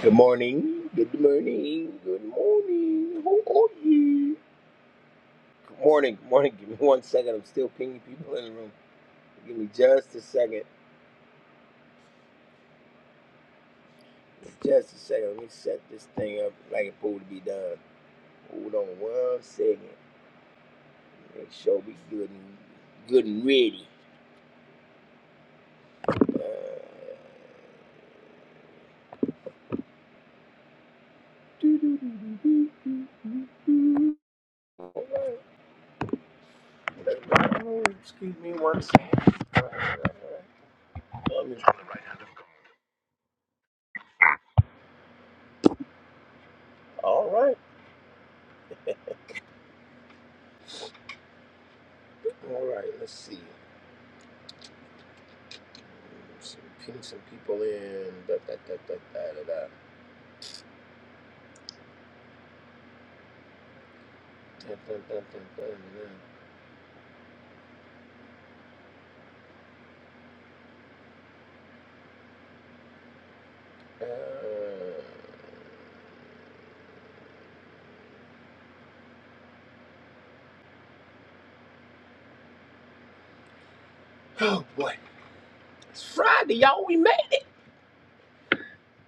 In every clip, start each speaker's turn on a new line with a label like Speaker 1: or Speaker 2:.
Speaker 1: Good morning. Good morning. Good morning. How are you? Good morning. Good morning. Give me one second. I'm still pinging people in the room. Give me just a second. Just a second. Let me set this thing up like it's supposed to be done. Hold on one second. Make sure we good and good and ready. Uh, Excuse me one second. All right. All right. All right. Let's see. So ping some people in. Da, da, da, da, da, da, da. Dun, dun, dun, dun, Uh, oh boy, it's Friday, y'all. We made it.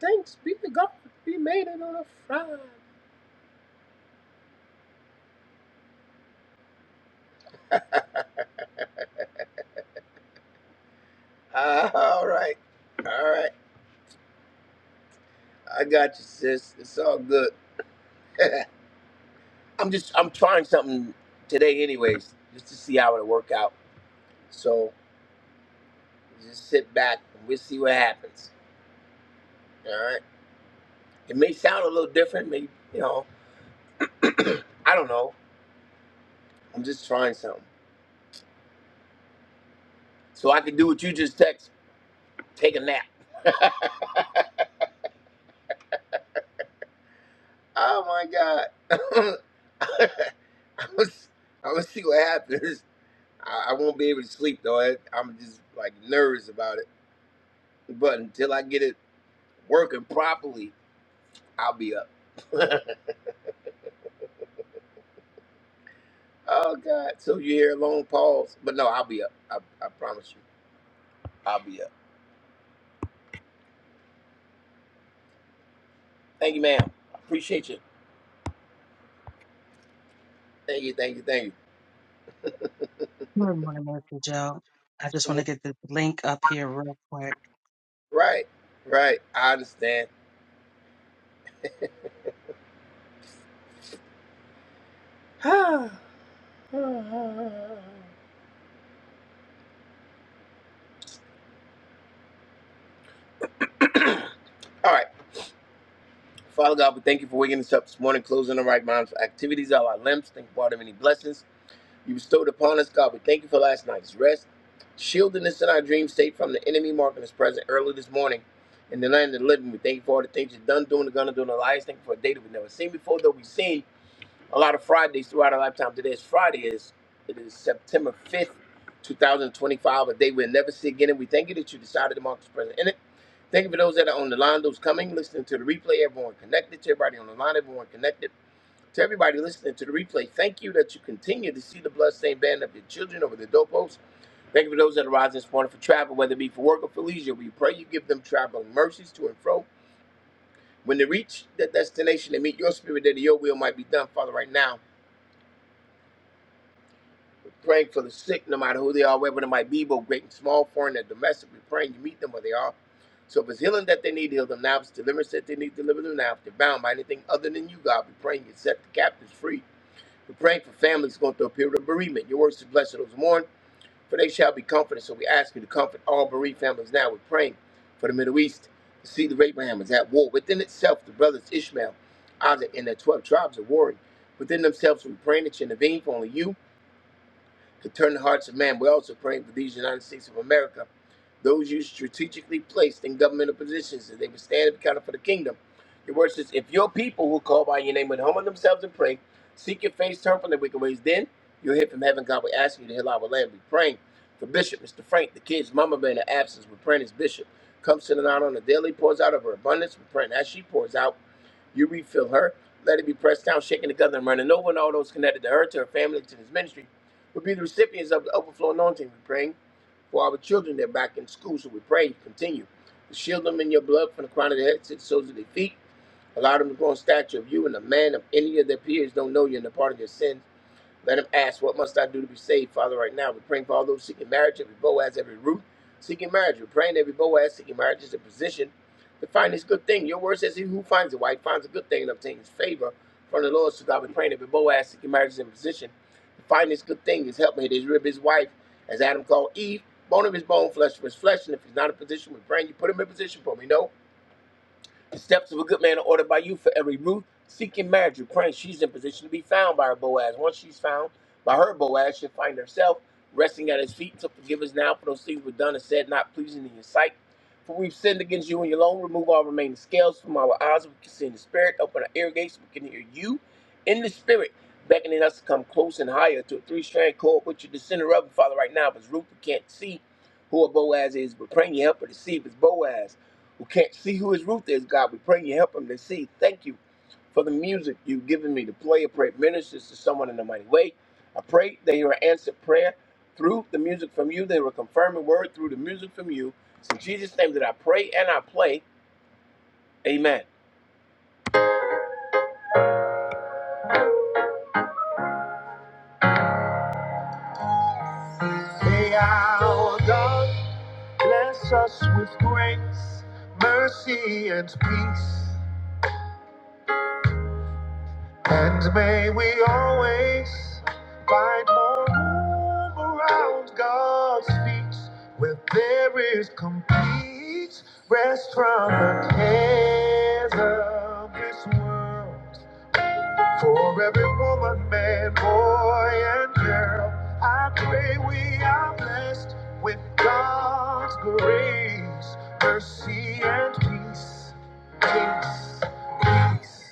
Speaker 1: Thanks be to God. We made it on a Friday. Uh, all right, all right. I got you, sis. It's all good. I'm just I'm trying something today, anyways, just to see how it'll work out. So just sit back and we'll see what happens. All right. It may sound a little different, maybe you know. I don't know. I'm just trying something. So I can do what you just text, take a nap. oh my God. I was, I was see what happens. I, I won't be able to sleep though. I, I'm just like nervous about it. But until I get it working properly, I'll be up. oh God. So you hear a long pause. But no, I'll be up. I, I promise you. I'll be up. Thank you, ma'am. I appreciate you. Thank you, thank you, thank
Speaker 2: Good morning, Mr. Joe. I just want
Speaker 1: you.
Speaker 2: to get this link up here real quick.
Speaker 1: right, right. I understand. All right. Father God, we thank you for waking us up this morning, closing the right minds, activities of our limbs. Thank you for all the many blessings you bestowed upon us, God. We thank you for last night's rest, shielding us in our dream state from the enemy, marking us present early this morning in the land of the living. We thank you for all the things you've done, doing, the gun, and doing the lies. Thank you for a day that we've never seen before, though we've seen. a lot of Fridays throughout our lifetime. Today is Friday is it is September fifth, two thousand twenty-five, a day we'll never see again. And we thank you that you decided to mark this present in it. Thank you for those that are on the line, those coming, listening to the replay, everyone connected to everybody on the line, everyone connected to everybody listening to the replay. Thank you that you continue to see the bloodstained band of your children over the doorposts. Thank you for those that are rising this morning for travel, whether it be for work or for leisure. We pray you give them traveling mercies to and fro. When they reach that destination, they meet your spirit that your will might be done, Father, right now. praying for the sick, no matter who they are, wherever they might be, both great and small, foreign and domestic. We're praying you meet them where they are. So if it's healing that they need, heal them now. If it's deliverance that they need, deliver them now. If they're bound by anything other than you, God, we're praying you set the captives free. We're praying for families going through a period of bereavement. Your words to bless those who mourn, for they shall be comforted. So we ask you to comfort all bereaved families now. We're praying for the Middle East. The seed of Abraham is at war. Within itself, the brothers Ishmael, Isaac, and their 12 tribes are warring. Within themselves, we're praying that you intervene for only you to turn the hearts of man. We're also praying for these United States of America, those you strategically placed in governmental positions, that they would stand and be counted for the kingdom. Your word says, If your people who call by your name would humble themselves and pray, seek your face, turn from their wicked ways, then you'll hear from heaven. God will ask you to heal our land. We're praying for Bishop, Mr. Frank, the kids, Mama Bear in the absence. We're praying as Bishop comes to the night on the daily, pours out of her abundance. We're praying as she pours out, you refill her. Let it be pressed down, shaken together, and running over, and all those connected to her, to her family, to this ministry. We'll be the recipients of the overflow anointing. We pray for our children that are back in school. So we pray, continue to shield them in your blood from the crown of their head to the soles of their feet. Allow them to grow in stature of you and a man of any of their peers don't know you and the part of your sins. Let him ask, What must I do to be saved, Father, right now? We're praying for all those seeking marriage, every Boaz, every Ruth, seeking marriage. We're praying every Boaz seeking marriage is in position to find this good thing. Your word says, He who finds a wife finds a good thing and obtains favor from the Lord. So God, we're praying every Boaz seeking marriage is in position to find this good thing, his helpmate, his rib, his wife, as Adam called Eve, bone of his bone, flesh of his flesh. And if he's not in position, we're praying you put him in position for me. No. The steps of a good man are ordered by you for every root. Seeking marriage, you're praying she's in position to be found by her Boaz. Once she's found by her Boaz, she'll find herself resting at his feet. So forgive us now for those things we've done and said not pleasing in your sight. For we've sinned against you and you alone. Remove all remaining scales from our eyes. We can see in the spirit. Open our ear gates. We can hear you in the spirit, beckoning us to come close and higher to a three strand cord, which you're the center of. And Father, right now, if it's Ruth, who can't see who a Boaz is, but praying you help her to see if it's Boaz who can't see who his root is, God. We pray you help him to see. Thank you for the music you've given me to play. I pray it ministers to someone in a mighty way. I pray that you answered prayer through the music from you. They were confirming word through the music from you. It's in Jesus' name that I pray and I play. Amen. May our God bless us with grace, mercy, and peace. And may we always find more room around God's feet where there is complete rest from the cares of this world. For every woman, man, boy, and girl, I pray we are blessed with God's grace, mercy, and peace. Peace, peace.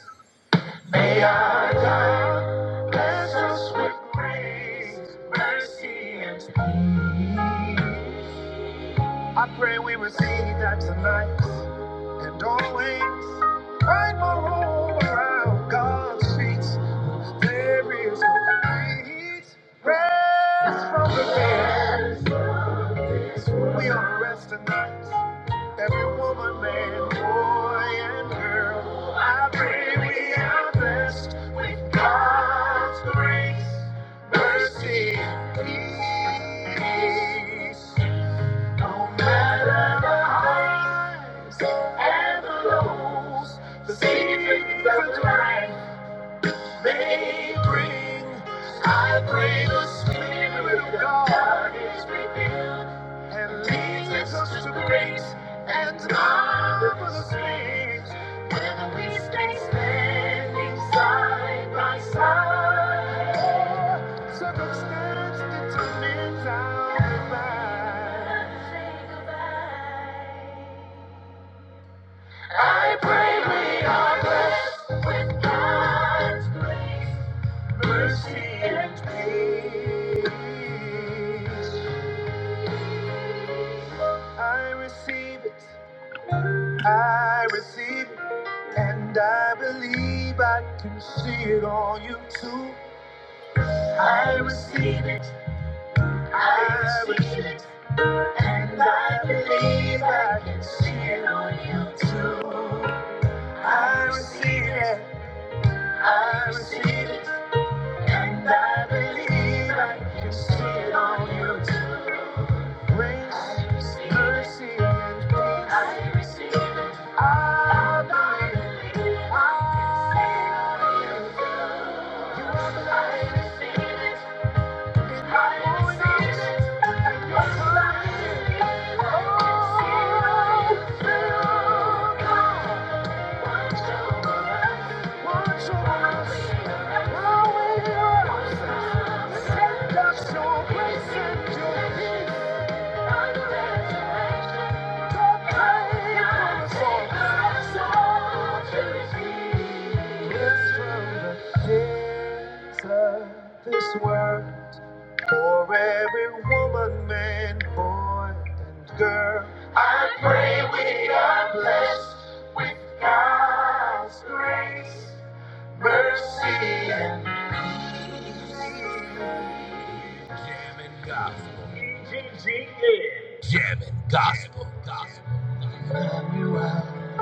Speaker 1: May our God bless us with grace, mercy, and peace. I pray we receive that tonight and always find my home around God's feet. There is no complete rest from the fears. We are resting nights. Every woman, man, boy, and girl. I pray we are blessed with God's grace, mercy, peace. No matter the highs and the lows, the seasons of life may bring. I pray the Spirit of God is revealed and leads us to great and marvelous things when we stay standing side by side. Circumstance determines our goodbye. I pray we are blessed with God's grace, mercy, and peace. I receive it, I receive it, and I believe I can see it on you too. I receive it, I receive it, and I believe I can see it on you too. I receive it, I receive it. And I believe I can see it on you. too. Grace, mercy, and peace. I receive it. I believe. I believe. I believe. You are the light. I receive it. This world. For every woman, man, boy, and girl, I pray we are blessed with God's grace, mercy, and Emmanuel.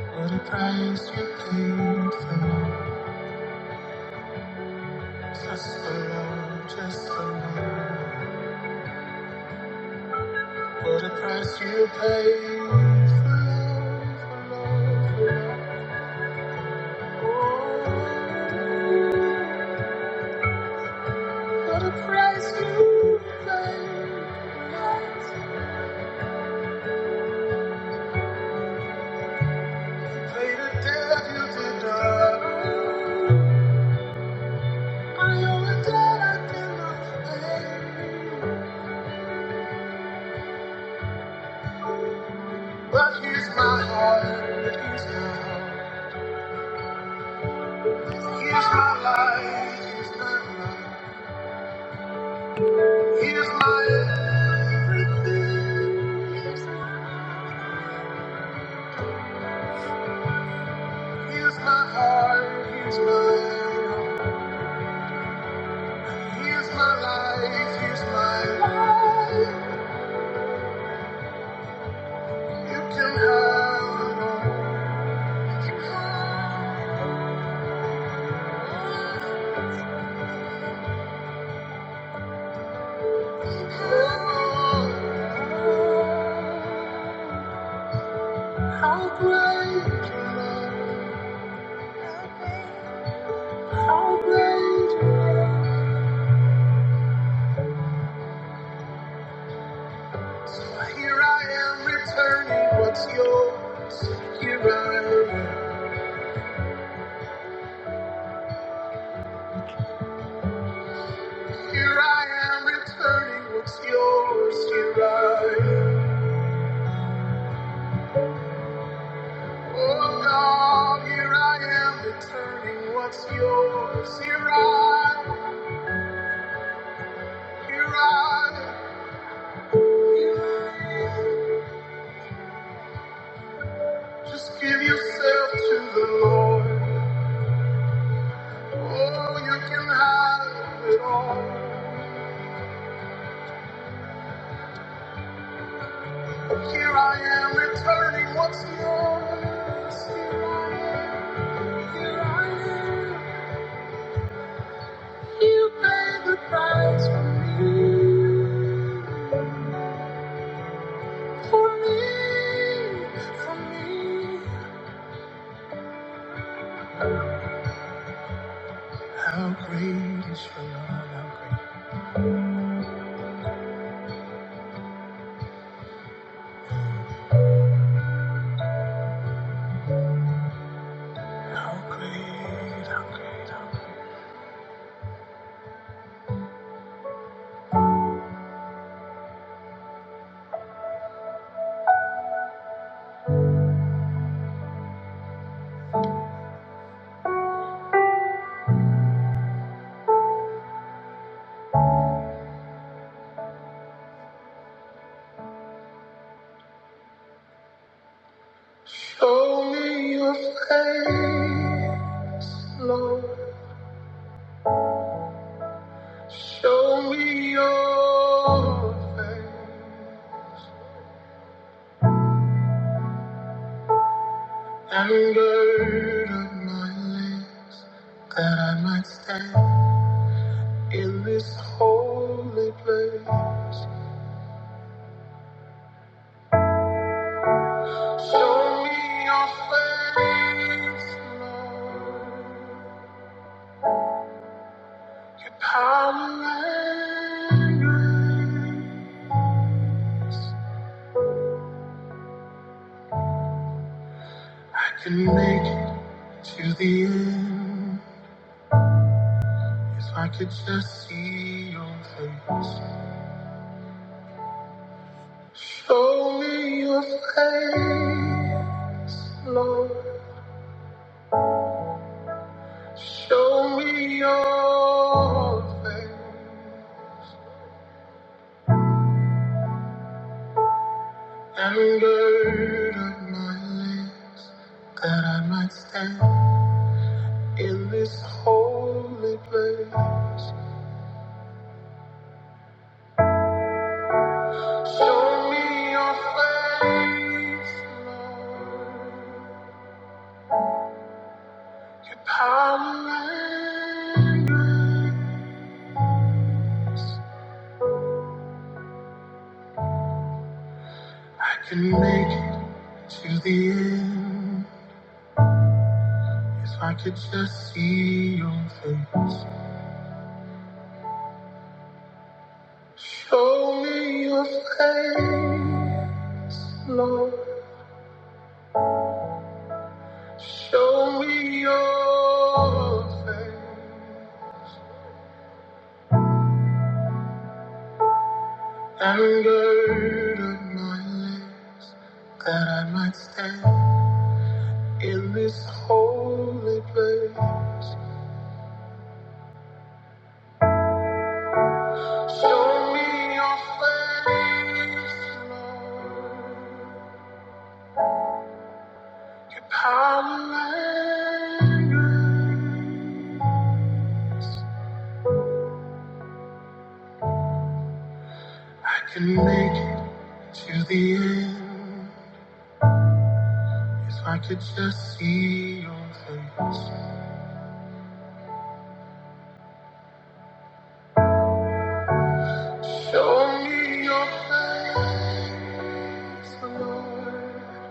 Speaker 1: What a price you paid for just the love, just the love. What a price you paid for love, for love, for love. Oh, what a price you paid. But he's my heart, he's my heart, he's my life, he's my life, he's my everything. He's my heart, he's my heart, he's my life, he's my life. You can have it all. How great, how great. Here I am returning what's yours. Here I am. Here I am returning what's yours. Here I am. Oh God, here I am returning what's yours. Here I Here I Just give yourself to the Lord. Oh, you can have it all. Here I am returning what's yours. Here I am, here I am. You paid the price for me, for me, for me. How great is your love, how great. Show me your face, Lord. Show me your face. And burden my lips that I might stand in this holy place. Show me your face, Lord, your power and grace. I can make it to the end if I could just see your face. Show me your face, Lord. Show me your face and burden my lips that I might stand in this holy place. Show me your face, Lord, your power and your- I can make it to the end if I could just see your face. Show me your face, Lord. Show me your face. And gird my lips that I might stand in this holy place. Show me your face, Lord. Your power and grace. I can make it to the end if I could just see your face. Show me your face, Lord.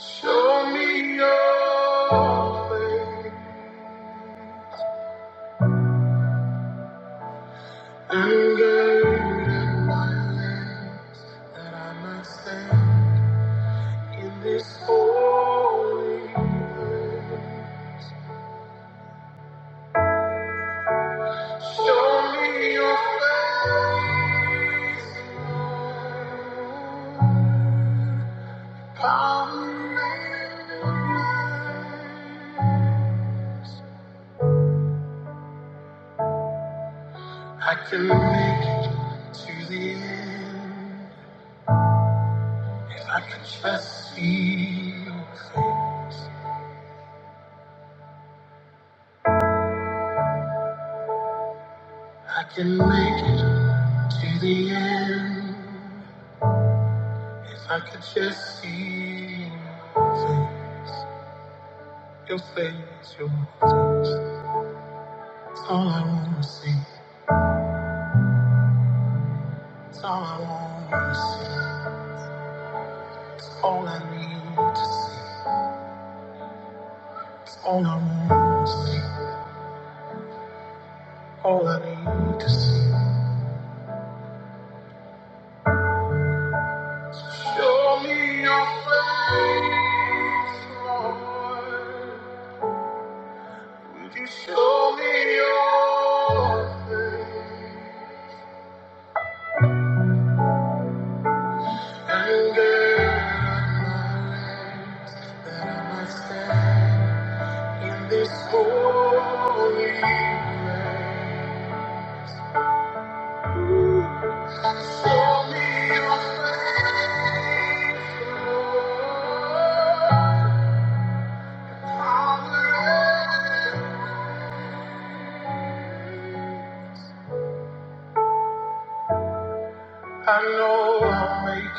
Speaker 1: Show me your face. And gird in my limbs that I might stand in this holy Show me your face. Lord. Come in. I can make it to the end if I can just see your face. I can make it to the end if I could just see your face, your face, your face. That's all I wanna see. All I want is, all I need is, all I want is, all I need is. Show me your face, Lord. Would you show me your, show me your face, Lord? I'll live. I know I'll make it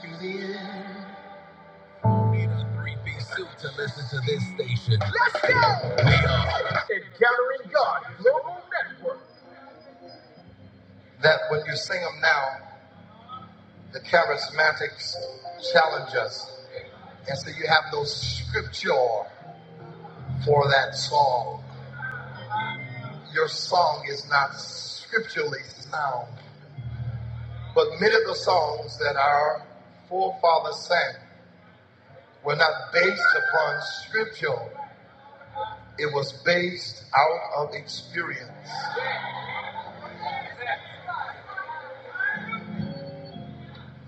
Speaker 1: to the end. Need a three-piece suit to listen to this station. Let's go! We are Encountering God Global Network. That when you sing them now, the charismatics challenge us. And so you have no scripture for that song. Your song is not scripturally sound. But many of the songs that our forefathers sang were not based upon scripture. It was based out of experience.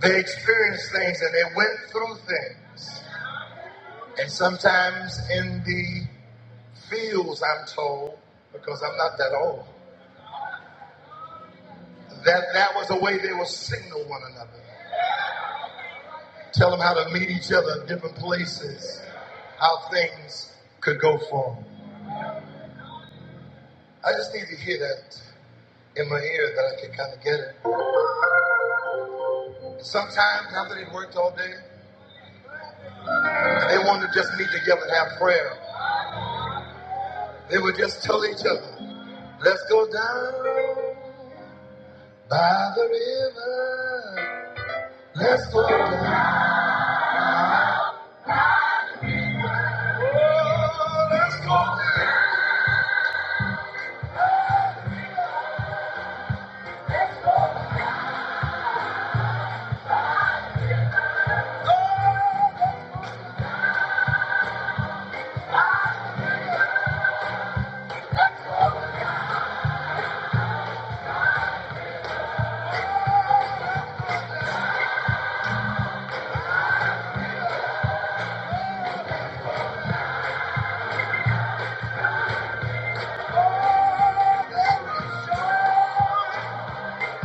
Speaker 1: They experienced things and they went through things. And sometimes in the fields, I'm told, because I'm not that old, that that was a way they would signal one another, tell them how to meet each other in different places, how things could go forward. I just need to hear that in my ear that I can kind of get it. Sometimes after they worked all day, they wanted to just meet together and have prayer. They would just tell each other, let's go down. By the river, let's go down. Oh, there is joy.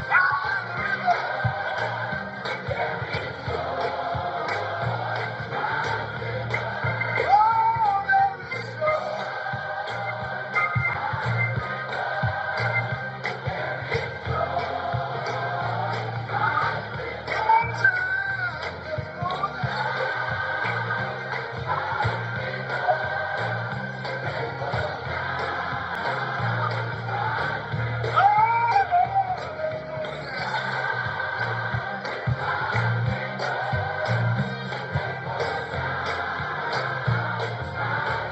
Speaker 1: By the river, oh, there is joy. Oh,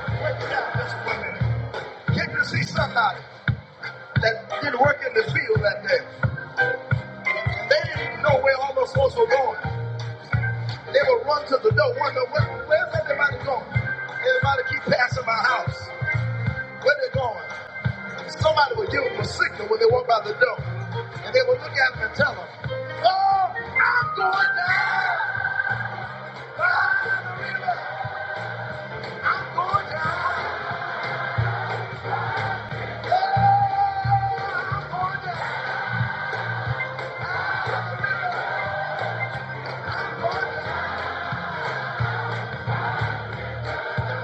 Speaker 1: Wait a minute, just for a minute. Can't you see somebody that didn't work in the field that day? They didn't know where all those folks were going. They would run to the door, wonder, where, where's everybody going? Everybody keep passing my house. Where they going? Somebody would give them a signal when they walked by the door. And they would look at them and tell them, Oh, I'm going down. I'm going down. I'm going down. I'm going down. I'm going down.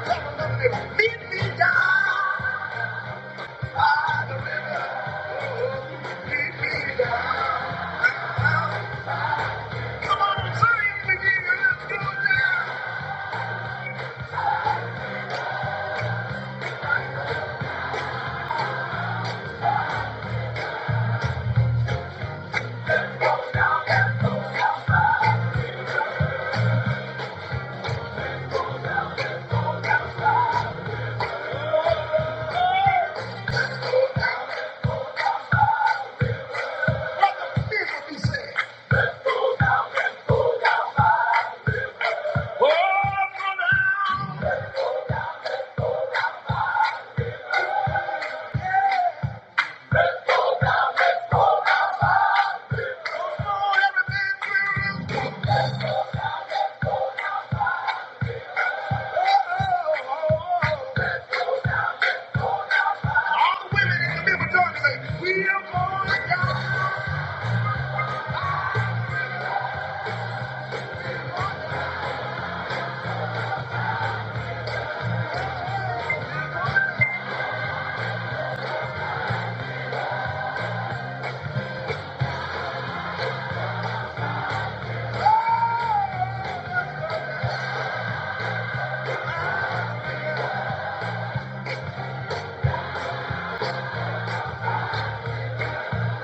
Speaker 1: Tell them, they would meet me down. by the river. Meet me down. Come on, I'm saying it again. Let's go down. Here's what he said. Oh, I'm going down. Oh, everything's good. All the women in the middle talking say we are going down.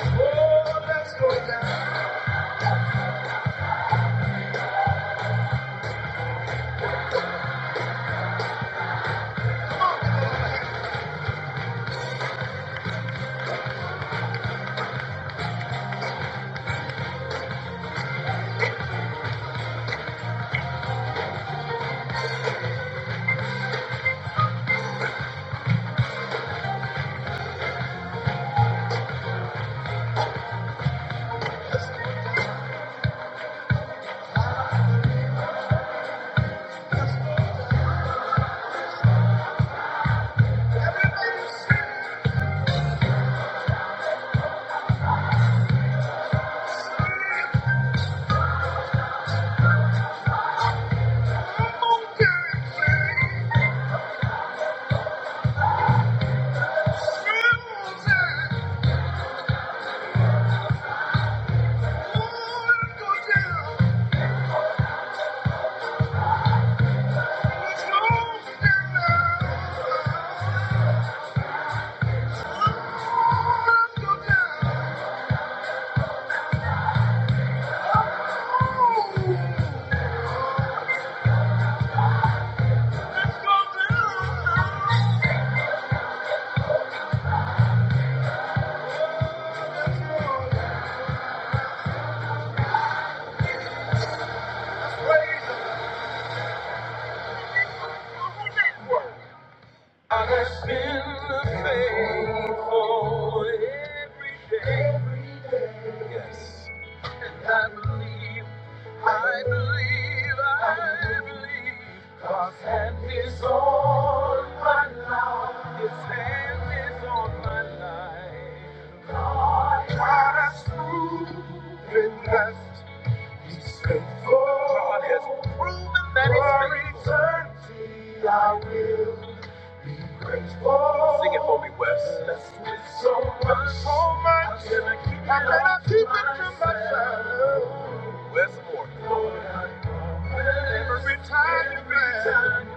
Speaker 1: Oh, let's go down. Let's go down. Oh, praise I have been faithful every day. Yes. And I believe, I believe, I believe. God's hand is on my life. His hand is on my life. God has proven that it's faithful. I will Sing it for me, Wes. so much, so much, and I keep it to myself. Wes Moore. Every time, every time,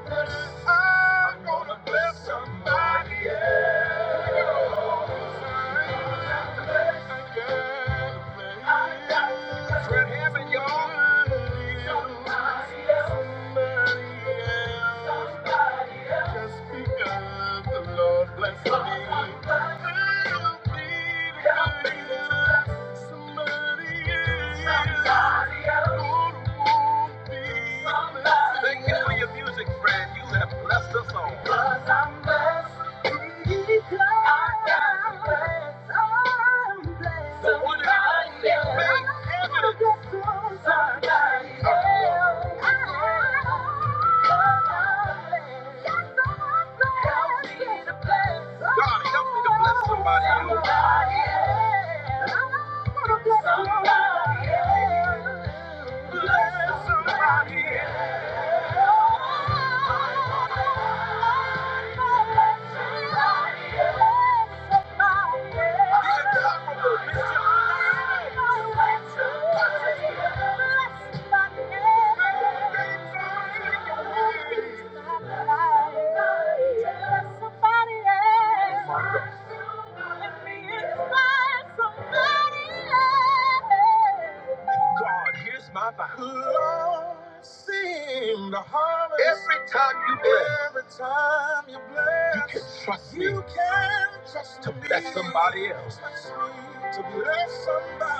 Speaker 1: I'm gonna bless somebody Thank you for your music, friend. You have blessed us all. God, help me to bless somebody else. Bless somebody else. Somebody else. Let me inspire somebody else. God, here's my vow. Every time you bless. You can trust me. You can trust to bless somebody else. To bless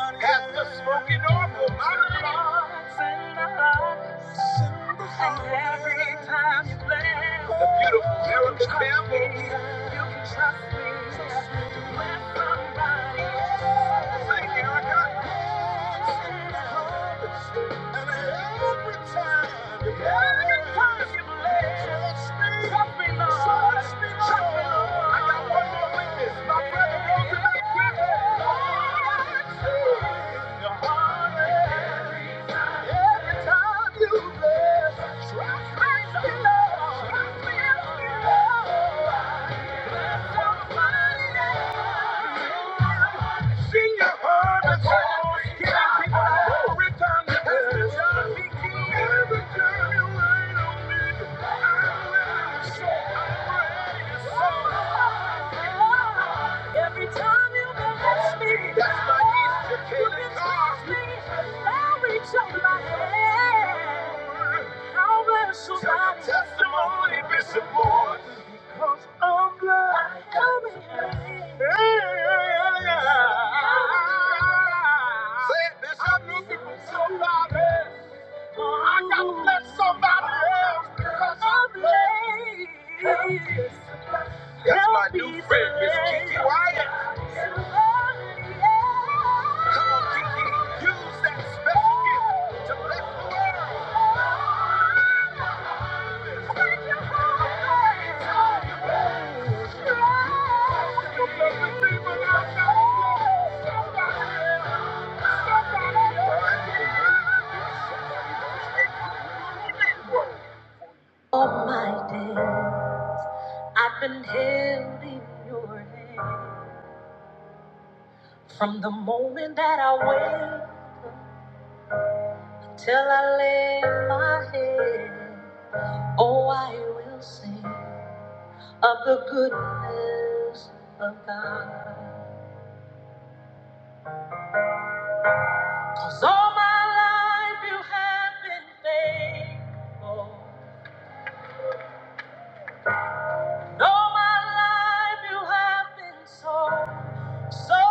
Speaker 1: somebody Have the spoken over my life. Send the lights. Send the lights. And every time you bless the beautiful American family. You can trust me. To bless somebody else. Sing, Erica. Every time you bless, Trust me, Lord. I'm you make me, Sing your heart and soul, giving people a glory time to bless. Every time you rain on me, I'm ready to soar. I'm ready to soar. Every time you bless me, that's my Easter candy. you can kill it touch me. I'll reach out my hand. I'll let somebody testimony this morning because I'm glad I'm here. Yeah. Say it, Bishop. You people, somebody. I gotta bless somebody else because I'm late. That's my new friend, Miss Kiki Wyatt. Come on, Kiki. Use that special gift to bless the world. All my days. I've been held in your hand from the moment that I wake up till I lay my head. Oh, I will sing of the goodness of God, 'cause all my life you have been faithful. And all my life you have been so, so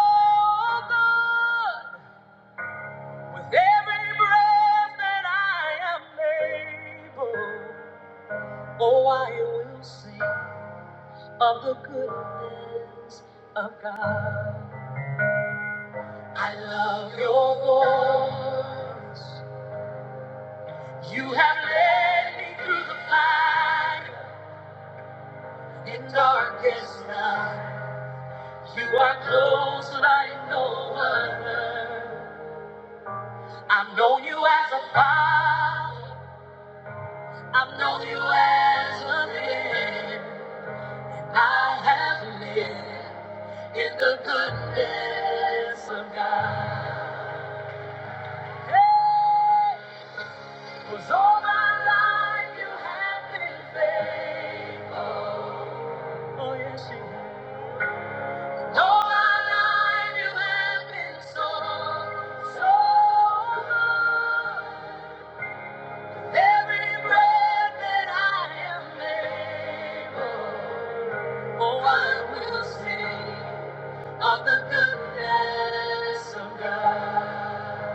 Speaker 1: good. With every breath that I am able, oh, I will sing of the goodness of God. I love your voice. You have led me through the fire in darkest night. You are close like no other. I've known you as a father. I've known you as a man. I have lived in the goodness of God. Hey, 'cause all my life you have been faithful. Oh, yes, you have. All my life you have been so, so good. Every breath that I am able, oh, I will sing. of the goodness of God.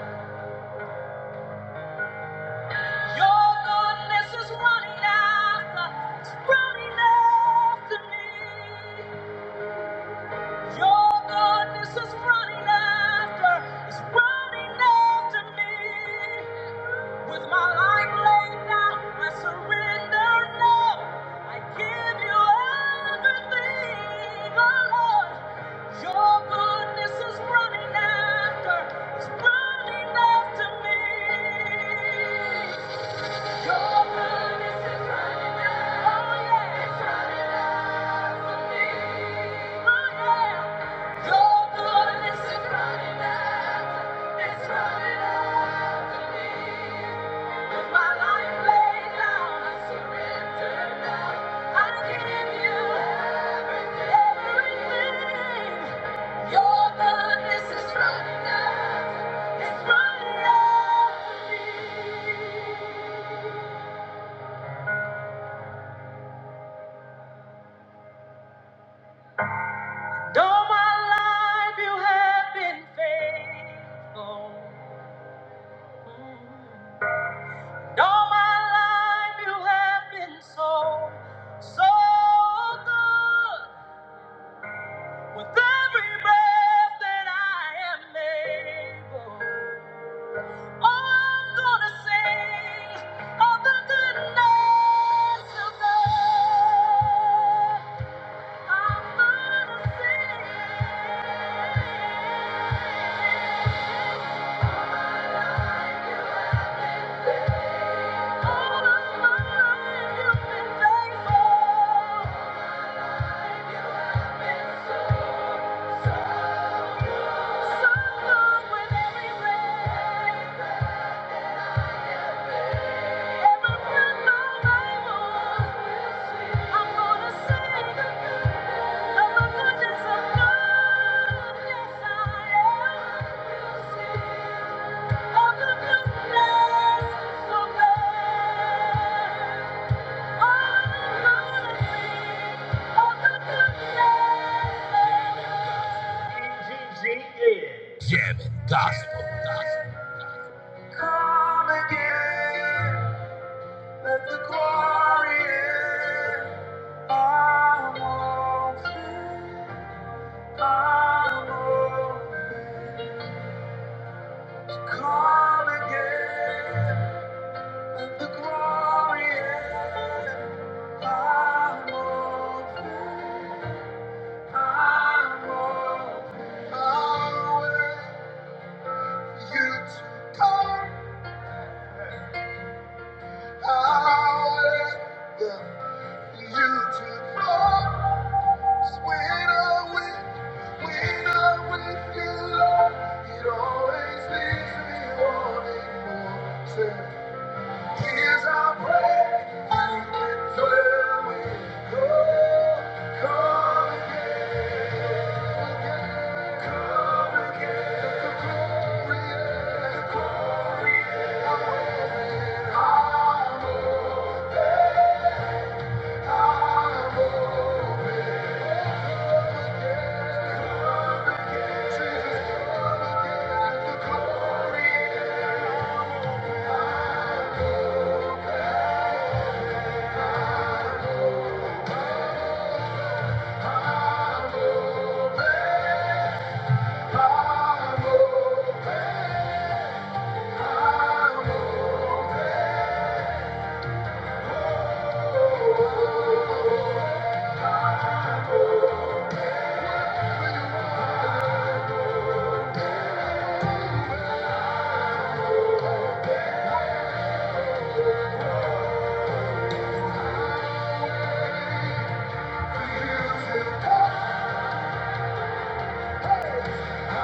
Speaker 1: Your goodness is running after, it's running after me. Your goodness is running after, is running after me. With my life laid down, I surrender now. I give you everything, oh Lord. Your goodness is running after, is running after me. Your goodness is running out. It's running out. to me. And all my life you have been faithful. And all my life you have been so, so good. With every breath that I am able, oh, I'm gonna sing of the goodness of God. I'm gonna sing. Thank you. Come again, the glory and power, power, power, you to come, power, yeah, you to come. Jesus, come and get the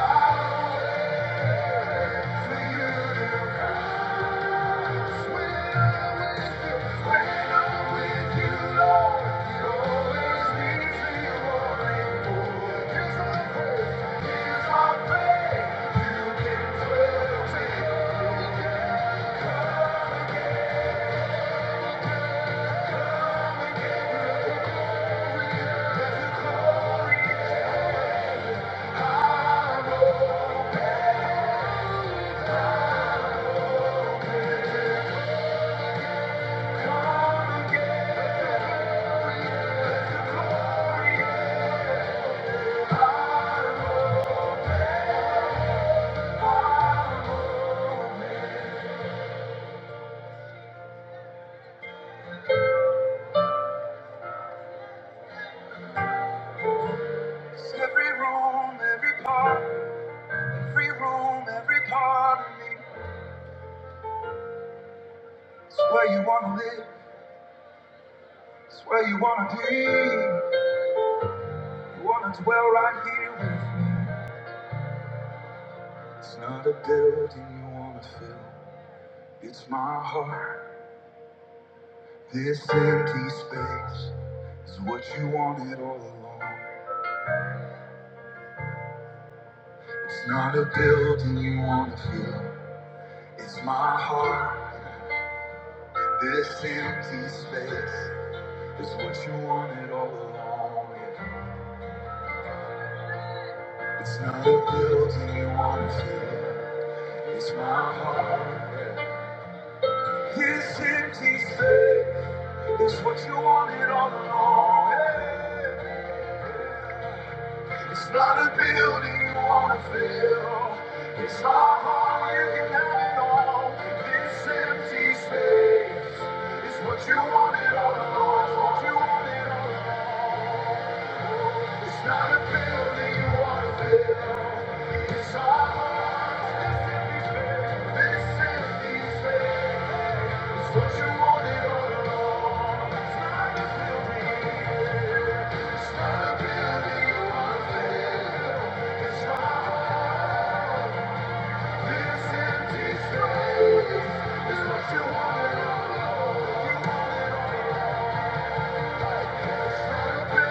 Speaker 1: glory. Every room, every part, every room, every part of me. It's where you wanna live, it's where you wanna be. You wanna dwell right here with me. It's not a building you wanna fill. It's my heart. This empty space is what you wanted all along. It's not a building you wanna fill. It's my heart. This empty space is what you wanted all along. It's not a building you wanna fill. It's my heart. This empty space is what you wanted all along. It's not a building you wanna fill. It's not hard you can have it all. This empty space is what you wanted all along. It's what you wanted all along. It's not a building you wanna fill. It's our heart. This empty space. This empty space is what you wanted all along. It's not a building. It's not this empty space. It's what you want.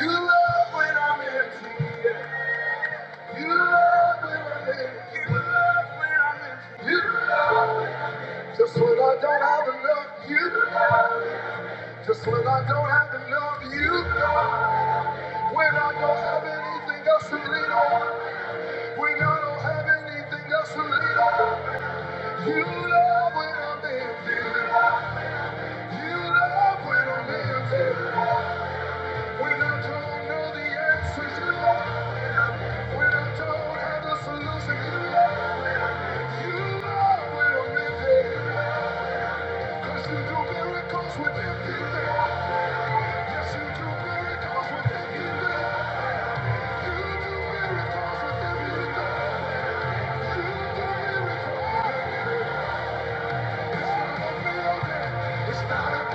Speaker 1: You love when I'm empty. You love when I'm empty. You love when I'm empty. Just when I don't have enough of you, just when I don't have enough of you, when I don't have anything else to lean on, when I don't have anything else to lean on, you love when I'm empty, you love when I'm empty.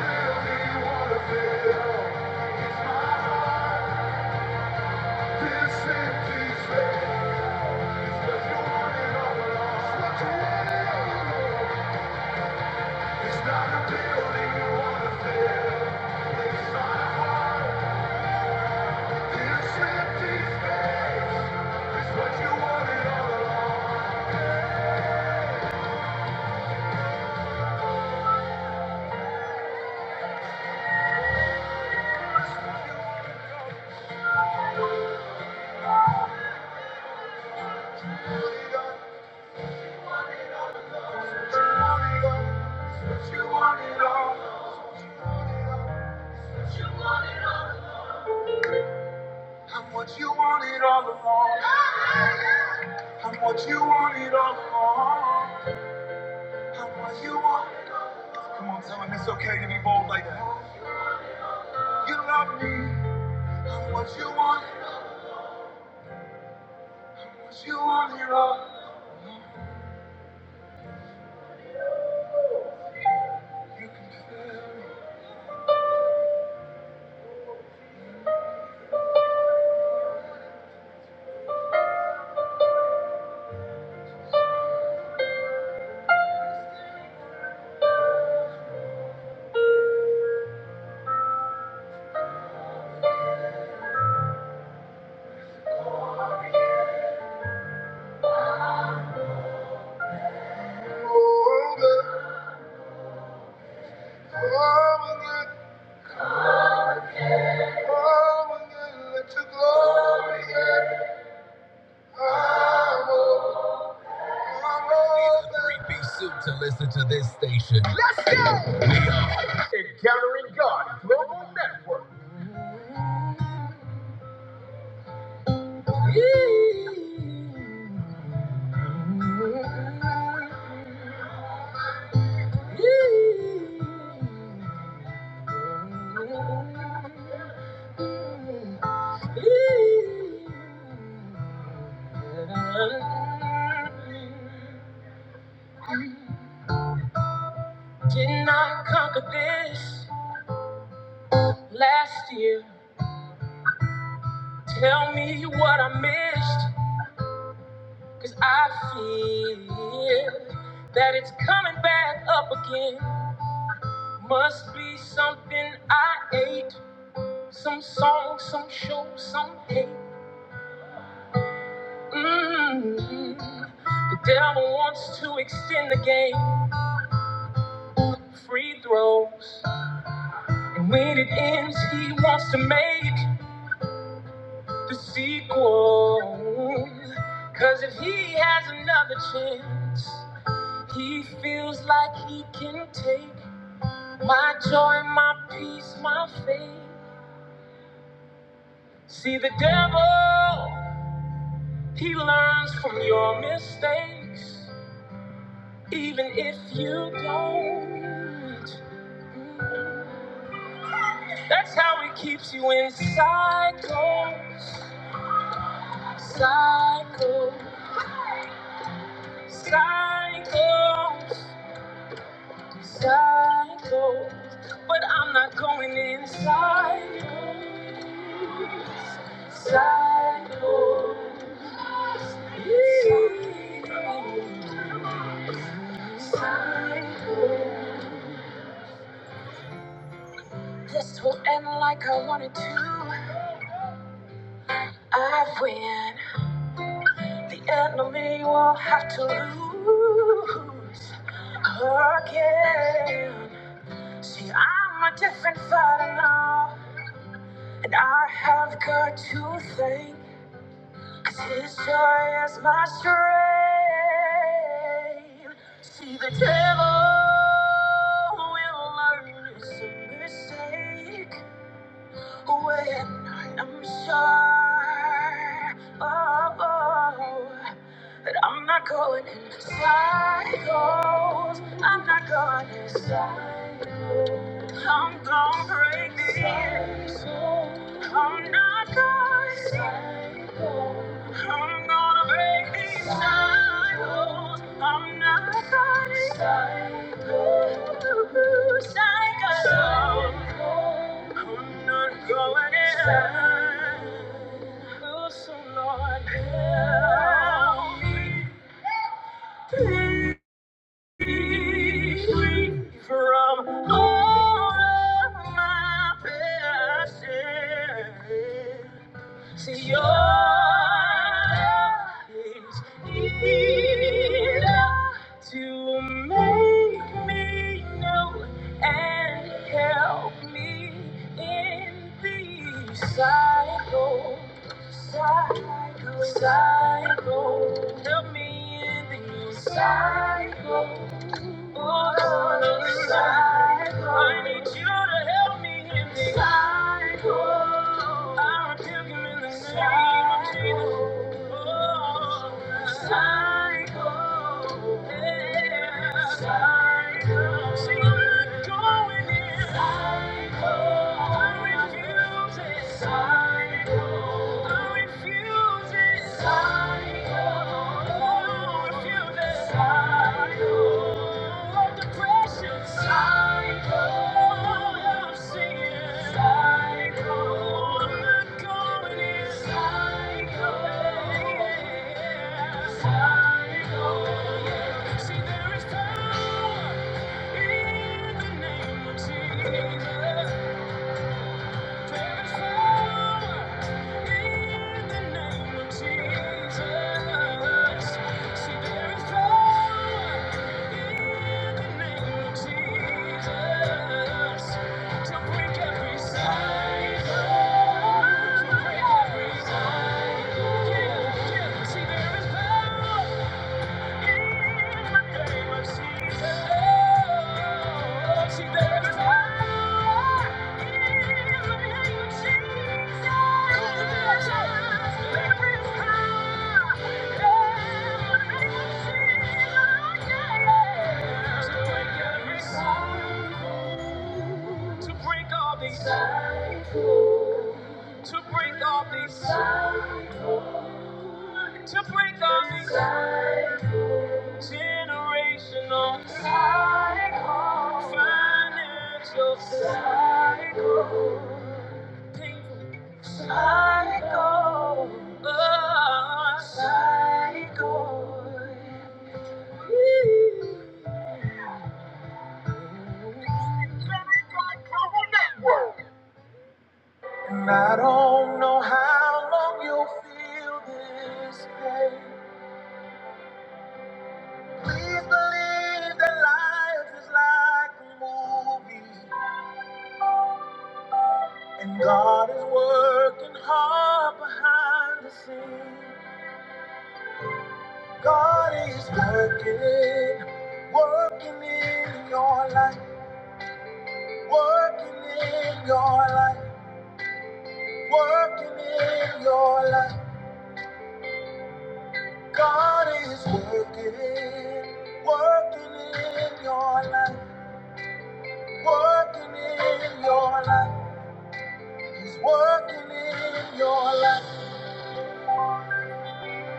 Speaker 1: Empty, you wanna feel It's my heart, this empty space. It's 'cause you want it all. It's what you want. it all. It's not a building you wanna fill. It's not a wall. This empty space is what you wanted all along. You wanted all along. what you wanted all along. what you wanted all along. what you wanted all along. I'm what you wanted all along. what you wanted all along. I'm what you wanted. Come on, tell him it's okay to be bold like that. You love me. what you want, what you want, here You can do it over, over again, over again. Let your glory get power, power. You To listen to this station. Let's go! Encountering God Global Network. Yee. Did not conquer this last year. Tell me what I missed, cause I feel that it's coming back up again. Must be something I ate, some song, some show, some hate. Mm. The devil wants to extend the game, free throws, and when it ends, he wants to make the sequel. Cause if he has another chance, he feels like he can take my joy, my peace, my faith. See, the devil, he learns from your mistakes. Even if you don't, that's how it keeps you in cycle, cycle, cycle, cycle. But I'm not going cycle, cycle. This will end like I wanted to. I win. The enemy will have to lose again. See, I'm a different father now, and I have got to thank, 'cause his joy is my strength. See, the devil will learn it's a mistake when I am sure, oh, oh, that I'm not going in circles, I'm not going in circles. I'm gonna break the years. I'm not gonna I'm gonna break these cycles. I'm not gonna Ooh, Cycles. I'm not going in. Oh, so Lord, help me from all of my passion. See, your love is enough to make me know and help me in the cycle, cycle, cycle. Help me in the cycle. I need you to help me in the Cycle. I rebuke him in the name of Jesus. Cycle, yeah. Cycle. See, I'm not going in. Cycle. I refuse it. Cycle. See, there is power in the name of Jesus. See, there is power. To break all these, to break all these, to break all these generational cycles, financial cycles. Psycho. Oh, psycho. And I don't know how long you'll feel this pain. Please believe that life is like a movie, and God is working hard behind the scenes. God is working, working in your life, working in your life. Working in your life, God is working, working in your life, working in your life, He's working in your life.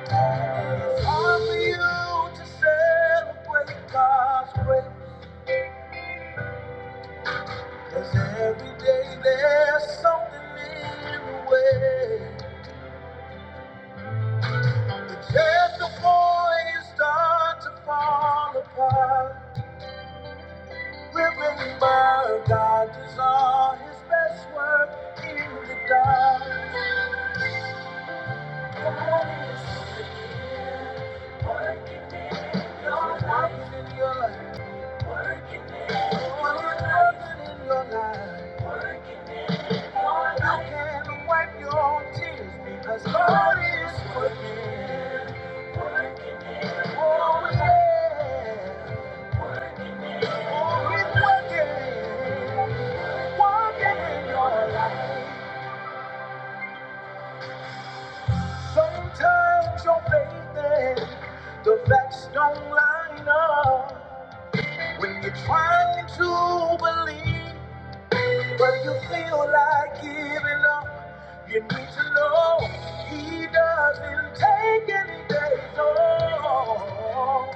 Speaker 1: It's hard for you to celebrate God's grace, 'cause every day there's something in the way. The just before you start to fall apart. Remember, God does all His best work in the dark. God is working in your life. God is in your life. You can. God is working. Oh, He's working. Working your life. Sometimes your faith, and the facts don't line up. When you're trying to believe. When you feel like giving up, you need to know He doesn't take any days off.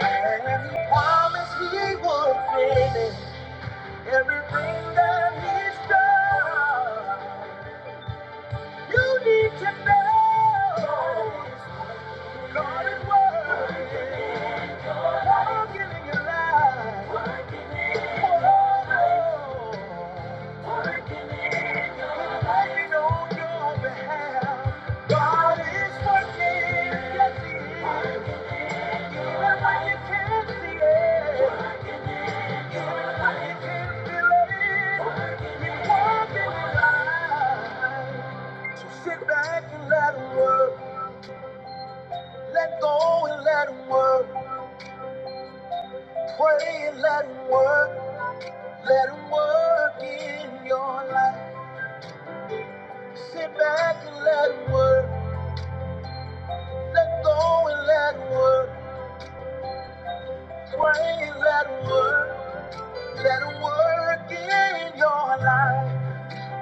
Speaker 1: And He promised He would finish everything that He's done. You need to know. God is working, working in your life. Oh, He's working on your behalf. God is working, yes He is. Even when you can't see it, even when you can't feel it, working in your life. So sit back and let Him work. Let go and let Him work. Pray and let him work, let him work in your life. Sit back and let him work, let go and let him work. Pray and let him work, let him work in your life.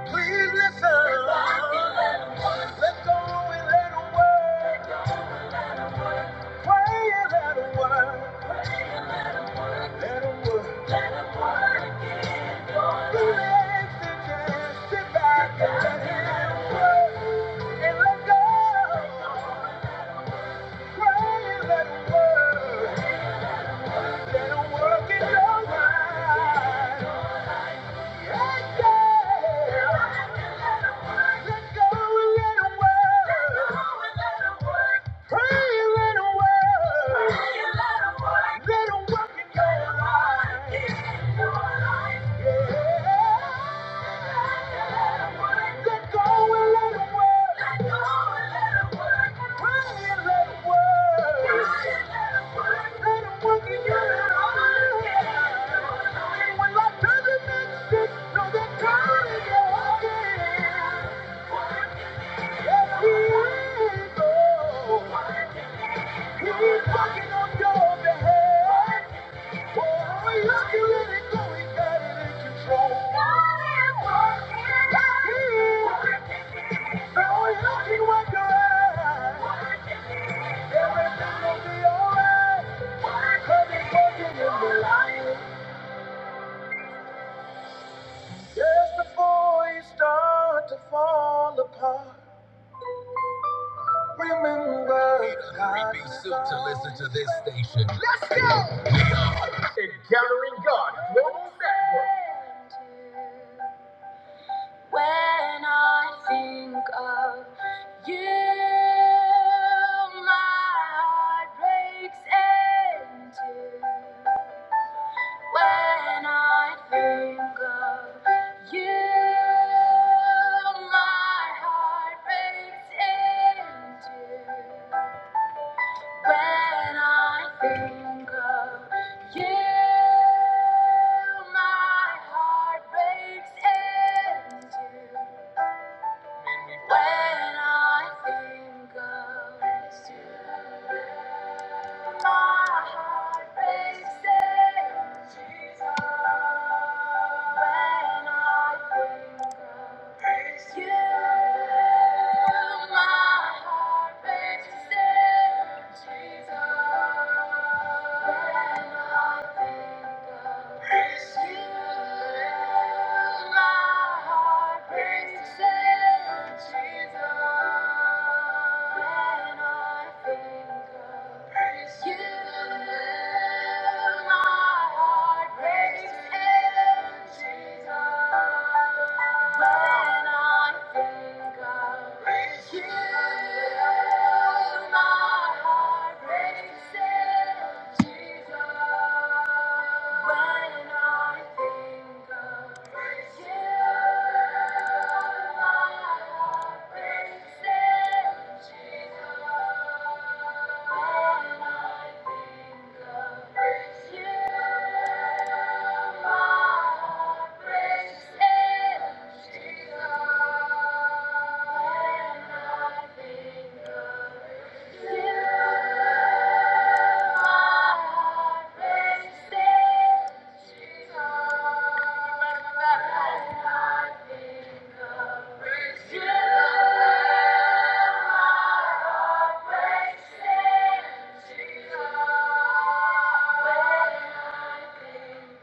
Speaker 1: Please listen. Sit back and let him work. Let go and let him work. Pray and let him work. Let him work. Relax and just sit back. Let it work let it work in your life. Let 'em work in your life. And when life doesn't make sense, just before you start to fall apart. Remember, Gathering God Global Network. When I think of you, my heart breaks in two. When I think of you, my heart breaks in two. When I think of you, my heart breaks in two. When I think of you. Jesus. Praise you, my heart prays to Jesus. When I think of you, my heart prays to Jesus. When I think of you, praise you, Jesus.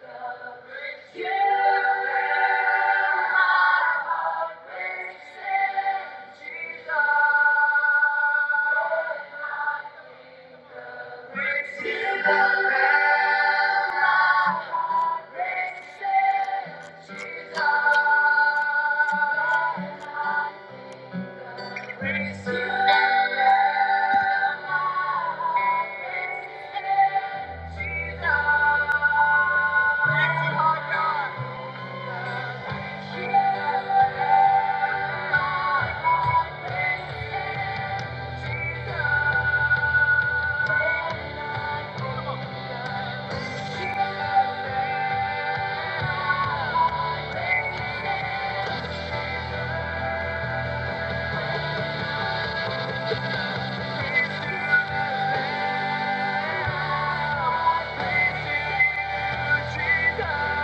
Speaker 1: Jesus.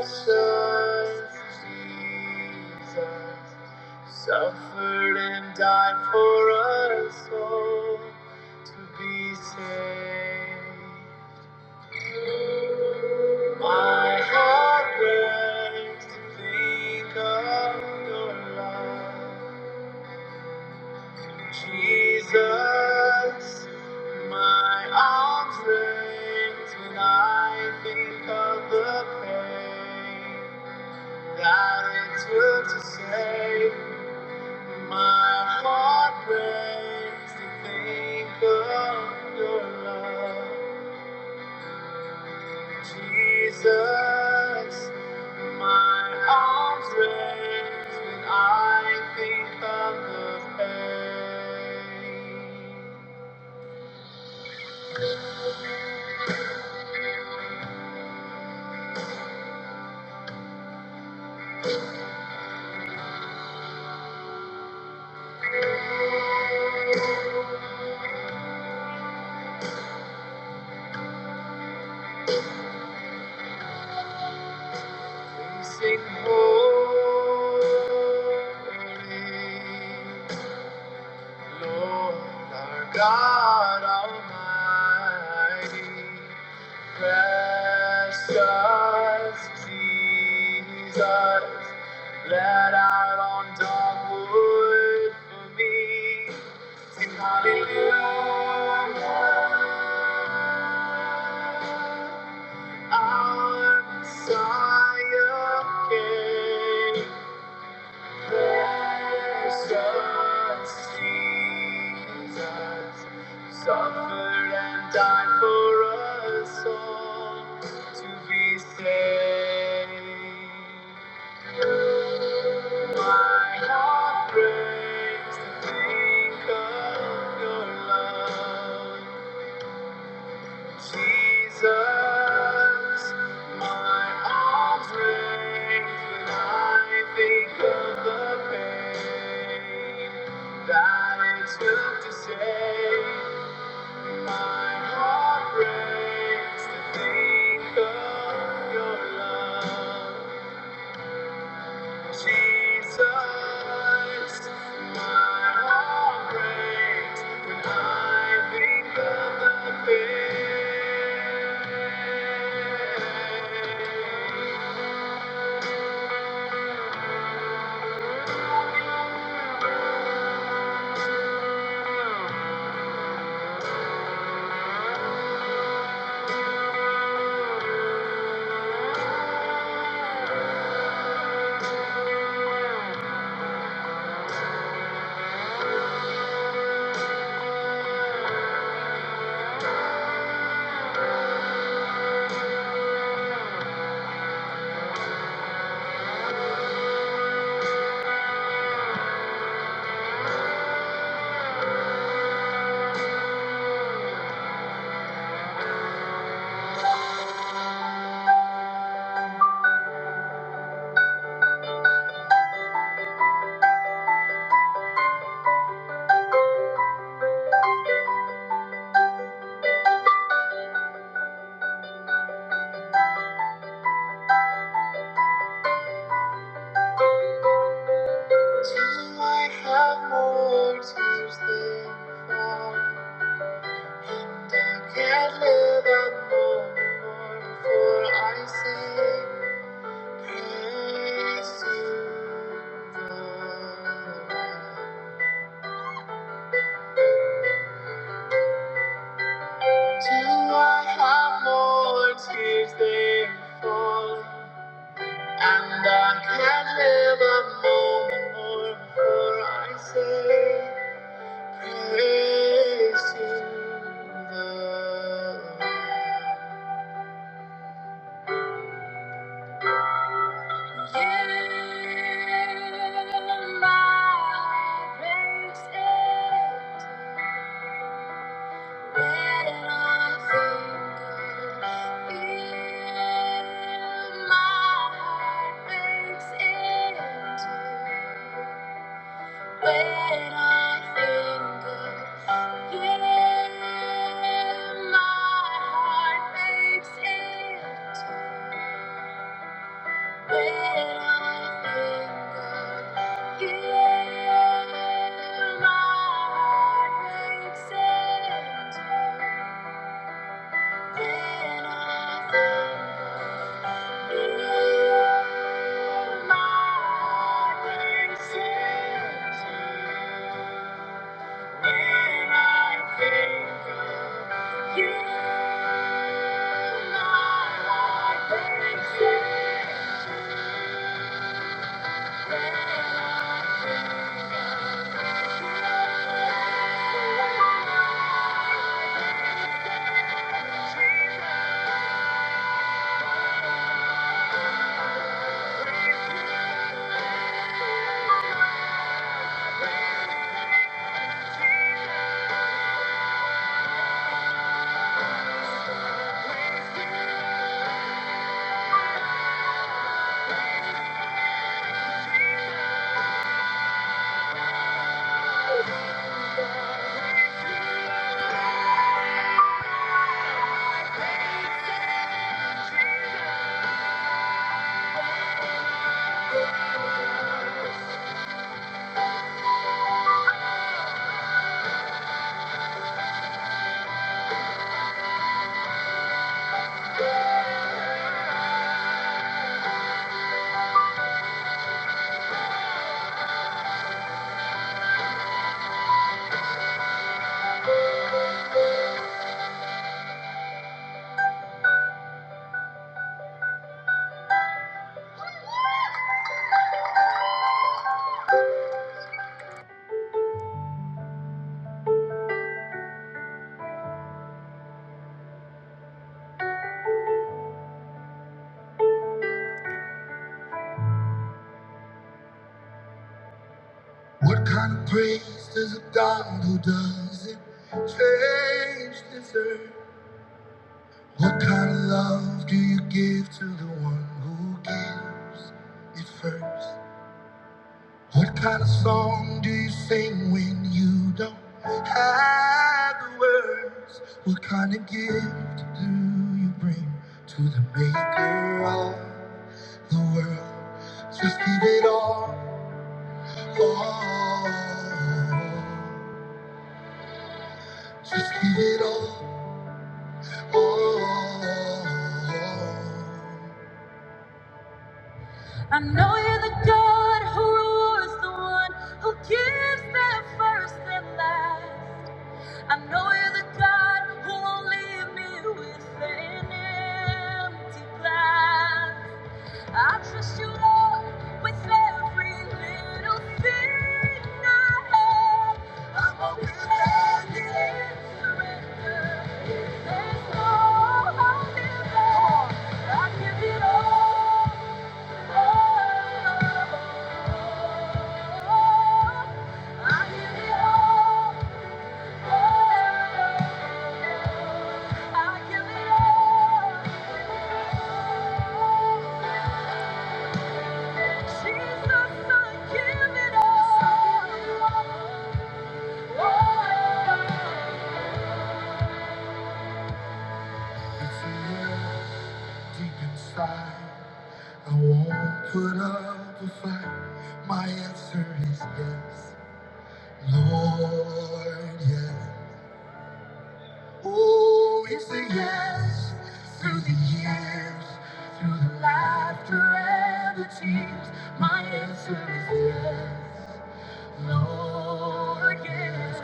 Speaker 1: Precious Jesus, so. for us to think of your love. Jesus, my arms raised when I think of the pain. My heart breaks to think of your love. Jesus, my arms raised when I think of the pain that it took to save. My heart breaks to think of your love, Jesus. My heart breaks when I think of the pain. Do I have more tears than fall. I can't live up more, for I sing praise to Till I have more tears than fall, and I- my heart breaks in two when I think of Yeah, my heart makes it when I think of you. My heart makes it when I think of you. My heart makes it. When I think of you, my heart breaks in two. When I think of you, you bring to the maker of the world. Just give it all, all. Just give it all. I know you're the God who rewards the one who gives them first and last. I know you're the God who won't leave me with an empty glass. I trust you, Lord, with every little thing I have. I'm open handed in surrender. There's no holding back. I give it all. all. I give it all. all. I give it all. I won't put up a fight. My answer is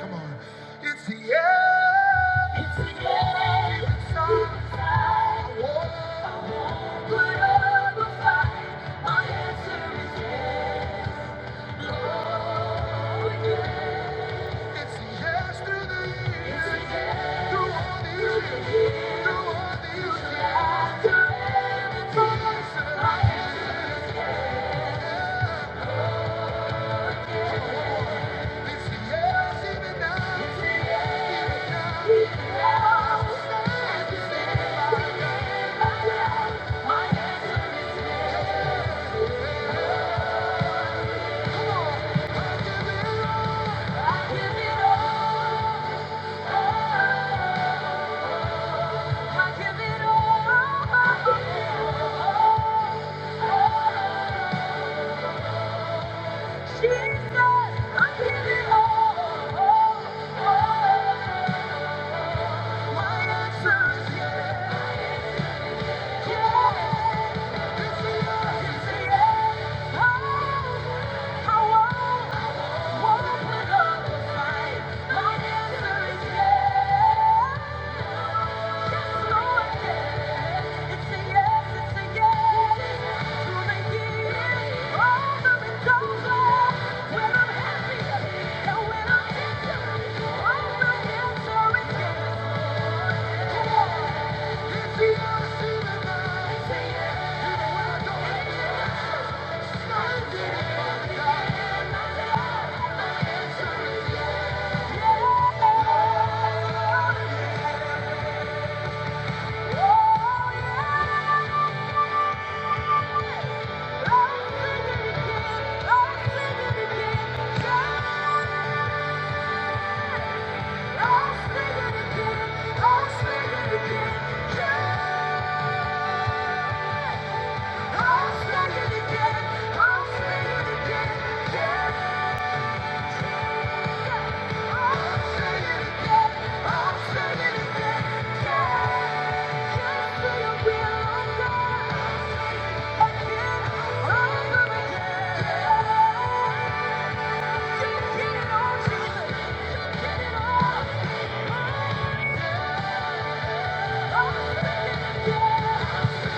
Speaker 1: it's the game inside. I won't I won't put up a fight. Yeah. My answer is yes. Come on. I give it up. Yeah. Yes. I'll Yeah. Yeah.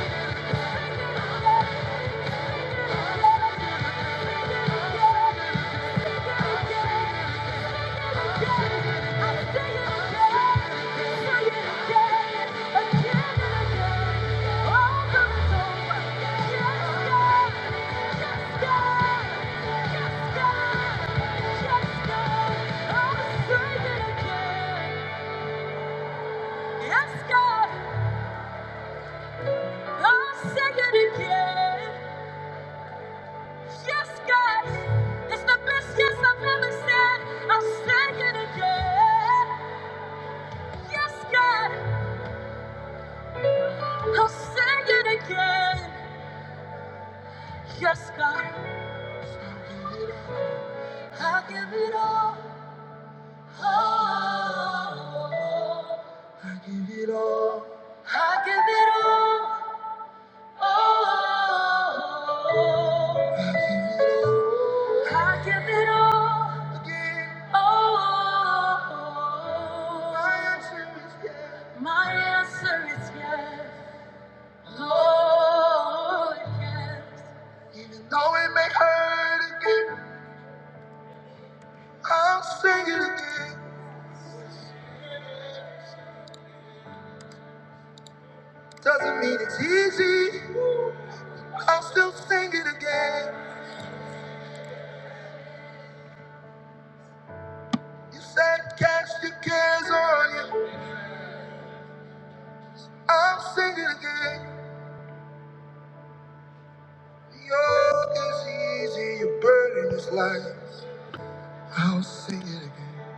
Speaker 1: Yes, God, I'll sing it again. Yes, God, it's the best yes I've ever said. I'll say it again. Yes, God, I'll say it again. Yes, God, I give it all. Oh, I give it all. Oh, I give it all. Oh, my answer is yes, Lord, yes. I'll sing it again. Doesn't mean it's easy. I'll still sing it again. You said cast your cares on you. I'll sing it again. Your is easy. Your burden is light. I'll sing it again.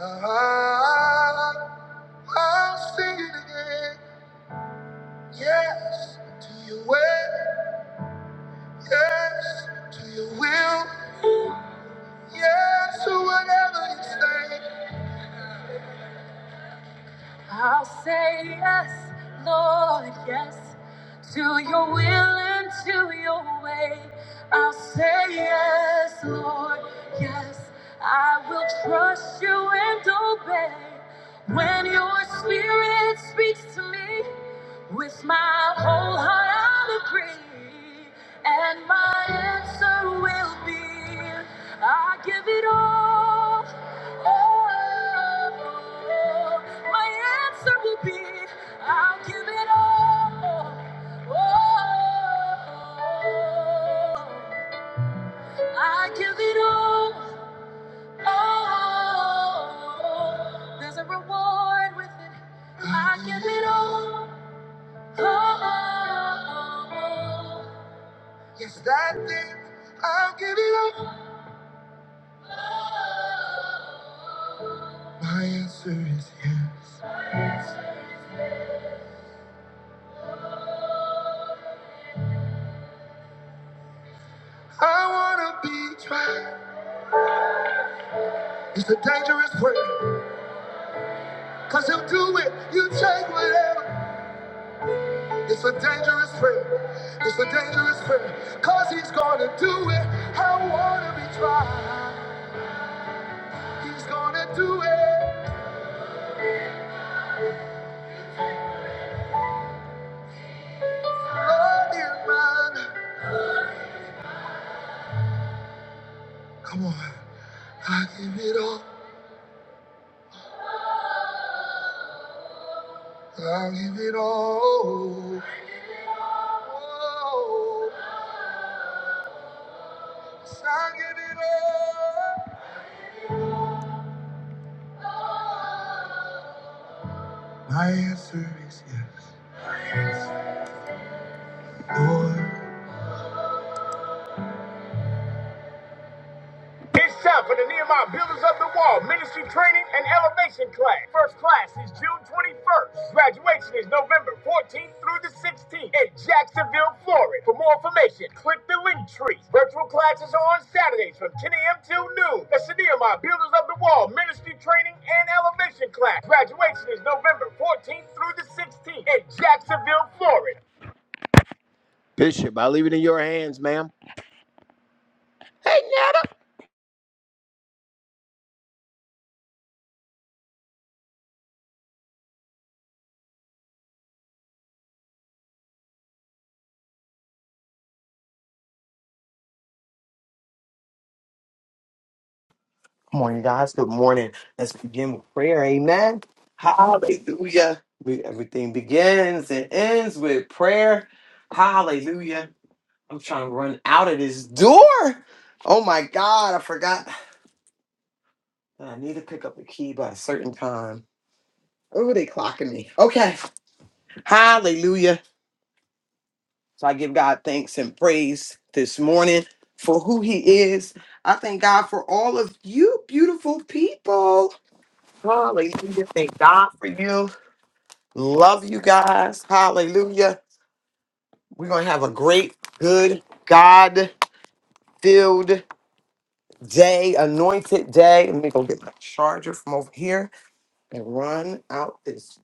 Speaker 1: I, I'll sing it again. Yes, to your ways. I'll say yes, Lord, yes, to your will and to your way. I'll say yes, Lord, yes, I will trust you and obey. When your spirit speaks to me, with my whole heart I'll agree, and my answer will be, I give it all. Oh, my answer will be, I'll give it all. Oh, I give it all. Oh, there's a reward with it. I give it all. Oh, oh, oh, oh. Yes, that thing I'm giving up. My answer is yes. I wanna be tried. It's a dangerous prayer. Cause he'll do it. You take whatever. It's a dangerous prayer. It's a dangerous prayer. Cause he's gonna do it. I wanna be tried. He's gonna do it. Lord, you're mine. Shop for the Nehemiah Builders of the Wall Ministry Training and Elevation Class. First class is June 21st. Graduation is November 14th through the 16th in Jacksonville, Florida. For more information, click the link tree. Virtual classes are on Saturdays from 10 a.m. till noon. That's the Nehemiah Builders of the Wall Ministry Training and Elevation Class. Graduation is November 14th through the 16th in Jacksonville, Florida. Bishop, I leave it in your hands, ma'am.
Speaker 3: Morning, guys. Good morning. Let's begin with prayer. Amen. Hallelujah. We, everything begins and ends with prayer. Hallelujah. I'm trying to run out of this door. Oh my God, I forgot. that I need to pick up the key by a certain time. Oh, they clocking me. Okay. Hallelujah. So I give God thanks and praise this morning for who He is. I thank God for all of you beautiful people. Hallelujah. Thank God for you. Love you guys. Hallelujah. We're going to have a great, good, God filled day, anointed day. Let me go get my charger from over here and run out this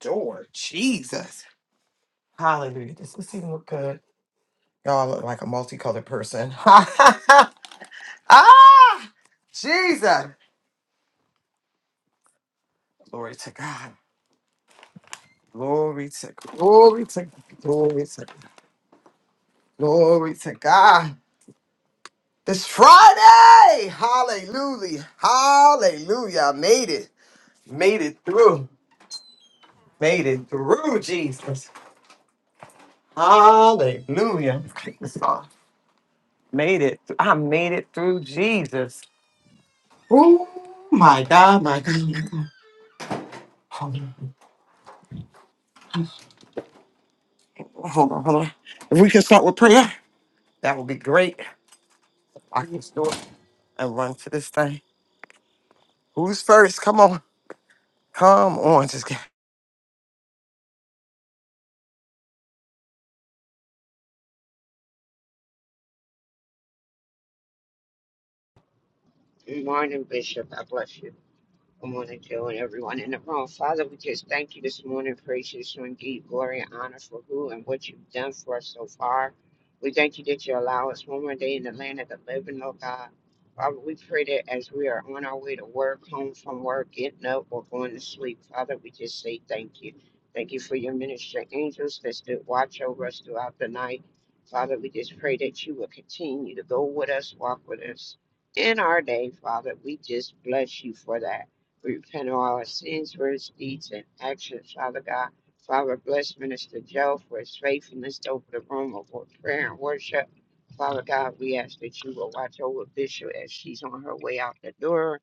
Speaker 3: door. Jesus. Hallelujah. Does this even look good? Y'all look like a multicolored person. ah! Jesus. Glory to God. Glory to glory to glory to glory to God. This Friday! Hallelujah. Hallelujah. I made it. Made it through. Made it through, Jesus. Hallelujah. Made it. I made it through Jesus. Oh my God, my God. my God. Hold on. Hold on, hold on. If we can start with prayer, that would be great. I can just do it and run to this thing. Who's first? Come on. Come on. Just get
Speaker 4: Good morning, Bishop. I bless you. Good morning, Joe, and everyone in the room. Father, we just thank you this morning. Praise you, so and give glory and honor for who and what you've done for us so far. We thank you that you allow us one more day in the land of the living, Lord God. Father, we pray that as we are on our way to work, home from work, getting up, or going to sleep, Father, we just say thank you. Thank you for your minister angels that stood watch over us throughout the night. Father, we just pray that you will continue to go with us, walk with us in our day, Father. We just bless you for that. We repent of all our sins, words, deeds, and actions, Father God. Father, bless Minister Joe for his faithfulness to open the room of prayer and worship. Father God, we ask that you will watch over Bishop as she's on her way out the door,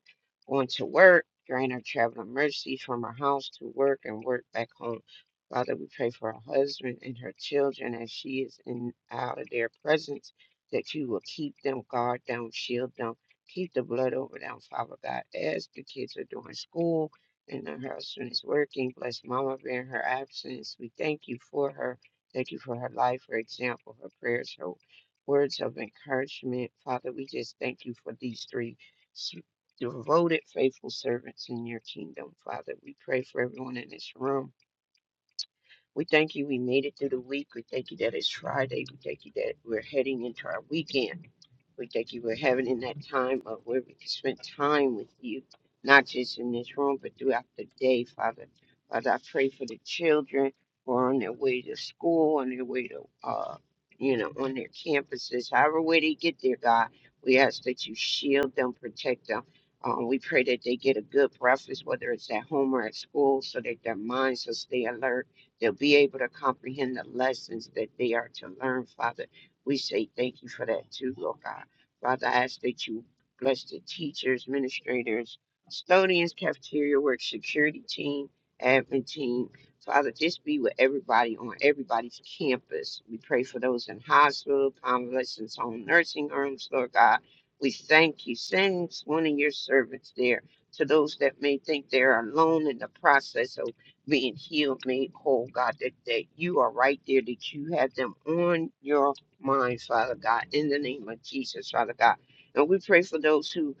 Speaker 4: going to work. Grant her traveling mercy from her house to work and work back home. Father, we pray for her husband and her children as she is in and out of their presence, that you will keep them, guard them, shield them Keep the blood over them, Father God, as the kids are doing school and her husband is working. Bless Mama Bear in her absence. We thank you for her. Thank you for her life, her example, her prayers, her words of encouragement. Father, we just thank you for these three s- devoted, faithful servants in your kingdom, Father. We pray for everyone in this room. We thank you we made it through the week. We thank you that it's Friday. We thank you that we're heading into our weekend. We thank you for having in that time of where we can spend time with you, not just in this room, but throughout the day, Father. Father, I pray for the children who are on their way to school, on their way to, uh, you know, on their campuses, however way they get there, God. We ask that you shield them, protect them. Um, we pray that they get a good breakfast, whether it's at home or at school, so that their minds will stay alert. They'll be able to comprehend the lessons that they are to learn, Father. We say thank you for that too, Lord God. Father, I ask that you bless the teachers, administrators, custodians, cafeteria work, security team, admin team. Father, just be with everybody on everybody's campus. We pray for those in hospital, convalescents home, nursing homes, Lord God. We thank you. Send one of your servants there to those that may think they're alone in the process of being healed, made whole, God, that, that you are right there, that you have them on your minds, Father God, in the name of Jesus, Father God. And we pray for those who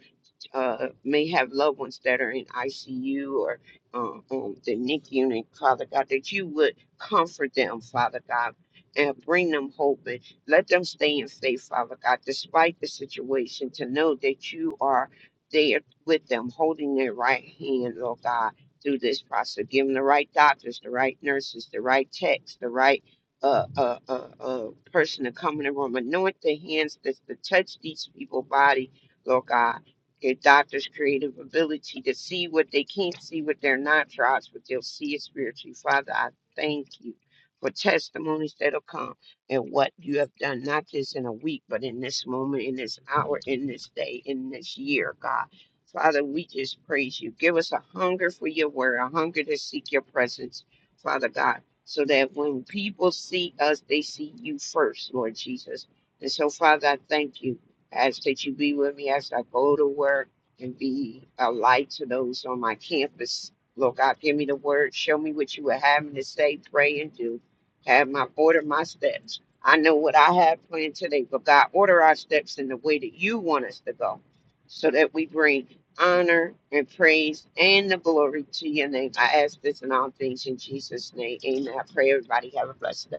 Speaker 4: uh, may have loved ones that are in ICU or uh, on the NIC unit, Father God, that you would comfort them, Father God, and bring them hope and let them stay in faith, Father God, despite the situation, to know that you are there with them, holding their right hand, Lord God, through this process, giving the right doctors, the right nurses, the right techs, the right a, a, a, a person to come in the room. Anoint the hands that's to touch these people's body, Lord God their doctor's creative ability to see what they can't see with their natural eyes, but they'll see it spiritually. Father, I thank you for testimonies that'll come and what you have done, not just in a week, but in this moment, in this hour, in this day, in this year, God. Father, we just praise you. Give us a hunger for your word, a hunger to seek your presence, Father God, so that when people see us, they see you first, Lord Jesus. And so, Father, I thank you. I ask that you be with me as I go to work and be a light to those on my campus. Lord God, give me the word. Show me what you would have me to say, pray, and do. Have my order my steps. I know what I have planned today, but God, order our steps in the way that you want us to go so that we bring honor and praise and the glory to your name. I ask this in all things in Jesus' name. Amen. I pray everybody have a blessed day.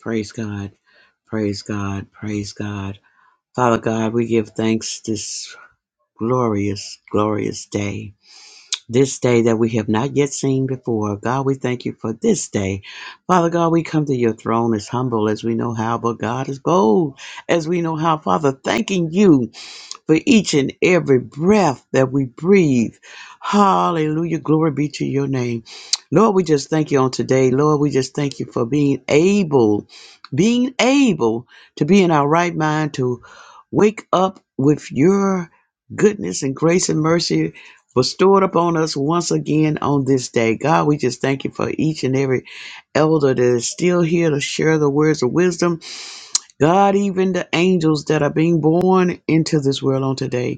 Speaker 5: Praise God. Praise God. Praise God. Father God, we give thanks this glorious, glorious day. This day that we have not yet seen before. God, we thank you for this day. Father God, we come to your throne as humble as we know how, but God is bold as we know how. Father, thanking you for each and every breath that we breathe. Hallelujah. Glory be to your name. Lord, we just thank you on today. Lord, we just thank you for being able, being able to be in our right mind to wake up with your goodness and grace and mercy bestowed upon us once again on this day. God, we just thank you for each and every elder that is still here to share the words of wisdom God, even the angels that are being born into this world on today,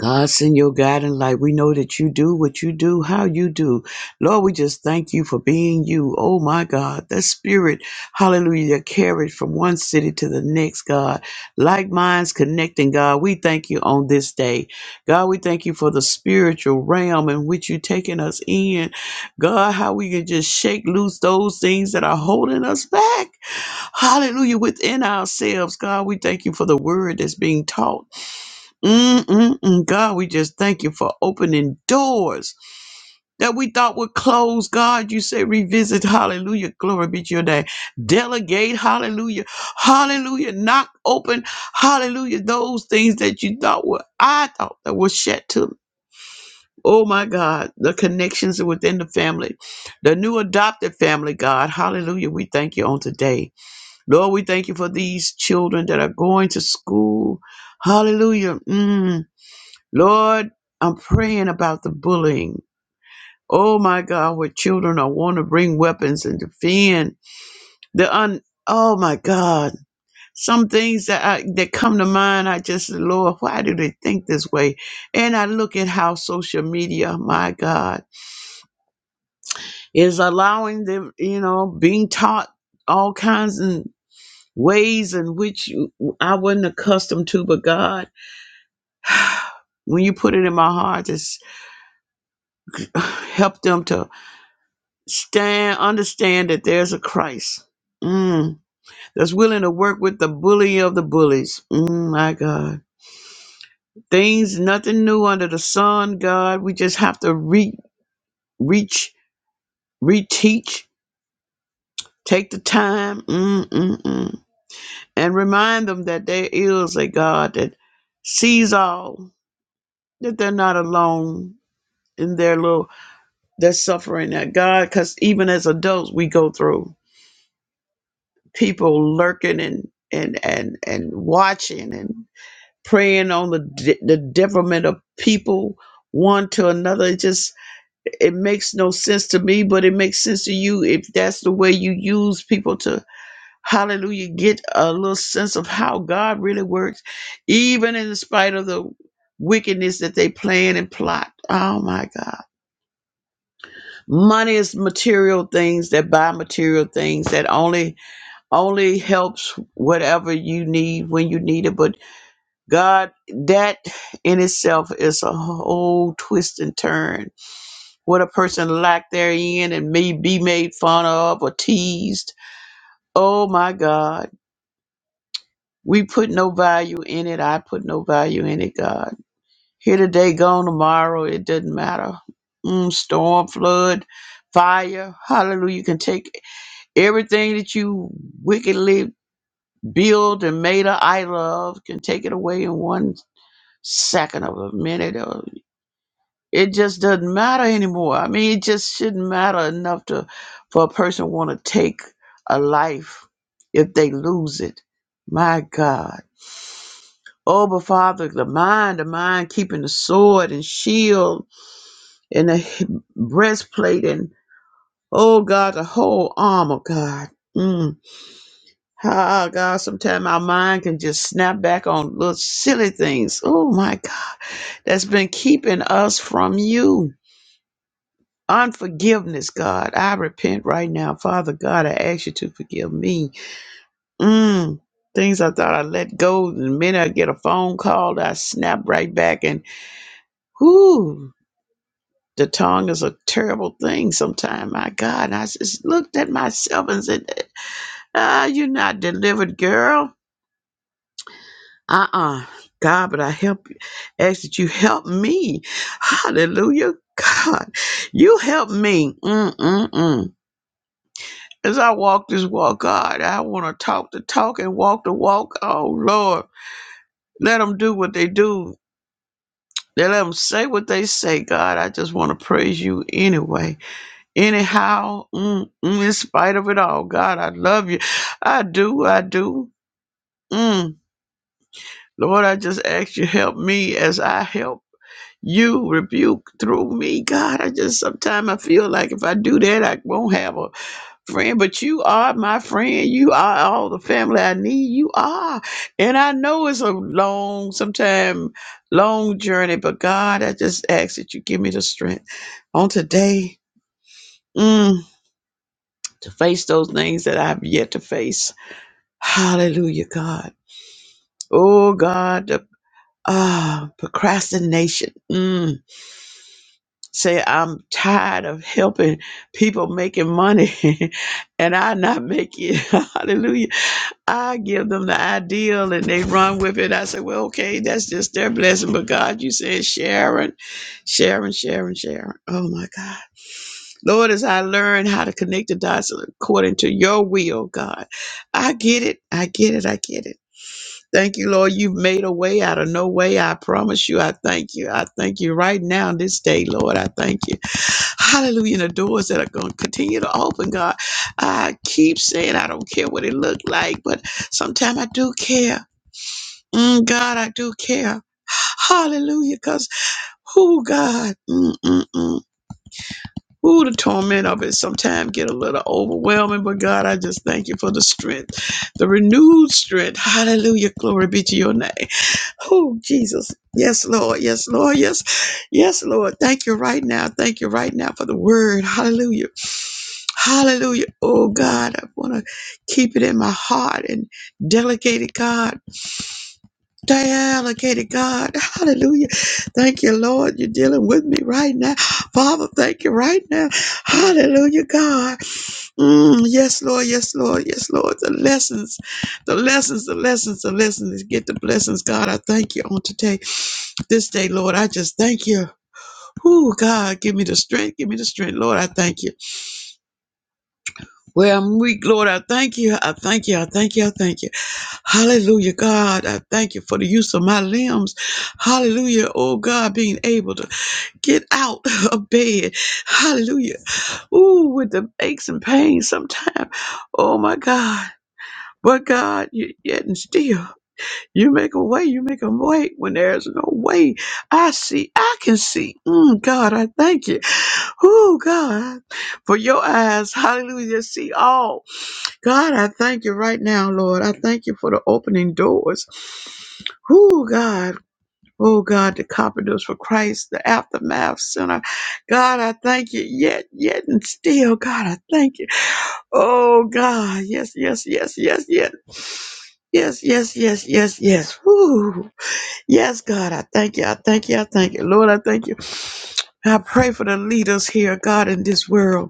Speaker 5: God, send your guiding light. We know that you do what you do, how you do. Lord, we just thank you for being you. Oh my God, the spirit, hallelujah, that carried from one city to the next, God. Like minds connecting, God. We thank you on this day. God, we thank you for the spiritual realm in which you're taking us in. God, how we can just shake loose those things that are holding us back. Hallelujah, within ourselves, God. We thank you for the word that's being taught. Mm-mm-mm. God, we just thank you for opening doors that we thought were closed. God, you say revisit. Hallelujah. Glory be to your name. Delegate. Hallelujah. Hallelujah. Knock open. Hallelujah. Those things that you thought were, I thought that were shut to. Oh my God, the connections within the family, the new adopted family, God. Hallelujah. We thank you on today. Lord, we thank you for these children that are going to school. Hallelujah. Mm. Lord, I'm praying about the bullying. Oh my God, where children are want to bring weapons and defend the un. Oh my God, some things that I, that come to mind. I just Lord, why do they think this way? And I look at how social media, my God, is allowing them. You know, being taught all kinds and ways in which you- I wasn't accustomed to, but God, when you put it in my heart, just help them to Stand, understand that there's a Christ mm, that's willing to work with the bully of the bullies. Mm, my God, things nothing new under the sun. God, we just have to re- reach, reteach, take the time, mm, mm, mm, and remind them that there is a God that sees all. That they're not alone in their little their suffering. That God, because even as adults, we go through. people lurking and and and and watching and preying on the de- the devilment of people one to another it just it makes no sense to me but it makes sense to you if that's the way you use people to hallelujah get a little sense of how god really works even in spite of the wickedness that they plan and plot oh my god money is material things that buy material things that only only helps whatever you need when you need it. But God, that in itself is a whole twist and turn. What a person lack therein and may be made fun of or teased. Oh my God. We put no value in it. I put no value in it, God. Here today, gone tomorrow. It doesn't matter. Mm, storm, flood, fire. Hallelujah. You can take everything that you wickedly Bill Maida I love can take it away in one second of a minute. Or it just doesn't matter anymore. I mean, it just shouldn't matter enough to for a person want to take a life if they lose it. My God. Oh, but Father, the mind, the mind keeping the sword and shield and the breastplate and, oh God, the whole armor, God. Mm. Ah, God, sometimes our mind can just snap back on little silly things. Oh, my God, that's been keeping us from you. Unforgiveness, God. I repent right now. Father God, I ask you to forgive me. Mm, things I thought I let go. The minute I get a phone call, I snap right back. And, whoo, the tongue is a terrible thing sometimes. My God, and I just looked at myself and said, ah, you're not delivered, girl. uh-uh god but i help ask that you help me hallelujah god you help me Mm-mm-mm. as i walk this walk god i want to talk the talk and walk the walk oh lord let them do what they do they let them say what they say god i just want to praise you anyway anyhow mm, mm, in spite of it all god i love you i do i do mm. lord i just ask you help me as i help you rebuke through me, God. I just sometimes I feel like if I do that, I won't have a friend. But you are my friend. You are all the family I need. You are, and I know it's a long, sometimes long journey. But God, I just ask that you give me the strength on today mm, to face those things that I've yet to face. Hallelujah, God. Oh God, the ah procrastination. Mm Say, I'm tired of helping people making money and I not make it. Hallelujah. I give them the ideal and they run with it. I say, well, okay, that's just their blessing. But God, you said Sharon, Sharon, Sharon, Sharon. Oh my God. Lord, as I learn how to connect the dots according to your will, God, I get it. I get it. I get it. Thank you, Lord. You've made a way out of no way. I promise you. I thank you. I thank you right now, this day, Lord. I thank you. Hallelujah. And the doors that are going to continue to open, God. I keep saying I don't care what it looked like, but sometimes I do care. Mm, God, I do care. Hallelujah. Because who, God? Mm-mm-mm. Ooh, the torment of it sometimes get a little overwhelming, but God, I just thank you for the strength, the renewed strength. Hallelujah. Glory be to your name. Oh, Jesus. Yes, Lord. Yes, Lord. Yes. Yes, Lord. Thank you right now. Thank you right now for the word. Hallelujah. Hallelujah. Oh God, I want to keep it in my heart and delegate it, God. Delegate it, God. Hallelujah. Thank you, Lord. You're dealing with me right now. Father, thank you right now. Hallelujah, God. Mm, yes, Lord. Yes, Lord. Yes, Lord. The lessons, the lessons, the lessons, the lessons. Get the blessings, God. I thank you on today, this day, Lord. I just thank you. Oh, God, give me the strength. Give me the strength, Lord. I thank you. Where I'm weak, Lord, I thank you. I thank you. I thank you. I thank you. Hallelujah, God. I thank you for the use of my limbs. Hallelujah. Oh, God, being able to get out of bed. Hallelujah. Ooh, with the aches and pains sometimes. Oh, my God. But God, you, yet and still, you make a way. You make a way when there's no way. I see. I can see. Mm, God, I thank you. Oh, God, for your eyes. Hallelujah. See all. God, I thank you right now, Lord. I thank you for the opening doors. Who, God. Oh God, the Carpenters for Christ, the Aftermath Center. God, I thank you yet, yet, and still. God, I thank you. Oh God, yes, yes, yes, yes, yes. Yes, yes, yes, yes, yes. Woo. Yes, God, I thank you. I thank you. I thank you. Lord, I thank you. I pray for the leaders here, God, in this world.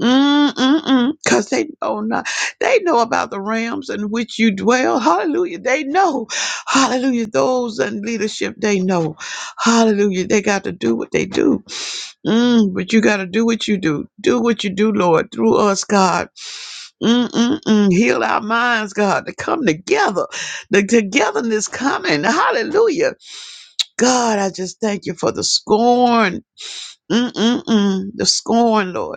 Speaker 5: Mm-mm-mm. Cause they know not, they know about the realms in which you dwell. Hallelujah. They know. Hallelujah. Those in leadership, they know. Hallelujah. They got to do what they do. Mm, but you got to do what you do. Do what you do, Lord, through us, God. Mm-mm-mm. Heal our minds, God, to come together. The togetherness coming. Hallelujah. God, I just thank you for the scorn. Mm-mm-mm. The scorn, Lord.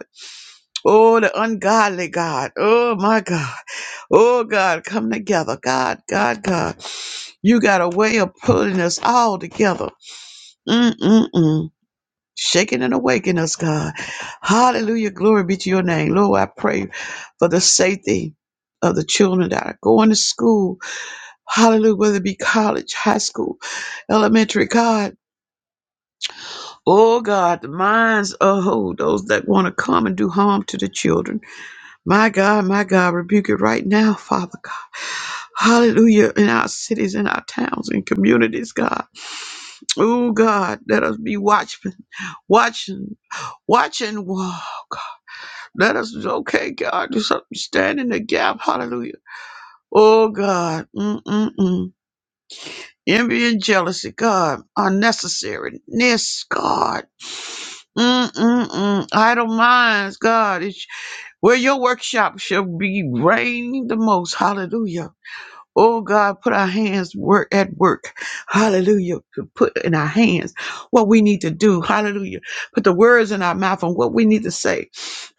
Speaker 5: Oh, the ungodly God. Oh, my God. Oh, God, come together. God, God, God. You got a way of pulling us all together. Mm-mm-mm. Shaking and awakening us, God. Hallelujah. Glory be to your name. Lord, I pray for the safety of the children that are going to school. Hallelujah. Whether it be college, high school, elementary, God. Oh, God, the minds of oh, those that want to come and do harm to the children. My God, my God, rebuke it right now, Father God. Hallelujah. In our cities, in our towns, and communities, God. Oh, God, let us be watchmen, watching, watching. Wow, God. Let us, okay, God, do something, stand in the gap. Hallelujah. Oh, God. Mm-mm-mm. Envy and jealousy, God, unnecessariness, God. Mm-mm-mm. Idle minds, God. where your workshop shall be reigning the most. Hallelujah. Oh God, put our hands work at work. Hallelujah. To Put in our hands what we need to do. Hallelujah. Put the words in our mouth on what we need to say.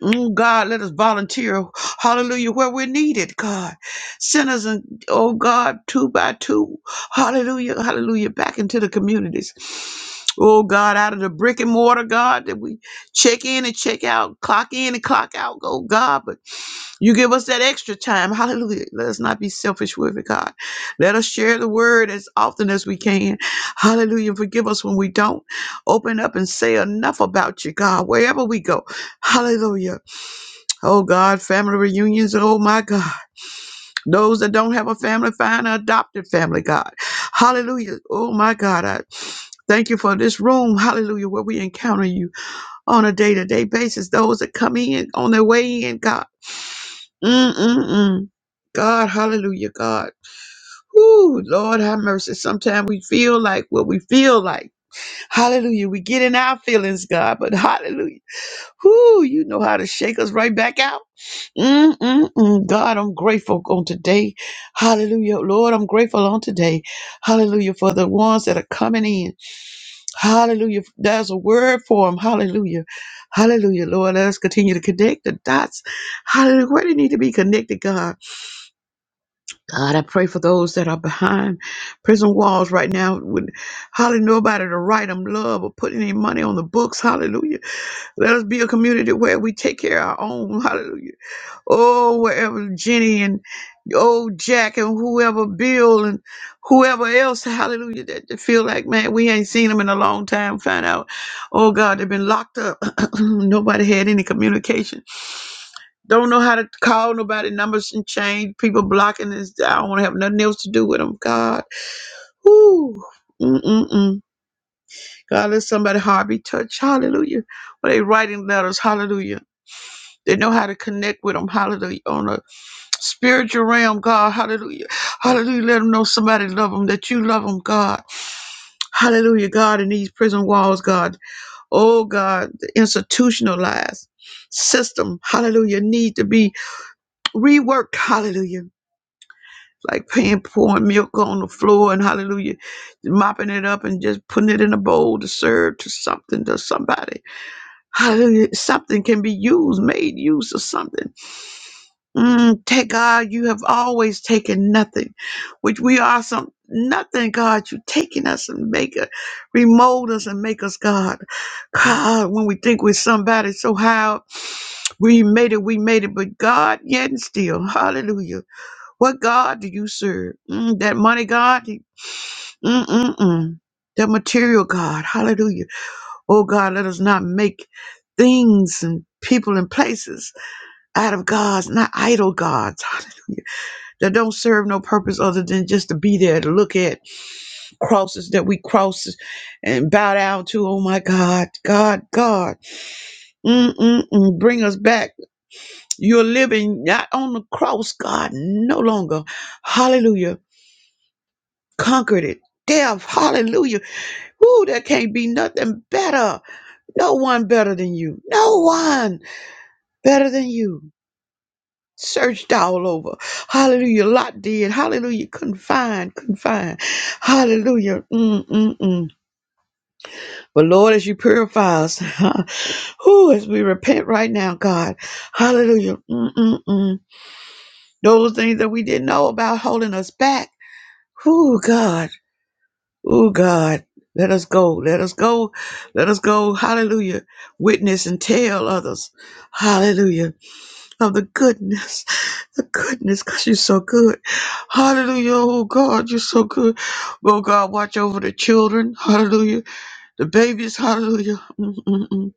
Speaker 5: Oh God, let us volunteer. Hallelujah. Where we're needed, God. Send us and oh God, two by two. Hallelujah. Hallelujah. Back into the communities. Oh God, out of the brick and mortar, God, that we check in and check out, clock in and clock out. Oh God, but you give us that extra time. Hallelujah. Let us not be selfish with it, God. Let us share the word as often as we can. Hallelujah. Forgive us when we don't open up and say enough about you, God, wherever we go. Hallelujah. Oh, God, family reunions. Oh, my God. Those that don't have a family, find an adopted family, God. Hallelujah. Oh, my God. I thank you for this room. Hallelujah. Where we encounter you on a day to day basis. Those that come in on their way in, God. Mm-mm-mm. God, hallelujah, God. ooh, Lord have mercy. Sometimes we feel like what we feel like. Hallelujah. We get in our feelings, God, but hallelujah. ooh, you know how to shake us right back out. Mm-mm-mm. God, I'm grateful on today. Hallelujah. Lord, I'm grateful on today. Hallelujah. For the ones that are coming in. Hallelujah. There's a word for them. Hallelujah. Hallelujah. Lord, let us continue to connect the dots. Hallelujah. Where they need to be connected, God. God, I pray for those that are behind prison walls right now. With hardly nobody to write them love or put any money on the books. Hallelujah. Let us be a community where we take care of our own. Hallelujah. Oh, wherever Jenny and old Jack and whoever Bill and whoever else, hallelujah, that that feel like, man, we ain't seen them in a long time. Find out, oh God, they've been locked up. Nobody had any communication don't know how to call nobody numbers and change. People blocking this. I don't want to have nothing else to do with them. God. Whoo. Mm-mm-mm. God, let somebody heart be touched. Hallelujah. When they writing letters, hallelujah. They know how to connect with them. Hallelujah. On a spiritual realm, God. Hallelujah. Hallelujah. Let them know somebody love them, that you love them, God. Hallelujah, God, in these prison walls, God. Oh, God, the institutionalized system, hallelujah, need to be reworked, hallelujah like paying pouring milk on the floor and hallelujah, mopping it up and just putting it in a bowl to serve to something to somebody. Hallelujah. Something can be used, made use of something. Mm, take God, you have always taken nothing, which we are some nothing, God. You taking us and make us remold us and make us God. God, when we think we're somebody so how we made it, we made it, but God yet and still. Hallelujah what God do you serve? Mm, that money God? Mm-mm-mm. That material God. Hallelujah. Oh God, let us not make things and people and places out of gods, not idol gods. Hallelujah. That don't serve no purpose other than just to be there to look at crosses that we cross and bow down to. Oh my God, God, God, Mm-mm-mm. bring us back. You're living not on the cross, God, no longer. Hallelujah conquered it. Death, hallelujah. Woo, there can't be nothing better. No one better than you. No one better than you. Searched all over. Hallelujah. Lot did. Hallelujah. Couldn't Couldn't find. Couldn't find. Hallelujah. Mm, mm, mm. But Lord, as you purify us, who as we repent right now, God. Hallelujah. Mm, mm, mm. Those things that we didn't know about holding us back. Who, God. Oh God, let us go. Let us go. Let us go. Hallelujah. Witness and tell others. Hallelujah. Of the goodness. The goodness, because you're so good. Hallelujah. Oh God, you're so good. Oh God, watch over the children. Hallelujah. The babies. Hallelujah. Mm-mm-mm.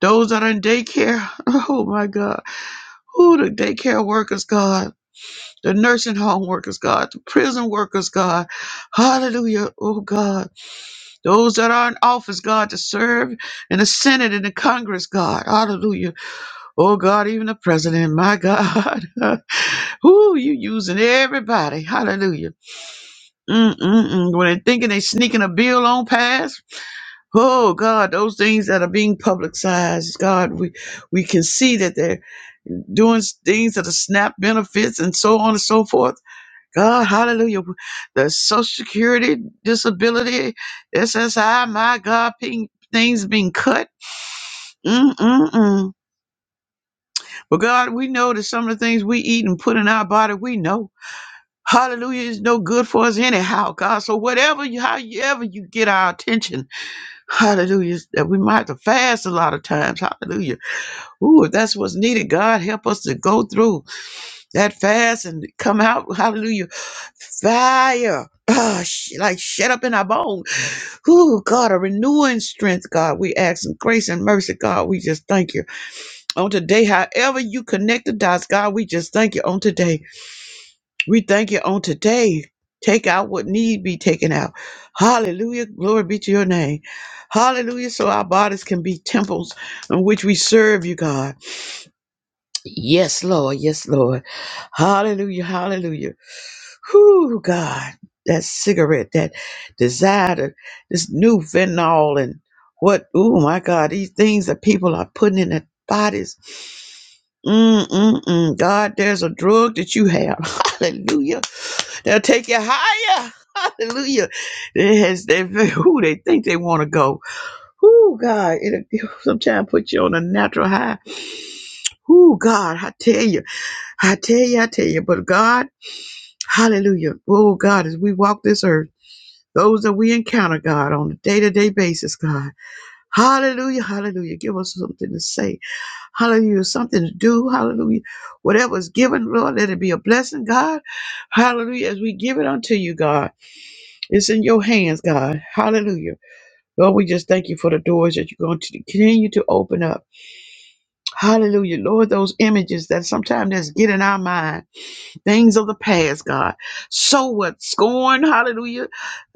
Speaker 5: Those that are in daycare. Oh my God. Oh, the daycare workers, God. The nursing home workers, God. The prison workers, God. Hallelujah. Oh God those that are in office, God, to serve in the Senate and the Congress, God. Hallelujah. Oh, God, even the president, my God. Who you using everybody. Hallelujah. Mm-mm-mm. When they're thinking they sneaking a bill on past, oh, God, those things that are being publicized, God, we, we can see that they're doing things that are snap benefits and so on and so forth God, hallelujah. The Social Security, disability, SSI, my God, ping- things being cut. Mm-mm-mm. But God, we know that some of the things we eat and put in our body, we know. Hallelujah is no good for us anyhow, God. So whatever you, however you get our attention, hallelujah, that we might have to fast a lot of times. Hallelujah. Ooh, if that's what's needed, God, help us to go through that fast and come out, hallelujah, fire. Ah, sh- like shut up in our bones. Ooh, God, a renewing strength, God. We ask in grace and mercy, God. We just thank you. On today, however you connect the dots, God, we just thank you on today. We thank you on today. Take out what need be taken out. Hallelujah. Glory be to your name. Hallelujah. So our bodies can be temples in which we serve you, God. Yes, Lord. Yes, Lord. Hallelujah. Hallelujah. Whoo, God. That cigarette, that desire, to, this new fentanyl, and what, oh my God, these things that people are putting in their bodies. Mm-mm-mm. God, there's a drug that you have. Hallelujah. They'll take you higher. Hallelujah. It has, they, who they think they want to go. Whoo, God. It'll sometimes put you on a natural high Oh God, I tell you, I tell you, I tell you. But God, hallelujah. Oh God, as we walk this earth, those that we encounter, God, on a day-to-day basis, God. Hallelujah, hallelujah. Give us something to say. Hallelujah. Something to do. Hallelujah. Whatever is given, Lord, let it be a blessing, God. Hallelujah. As we give it unto you, God, it's in your hands, God. Hallelujah. Lord, we just thank you for the doors that you're going to continue to open up. Hallelujah. Lord, those images that sometimes that's get in our mind. Things of the past, God. So what? Scorn, hallelujah.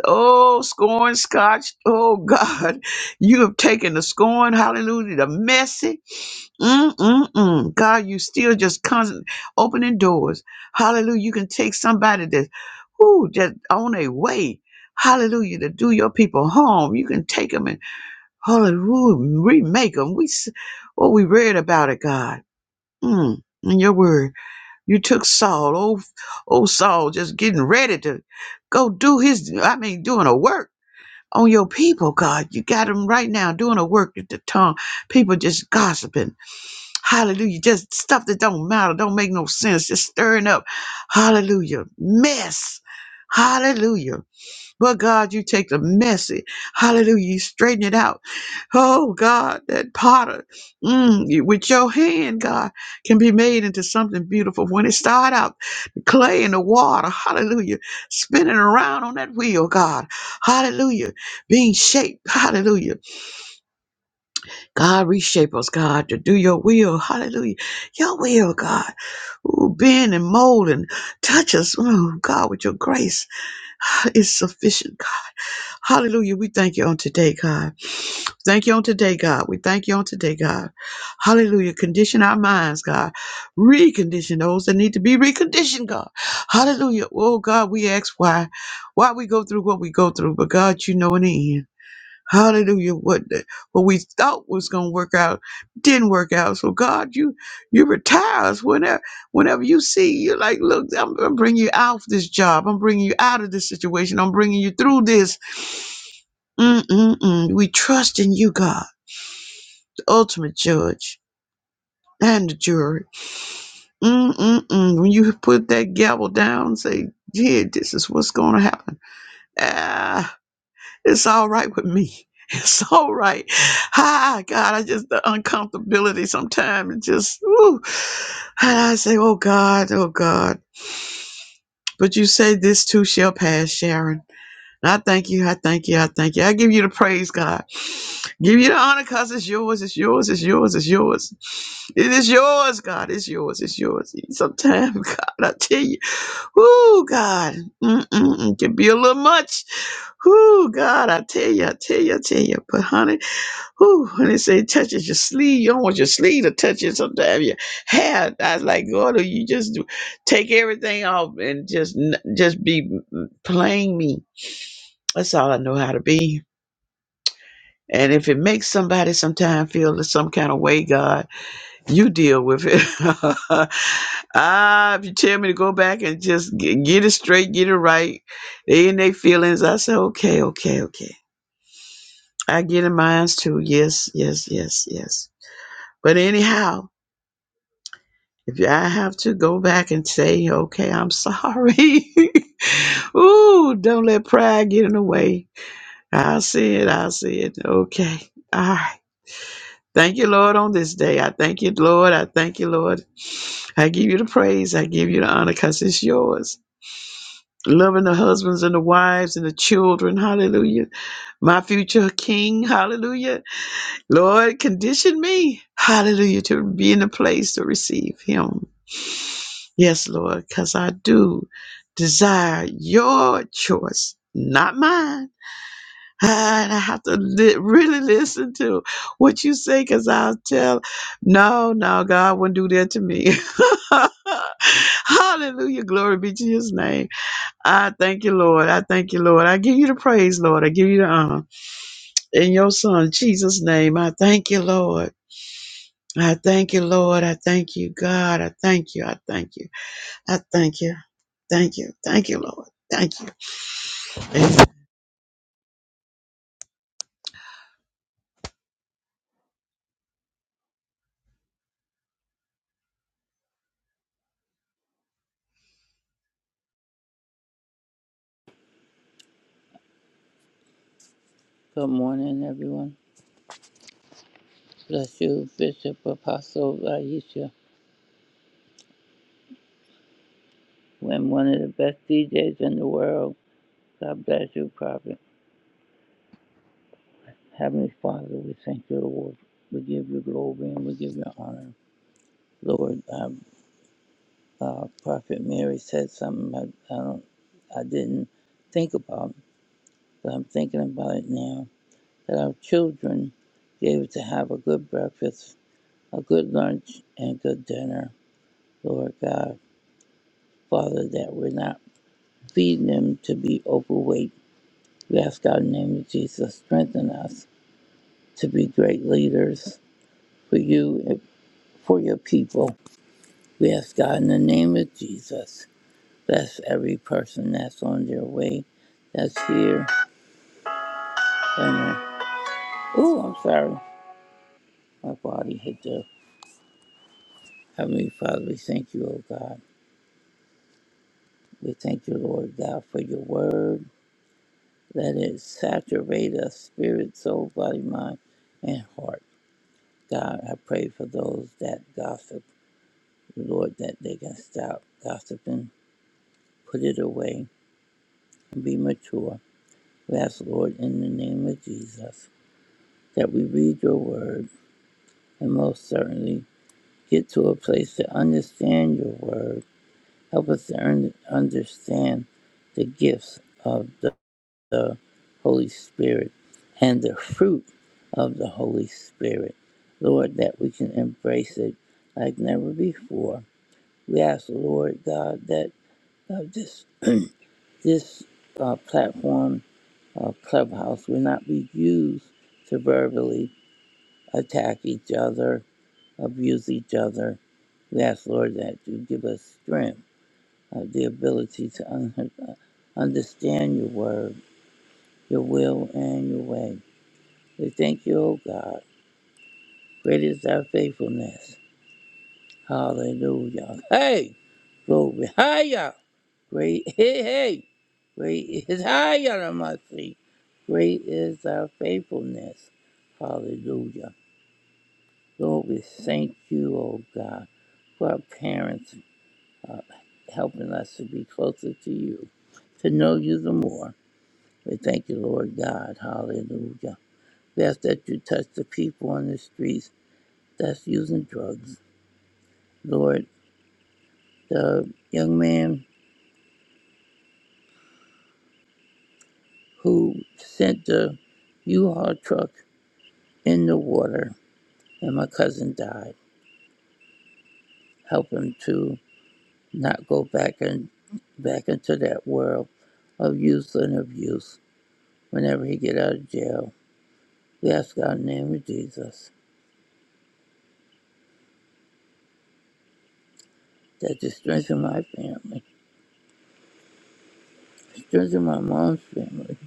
Speaker 5: Oh, scorn, scotch. Oh, God. You have taken the scorn, hallelujah, the messy. Mm-mm-mm. God, you still just constant opening doors. Hallelujah. You can take somebody that's, who just on their way. Hallelujah. To do your people harm. You can take them and, hallelujah, remake them. We, s- oh, we read about it, God. Mm, in your word. You took Saul, old, old Saul, just getting ready to go do his, I mean, doing a work on your people, God. You got him right now doing a work with the tongue. People just gossiping. Hallelujah. Just stuff that don't matter, don't make no sense, just stirring up. Hallelujah. Mess. Hallelujah. But God, you take the messy. Hallelujah. You straighten it out. Oh God, that potter mm, you- with your hand, God, can be made into something beautiful. When it start out, the clay in the water, hallelujah, spinning around on that wheel, God, hallelujah, being shaped, hallelujah. God, reshape us, God, to do your will, hallelujah. Your will, God, Ooh, bend and mold and touch us, oh God, with your grace is sufficient, God. Hallelujah. We thank you on today, God. Thank you on today, God. We thank you on today, God. Hallelujah. Condition our minds, God. Recondition those that need to be reconditioned, God. Hallelujah. Oh, God, we ask why, why we go through what we go through, but God, you know in the end. Hallelujah. What the, what we thought was gonna work out didn't work out. So God, you you retire us whenever whenever you see you're like, look, I'm gonna bring you out of this job. I'm bringing you out of this situation. I'm bringing you through this. Mm-mm-mm. We trust in you, God, the ultimate judge and the jury. Mm-mm-mm. When you put that gavel down, and say, yeah, this is what's gonna happen. Ah. It's all right with me. It's all right. Hi, God. I just, the uncomfortability sometimes, it just, ooh. And I say, oh God, oh God. But you say this too shall pass, Sharon. And I thank you. I thank you. I thank you. I give you the praise, God. Give you the honor because it's yours. It's yours. It's yours. It's yours. It is yours, God. It's yours. It's yours. Sometimes, God, I tell you, oh God, mm-mm, it can be a little much. Whoo, God, I tell you, I tell you, I tell you. But honey, whoo, when they say it touches your sleeve, you don't want your sleeve to touch it. Sometimes your hair. I was like, God, you just do, take everything off and just n- just be plain me. That's all I know how to be. And if it makes somebody sometime feel some kind of way, God, you deal with it. ah, if you tell me to go back and just get, get it straight, get it right, they in their feelings, I say, okay, okay, okay. I get in mine too. Yes, yes, yes, yes. But anyhow, if I have to go back and say, okay, I'm sorry. Ooh, don't let pride get in the way. I see it. I see it. Okay. All right. Thank you, Lord, on this day. I thank you, Lord. I thank you, Lord. I give you the praise. I give you the honor because it's yours. Loving the husbands and the wives and the children. Hallelujah. My future king. Hallelujah Lord, condition me, hallelujah, to be in a place to receive Him. Yes, Lord, because I do desire your choice, not mine. And I have to li- really listen to what you say because I'll tell, no, no, God wouldn't do that to me. Hallelujah. Glory be to his name. I thank you, Lord. I thank you, Lord. I give you the praise, Lord. I give you the honor. In your son, Jesus' name, I thank you, Lord. I thank you, Lord. I thank you, God. I thank you. I thank you. I thank you. Thank you. Thank you, Lord. Thank you. Thank
Speaker 6: Good morning, everyone. Bless you, Bishop Apostle Aisha. When one of the best DJs in the world. God bless you, Prophet. Heavenly Father, we thank you, Lord. We give you glory and we give you honor. Lord, uh, uh, Prophet Mary said something I, I, don't, I didn't think about, but I'm thinking about it now. That our children be able to have a good breakfast, a good lunch, and good dinner, Lord God. Father, that we're not feed them to be overweight. We ask God in the name of Jesus, strengthen us to be great leaders for you and for your people. We ask God in the name of Jesus, bless every person that's on their way, that's here. Oh, I'm sorry. My body hit the Heavenly Father, we thank you, O God. We thank you, Lord God, for your word. Let it saturate us, spirit, soul, body, mind, and heart. God, I pray for those that gossip. Lord, that they can stop gossiping, put it away, and be mature. We ask, Lord, in the name of Jesus, that we read your word and most certainly get to a place to understand your word. Help us to un- understand the gifts of the, the Holy Spirit and the fruit of the Holy Spirit. Lord, that we can embrace it like never before. We ask, Lord God, that uh, this. This uh, platform, uh, Clubhouse, will not be used to verbally attack each other, abuse each other. We ask, Lord, that you give us strength, uh, the ability to un- uh, understand your word, your will, and your way. We thank you, O God. Great is our faithfulness. Hallelujah. Hey, glory. Hiya. Great. Hey, hey. Great is high mercy. Great is thy faithfulness. Hallelujah. Lord, we thank you, oh God, for our parents uh, helping us to be closer to you, to know you the more. We thank you, Lord God. Hallelujah. We ask that you touch the people on the streets that's using drugs. Lord, the young man who sent the U-Haul truck in the water and my cousin died. Help him to. not go back and back into that world of use and abuse whenever he get out of jail. We ask God in the name of Jesus that you strengthen my family, strengthen my mom's family.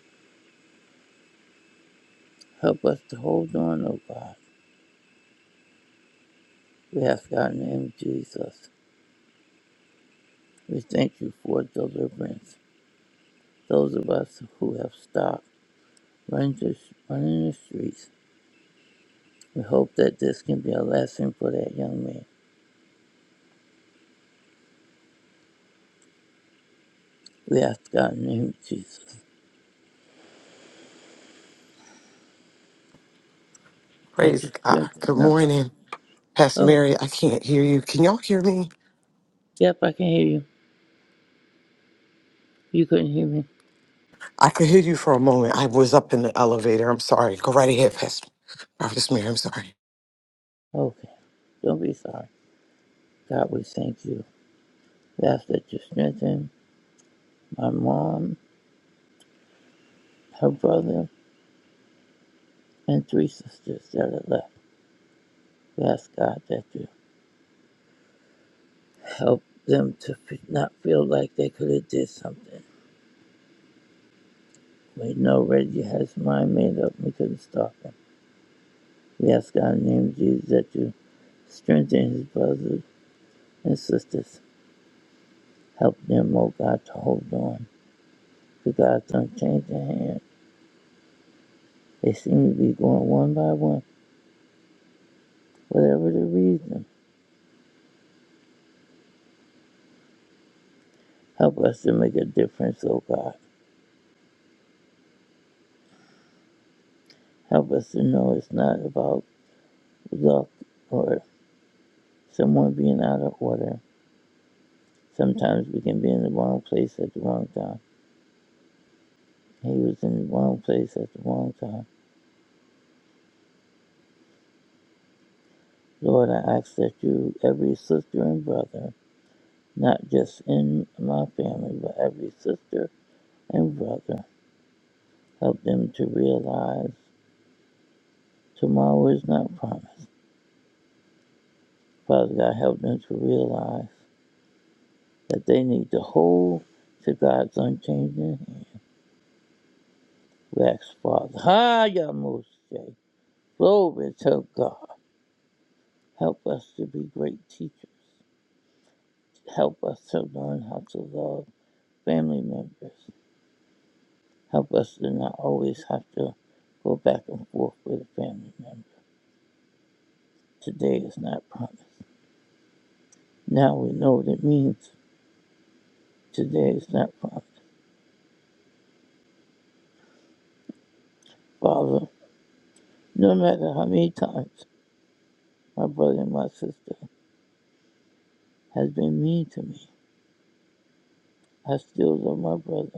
Speaker 6: Help us to hold on, oh God. We ask God in the name of Jesus. We thank you for deliverance. Those of us who have stopped running, to, running the streets, we hope that this can be a lesson for that young man. We ask God in the name of Jesus that
Speaker 3: praise
Speaker 6: you
Speaker 3: God.
Speaker 6: strengthen
Speaker 3: Good
Speaker 6: their heart.
Speaker 3: morning. Pastor
Speaker 6: Oh,
Speaker 3: Mary, I can't hear you. Can y'all hear me?
Speaker 6: Yep, I can hear you. You couldn't hear me.
Speaker 3: I could hear you for a moment. I was up in the elevator. I'm sorry. Go right ahead, Pastor. Prophetess Mary, I'm sorry.
Speaker 6: Okay. Don't be sorry. God, we thank you. We ask that you strengthen my mom, her brother, and three sisters that are left. We ask God that you help them to f- not feel like they could have did something. We know Reggie has his mind made up. We couldn't stop him. We ask God in the name of Jesus that you strengthen his brothers and sisters. Help them, oh God, to hold on to God's unchanging hand. They seem to be going one by one. whatever the reason. Help us to make a difference, oh God. Help us to know it's not about luck or someone being out of order. Sometimes we can be in the wrong place at the wrong time. He was in the wrong place at the wrong time. Lord, I ask that you, every sister and brother, not just in my family, but every sister and brother, help them to realize tomorrow is not promised. Father God, help them to realize. that they need to hold to God's unchanging wax We ask, Father, Hiya Moshe. Glory to God. Help us to be great teachers. Help us to learn how to love family members. Help us to not always have to go back and forth with a family member. Today is not promised. Now we know what it means. Today is not promised. Father, no matter how many times my brother and my sister has been mean to me, I still love my brother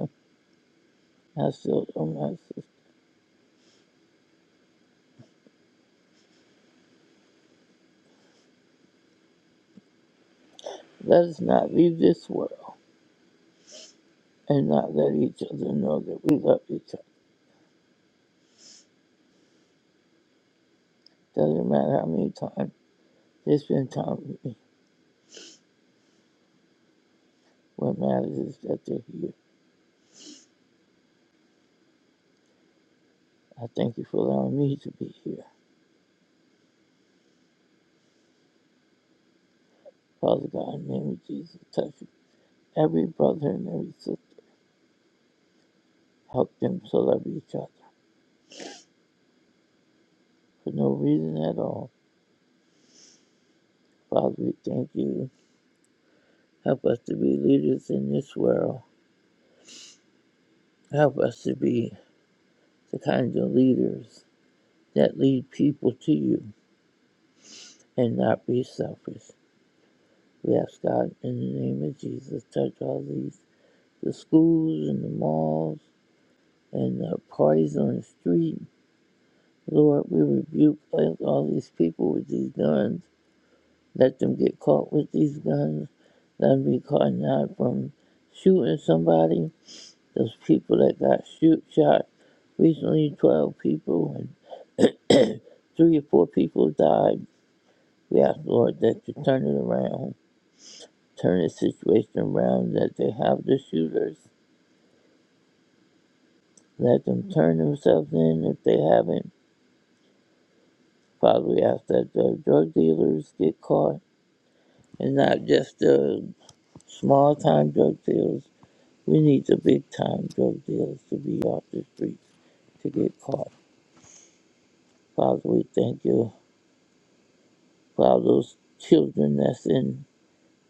Speaker 6: I still don't Let us not leave this world and not let each other know that we love each other. Doesn't matter how many times they spend time with me. What matters is that they're here. I thank you for allowing me to be here. Father God, in the name of Jesus, touch every brother and every sister. Help them to love each other for no reason at all. Father, we thank you. Help us to be leaders in this world. Help us to be the kind of leaders that lead people to you and not be selfish. We ask God in the name of Jesus, touch all these, the schools and the malls and the parties on the street. Lord, we rebuke all these people with these guns. Let them get caught with these guns. Let them be caught not from shooting somebody. Those people that got shoot shot recently, 12 people and three or four people died. We ask, Lord, that you turn it around turn the situation around that they have the shooters. Let them turn themselves in if they haven't. Probably after the drug dealers get caught and not just the small time drug dealers. We need the big time drug dealers to be off the streets to get caught. Father, we thank you for all those children that's in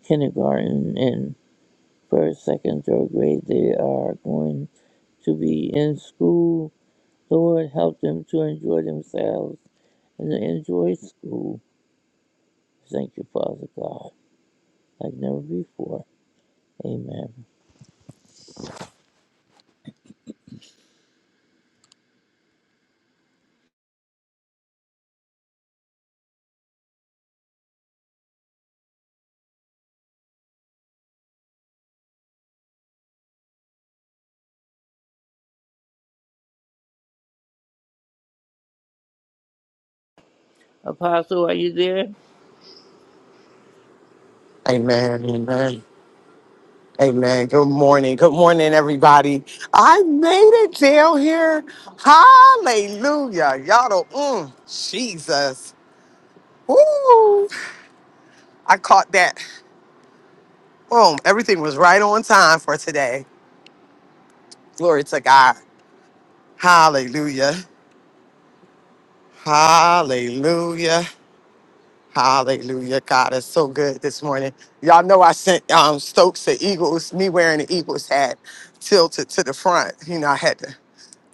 Speaker 6: kindergarten and first, second, third grade. They are going to be in school. Lord, help them to enjoy themselves and to enjoy school. Thank you, Father God, like never before. Amen. Apostle, are you there?
Speaker 3: Amen. Amen. Amen. Good morning. Good morning, everybody. I made it down here. Hallelujah. Y'all don't, mm, Jesus. Woo. I caught that. Boom. Everything was right on time for today. Glory to God. Hallelujah. Hallelujah. Hallelujah. God is so good this morning. Y'all know I sent um, Stokes the Eagles, me wearing the Eagles hat tilted to the front. You know, I had to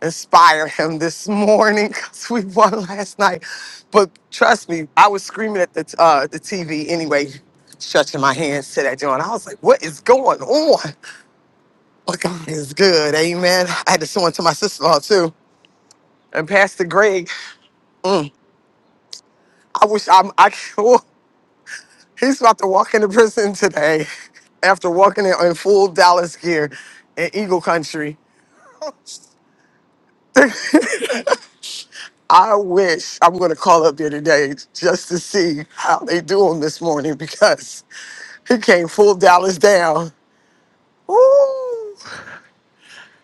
Speaker 3: inspire him this morning because we won last night. But trust me, I was screaming at the, uh, the TV anyway, stretching my hands to that joint. I was like, what is going on? But God is good. Amen. I had to send one to my sister in law too. And Pastor Greg, mm, I wish I'm, I, He's about to walk into prison today after walking in, in full Dallas gear in Eagle Country. I wish I'm going to call up there today just to see how they do him this morning because he came full Dallas down. Ooh,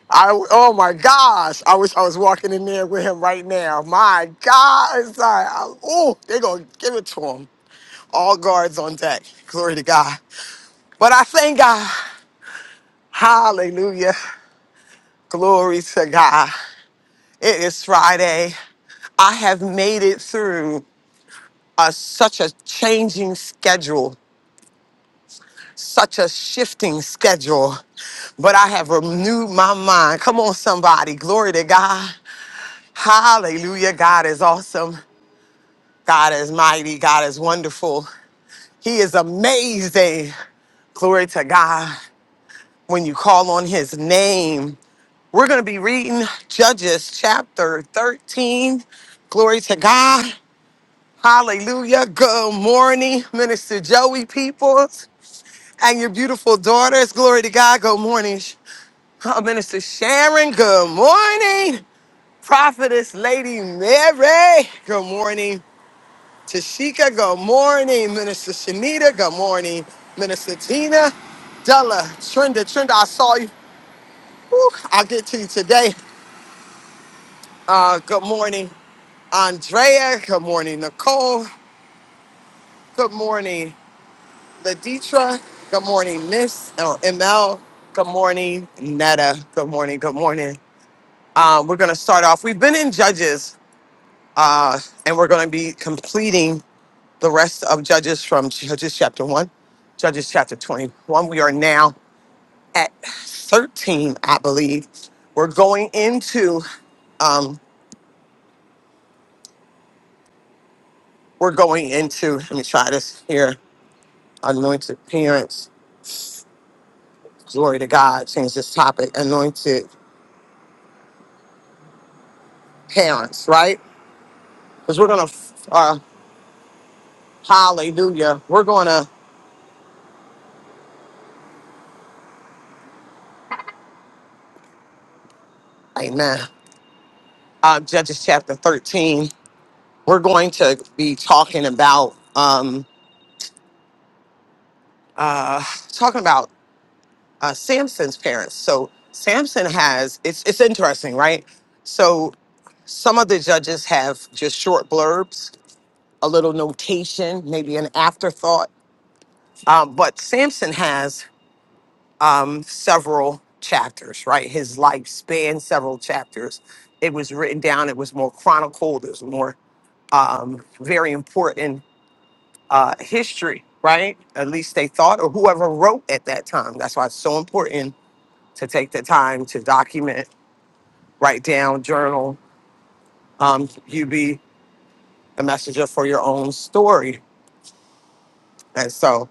Speaker 3: I, oh my gosh. I wish I was walking in there with him right now. My God. Oh, they're going to give it to him. All guards on deck. Glory to God. But I thank God. Hallelujah. Glory to God. It is Friday. I have made it through a, such a changing schedule, such a shifting schedule, but I have renewed my mind. Come on, somebody. Glory to God. Hallelujah. God is awesome. God is mighty. God is wonderful. He is amazing. Glory to God. When you call on his name, we're going to be reading Judges chapter 13. Glory to God. Hallelujah. Good morning, Minister Joey Peoples and your beautiful daughters. Glory to God. Good morning, uh, Minister Sharon. Good morning, Prophetess Lady Mary. Good morning, Tashika. Good morning, Minister Shanita. Good morning, Minister Tina. Della, Trinda, Trinda, I saw you. Woo, I'll get to you today. Uh, good morning, Andrea. Good morning, Nicole. Good morning. Laditra, good morning, Miss oh, ML. Good morning, Netta. Good morning, good morning. Uh, we're going to start off. We've been in Judges, uh, and we're going to be completing the rest of Judges from Judges chapter 1, Judges chapter 21. We are now at 13, I believe. We're going into, um, we're going into, let me try this here, anointed parents. Glory to God. Change this topic, anointed parents, right? Because we're going to, uh, hallelujah, we're going to, amen, uh, Judges chapter 13. We're going to be talking about, um, uh, talking about uh, Samson's parents. So Samson has, it's, it's interesting, right? So some of the judges have just short blurbs, a little notation, maybe an afterthought. Um, but Samson has um, several chapters, right? His life spanned several chapters. It was written down, it was more chronicled, it was more um, very important uh, history, right? At least they thought, or whoever wrote at that time. That's why it's so important to take the time to document, write down, journal. Um, you be the messenger for your own story. And so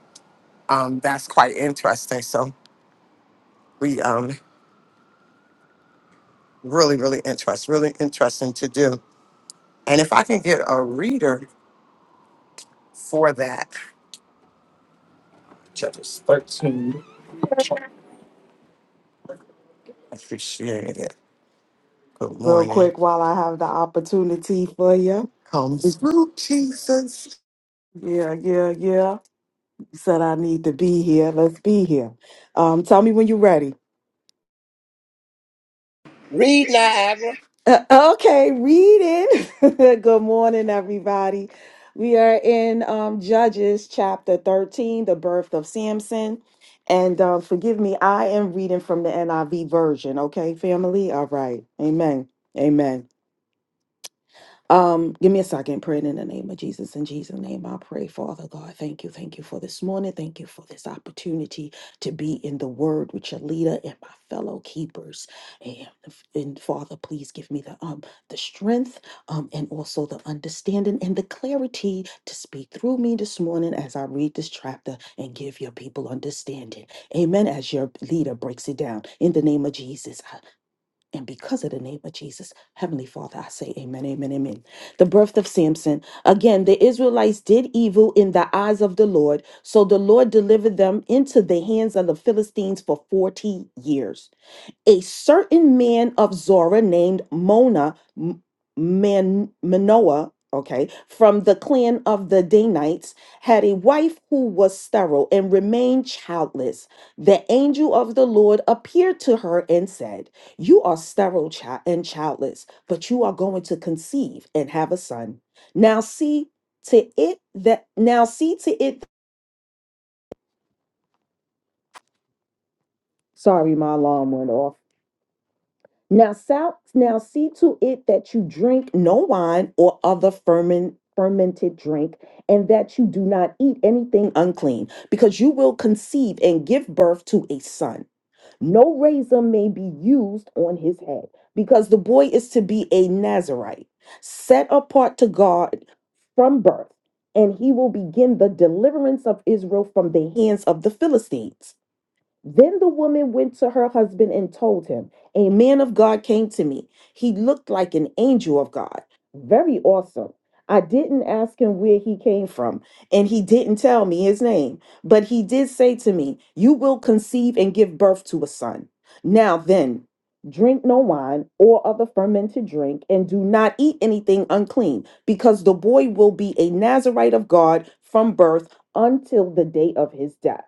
Speaker 3: um, that's quite interesting. So we um, really, really interest, really interesting to do. And if I can get a reader for that, Judges 13, I appreciate it. Good
Speaker 7: real
Speaker 3: morning.
Speaker 7: quick while I have the opportunity for you.
Speaker 3: Come through, Jesus.
Speaker 7: Yeah, yeah, yeah. You said I need to be here. Let's be here. Um, tell me when you're ready.
Speaker 8: Read, Niagara.
Speaker 7: Uh, okay, read it. Good morning, everybody. We are in um, Judges chapter 13, the birth of Samson. And um, forgive me, I am reading from the NIV version. Okay, family? All right. Amen. Amen. Um, give me a second, praying in the name of Jesus. In Jesus' name, I pray, Father God. Thank you, thank you for this morning. Thank you for this opportunity to be in the Word with your leader and my fellow keepers. And, and Father, please give me the um the strength, um, and also the understanding and the clarity to speak through me this morning as I read this chapter and give your people understanding. Amen. As your leader breaks it down in the name of Jesus. And because of the name of Jesus, Heavenly Father, I say amen, amen, amen. The birth of Samson. Again, the Israelites did evil in the eyes of the Lord. So the Lord delivered them into the hands of the Philistines for 40 years a certain man of Zorah named Mona M- Man Manoah, okay, from the clan of the Danites, had a wife who was sterile and remained childless. The angel of the Lord appeared to her and said, "You are sterile chi- and childless, but you are going to conceive and have a son. Now see to it that now see to it." Sorry, my alarm went off. Now, sou- now see to it that you drink no wine or other ferment, fermented drink, and that you do not eat anything unclean, because you will conceive and give birth to a son. No razor may be used on his head, because the boy is to be a Nazarite, set apart to God from birth, and he will begin the deliverance of Israel from the hands of the Philistines. Then the woman went to her husband and told him, A man of God came to me. He looked like an angel of God, very awesome. I didn't ask him where he came from, and he didn't tell me his name. But he did say to me, 'You will conceive and give birth to a son. Now then, drink no wine or other fermented drink, and do not eat anything unclean, because the boy will be a Nazarite of God from birth until the day of his death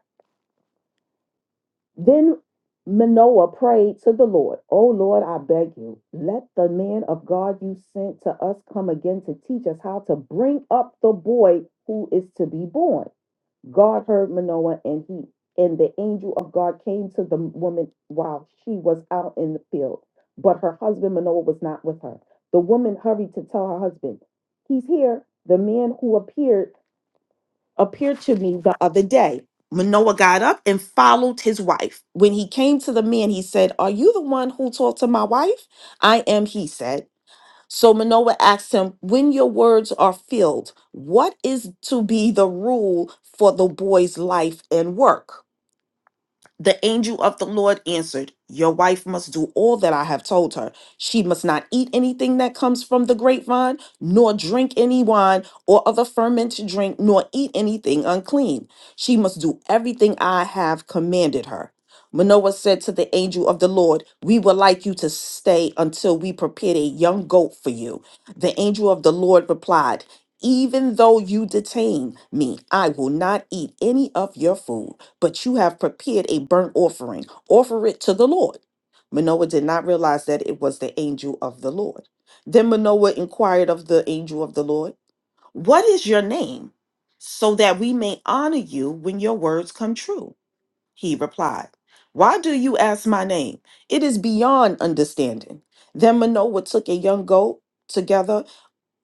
Speaker 7: then Manoah prayed to the Lord, O Lord, I beg you, let the man of God you sent to us come again to teach us how to bring up the boy who is to be born. God heard Manoah and he and the angel of God came to the woman while she was out in the field. But her husband Manoah was not with her. The woman hurried to tell her husband, He's here. The man who appeared appeared to me the other day. Manoah got up and followed his wife. When he came to the man, he said, Are you the one who talked to my wife? I am, he said. So Manoah asked him, When your words are filled, what is to be the rule for the boy's life and work? The angel of the Lord answered, Your wife must do all that I have told her. She must not eat anything that comes from the grapevine, nor drink any wine or other fermented drink, nor eat anything unclean. She must do everything I have commanded her. Manoah said to the angel of the Lord, We would like you to stay until we prepared a young goat for you. The angel of the Lord replied, Even though you detain me, I will not eat any of your food but you have prepared a burnt offering. Offer it to the Lord. Manoah did not realize that it was the angel of the Lord. Then Manoah inquired of the angel of the Lord, What is your name? So that we may honor you when your words come true. He replied, Why do you ask my name? It is beyond understanding. Then Manoah took a young goat together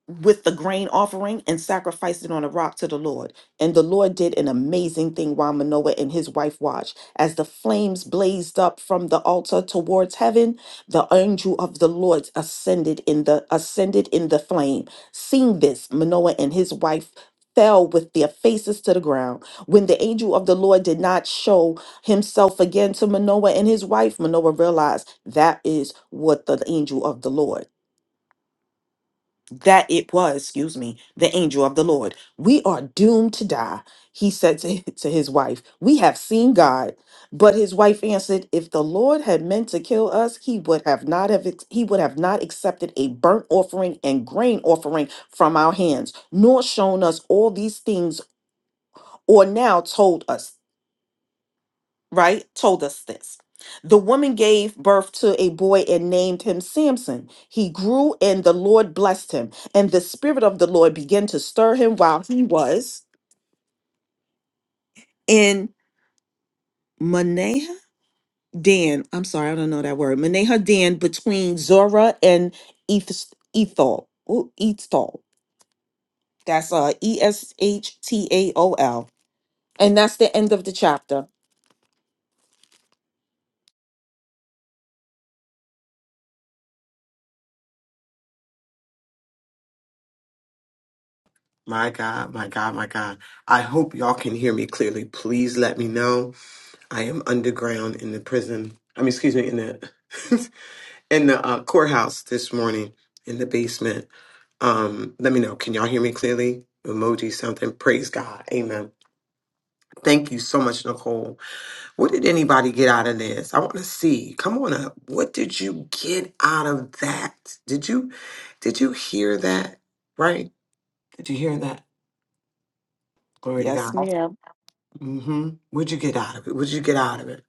Speaker 7: with the grain offering and sacrificed it on a rock to the Lord. And the Lord did an amazing thing while Manoah and his wife watched. As the flames blazed up from the altar towards heaven, the angel of the Lord ascended in the ascended in the flame. Seeing this, Manoah and his wife fell with their faces to the ground. When the angel of the Lord did not show himself again to Manoah and his wife, Manoah realized that is what the angel of the Lord that it was, excuse me, the angel of the Lord. We are doomed to die. He said to, to his wife, We have seen God. But his wife answered, If the Lord had meant to kill us, he would have not have ex- he would have not accepted a burnt offering and grain offering from our hands, nor shown us all these things, or now told us right, told us this. The woman gave birth to a boy and named him Samson. He grew and the Lord blessed him. And the Spirit of the Lord began to stir him while he was in Manaha Dan. I'm sorry, I don't know that word. Manaha Dan between Zorah and Eth- Ethol. Ooh, Ethol. That's uh, E S H T A O L. And that's the end of the chapter.
Speaker 3: My God, my God, my God. I hope y'all can hear me clearly. Please let me know. I am underground in the prison. I mean, excuse me, in the in the in the um. Let me leave. And praise God. Amen. Thank you so much, Nicole. What is? I want to see. Come on up. What did you get out of that? Did you Did you hear that? Right? Did you hear that? Glory to
Speaker 7: Yes,
Speaker 3: God.
Speaker 7: ma'am.
Speaker 3: Mm-hmm. We out of it. Would you get out of it?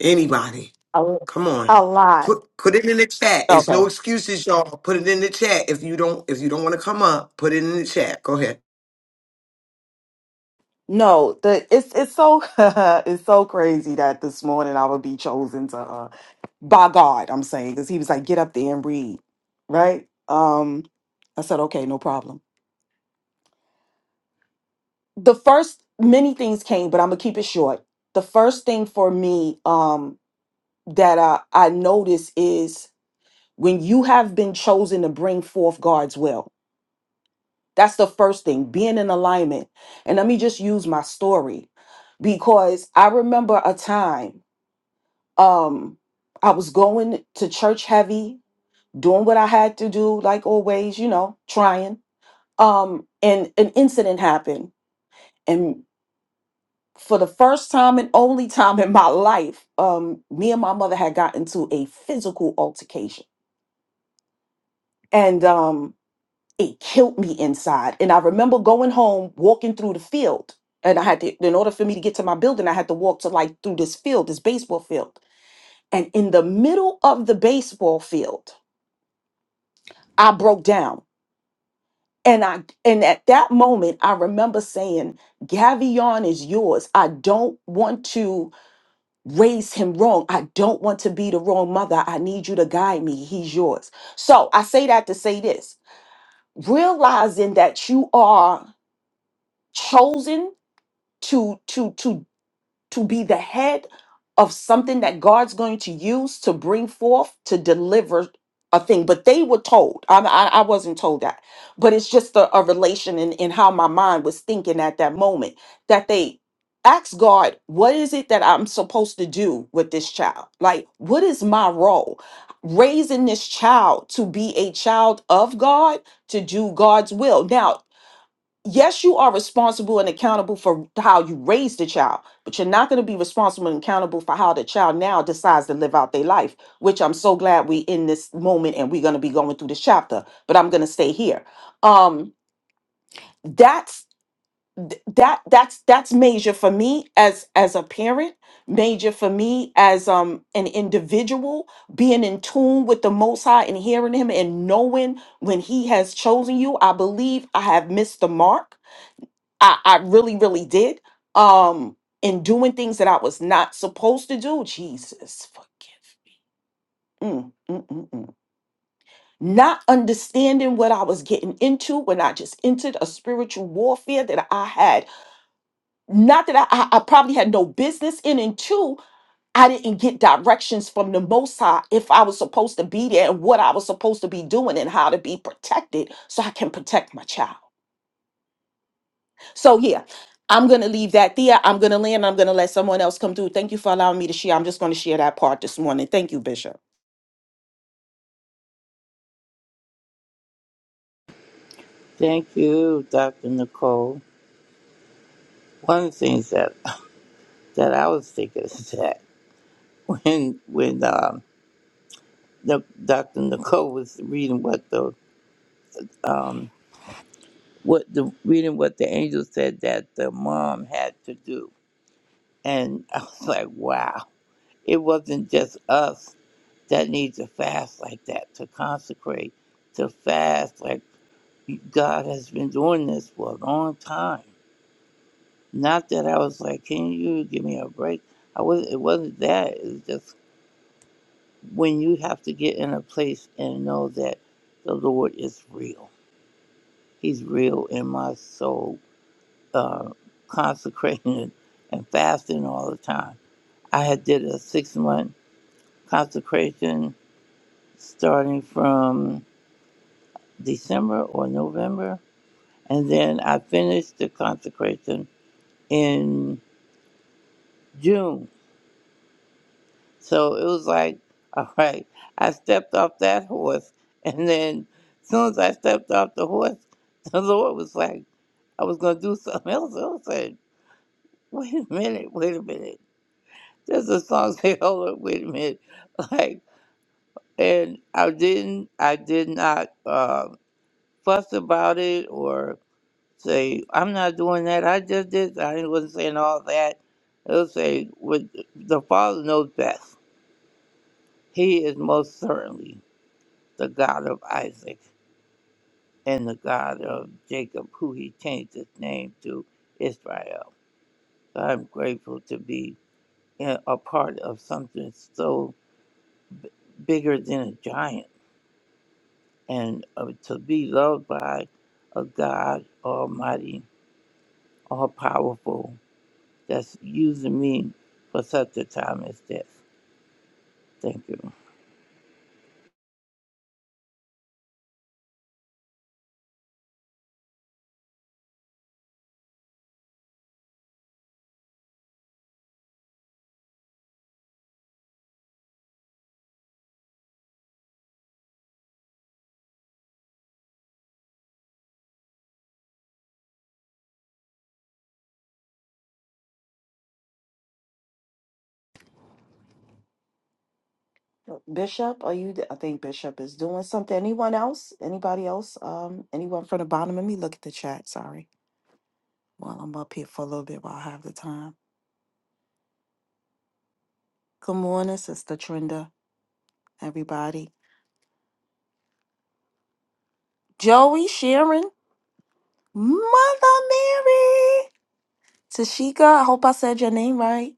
Speaker 3: Anybody?
Speaker 7: A
Speaker 3: Come
Speaker 7: a
Speaker 3: on.
Speaker 7: lot.
Speaker 3: Put put it in the chat. There's
Speaker 7: Okay.
Speaker 3: no excuses, y'all. Put it in the chat. If you don't if you don't want to come up, put it in the chat. Go ahead.
Speaker 7: No, the it's it's so it's so crazy that this morning I would be chosen to uh by God, I'm saying, because he was like, get up there and read, right? Um, I said, okay, no problem. The first many things came, but I'm gonna keep it short. The first thing for me um that I, I notice is when you have been chosen to bring forth God's will. That's the first thing, being in alignment. And let me just use my story because I remember a time. um i was going to church heavy doing what i had to do like always you know trying um and an incident happened and for the first time and only time in my life um me and my mother had gotten into a physical altercation and um it killed me inside and i remember going home walking through the field and i had to in order for me to get to my building i had to walk to like through this field this baseball field and in the middle of the baseball field I broke down. And I and at that moment I remember saying, Gavion is yours. I don't want to raise him wrong. I don't want to be the wrong mother. I need you to guide me. He's yours. So I say that to say this. Realizing that you are chosen to to to. to be the head of something that God's going to use to bring forth to deliver a thing. But they were told. I, I, I wasn't told that. But it's just a, a relation in, in how my mind was thinking at that moment that they asked God, what is it that I'm supposed to do with this child? Like, what is my role? Raising this child to be a child of God, to do God's will. Now, yes, you are responsible and accountable for how you raise the child, but you're not going to be responsible and accountable for how the child now decides to live out their life, which I'm so glad we in this moment and we're going to be going through this chapter, but I'm going to stay here. Um, that's th- that that's that's major for me as as a parent major for me as um an individual being in tune with the most high and hearing him and knowing when he has chosen you i believe i have missed the mark I, I really, really did. Um, and doing things that I was not supposed to do. Jesus, forgive. Mm, mm, mm, mm. Not understanding what I was getting into when I just entered a spiritual warfare that I had, not that I, I, I probably had no business in, and two, I didn't get directions from the Most High if I was supposed to be there and what I was supposed to be doing and how to be protected so I can protect my child. So yeah, I'm gonna leave that there. I'm gonna land. I'm gonna let someone else come through. Thank you for allowing me to share. I'm just gonna share that part this morning. Thank you, Bishop.
Speaker 6: Thank you, Dr. Nicole. One of the things that, that I was thinking is that when when um, the, Dr. Nicole was reading what the um, what the reading what the angel said that the mom had to do, and I was like, wow, it wasn't just us that need to fast like that to consecrate to fast like God has been doing this for a long time. Not that I was like, can you give me a break? I was. It wasn't that. It's just when you have to get in a place and know that the Lord is real. He's real in my soul, uh, consecrating and fasting all the time. I had did a six month consecration starting from December or November, and then I finished the consecration in June So it was like, all right, I stepped off that horse. And then as soon as I stepped off the horse, the Lord was like, I was going to do something else. I said, wait a minute, wait a minute. There's a song say, hold up, wait a minute. Like, and I didn't, I did not uh, fuss about it or say, I'm not doing that. I just did. I wasn't saying all that. It'll say, "What- the Father knows best. He is most certainly. the God of Isaac and the God of Jacob, who he changed his name to Israel. So I'm grateful to be in- a part of something so bigger than a giant and uh, to be loved by a God Almighty, all powerful, that's using me for such a time as this. Thank you.
Speaker 7: Bishop, are you? th- I think Bishop is doing something. Anyone else? Anybody else? Um, anyone from the bottom? Let me look at the chat. Sorry, while I'm up here for a little bit while I have the time. Good morning, Sister Trinda. Everybody. Joey Sharon, Mother Mary, Tashika. I hope I said your name right.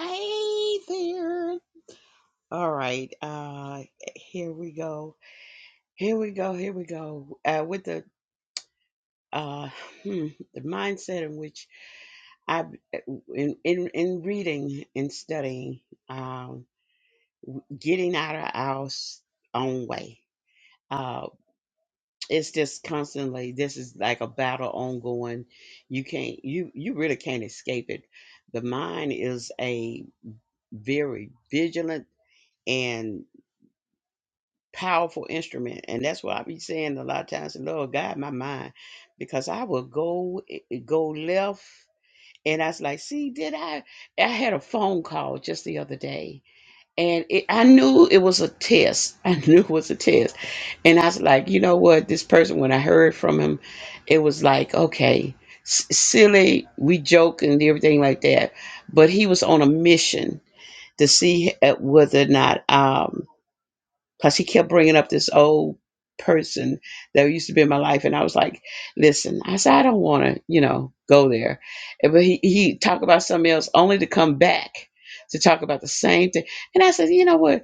Speaker 5: Hey there. All right. Uh here we go. Here we go. Here we go. Uh with the uh hmm, the mindset in which I in in, in reading and studying, um, getting out of our s- own way. Uh, it's just constantly this is like a battle ongoing you can't you you really can't escape it the mind is a very vigilant and powerful instrument and that's what i be saying a lot of times lord guide my mind because i will go eh, eh, go left and i was like see did i i had a phone call just the other day and it, I knew it was a test. I knew it was a test. And I was like, you know what? This person, when I heard from him, it was like, okay, s- silly, we joke and everything like that. But he was on a mission to see uh, whether or not, um, plus he kept bringing up this old person that used to be in my life. And I was like, listen, I said, I don't want to, you know, go there. And But he, he talked about something else only to come back to talk about the same thing. And I said, you know what?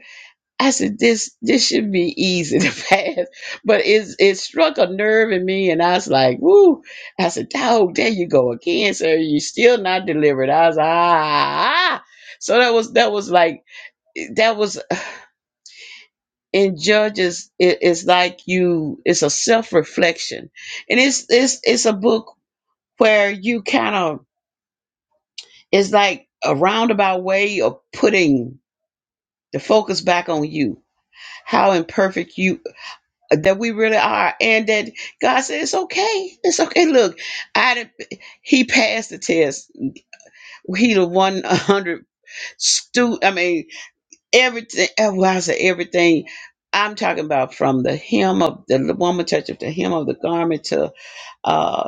Speaker 5: I said, this this should be easy to pass. But it's it struck a nerve in me and I was like, woo. I said, dog, there you go again, sir. You still not delivered. I was like, ah." So that was that was like that was in Judges, it, it's like you it's a self-reflection. And it's it's it's a book where you kind of it's like a roundabout way of putting the focus back on you, how imperfect you that we really are and that God said it's okay. It's okay. Look, I done- he passed the test. He the one hundred stu I mean everything oh, well, I said everything. I'm talking about from the hem of the woman touch of the hem of the garment to uh.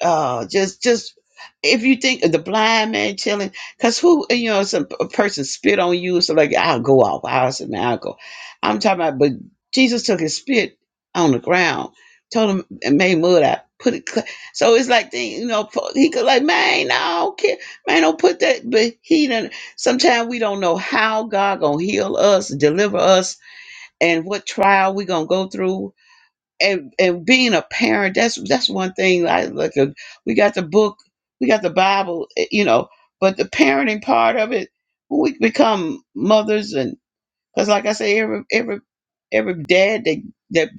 Speaker 5: uh just just if you think of the blind man chilling because who you know some a person spit on you so like i'll go off i'll say man i'll go i'm talking about but jesus took his spit on the ground told him and made mud out put it cl- so it's like thing you know po- he could like man no, i don't care man don't put that but he done sometimes we don't know how god gonna heal us deliver us and what trial we gonna go through and and being a parent that's that's one thing i like. at we got the book we got the bible eh, you know but the parenting part of it when we become mothers and because like i say every every every dad that that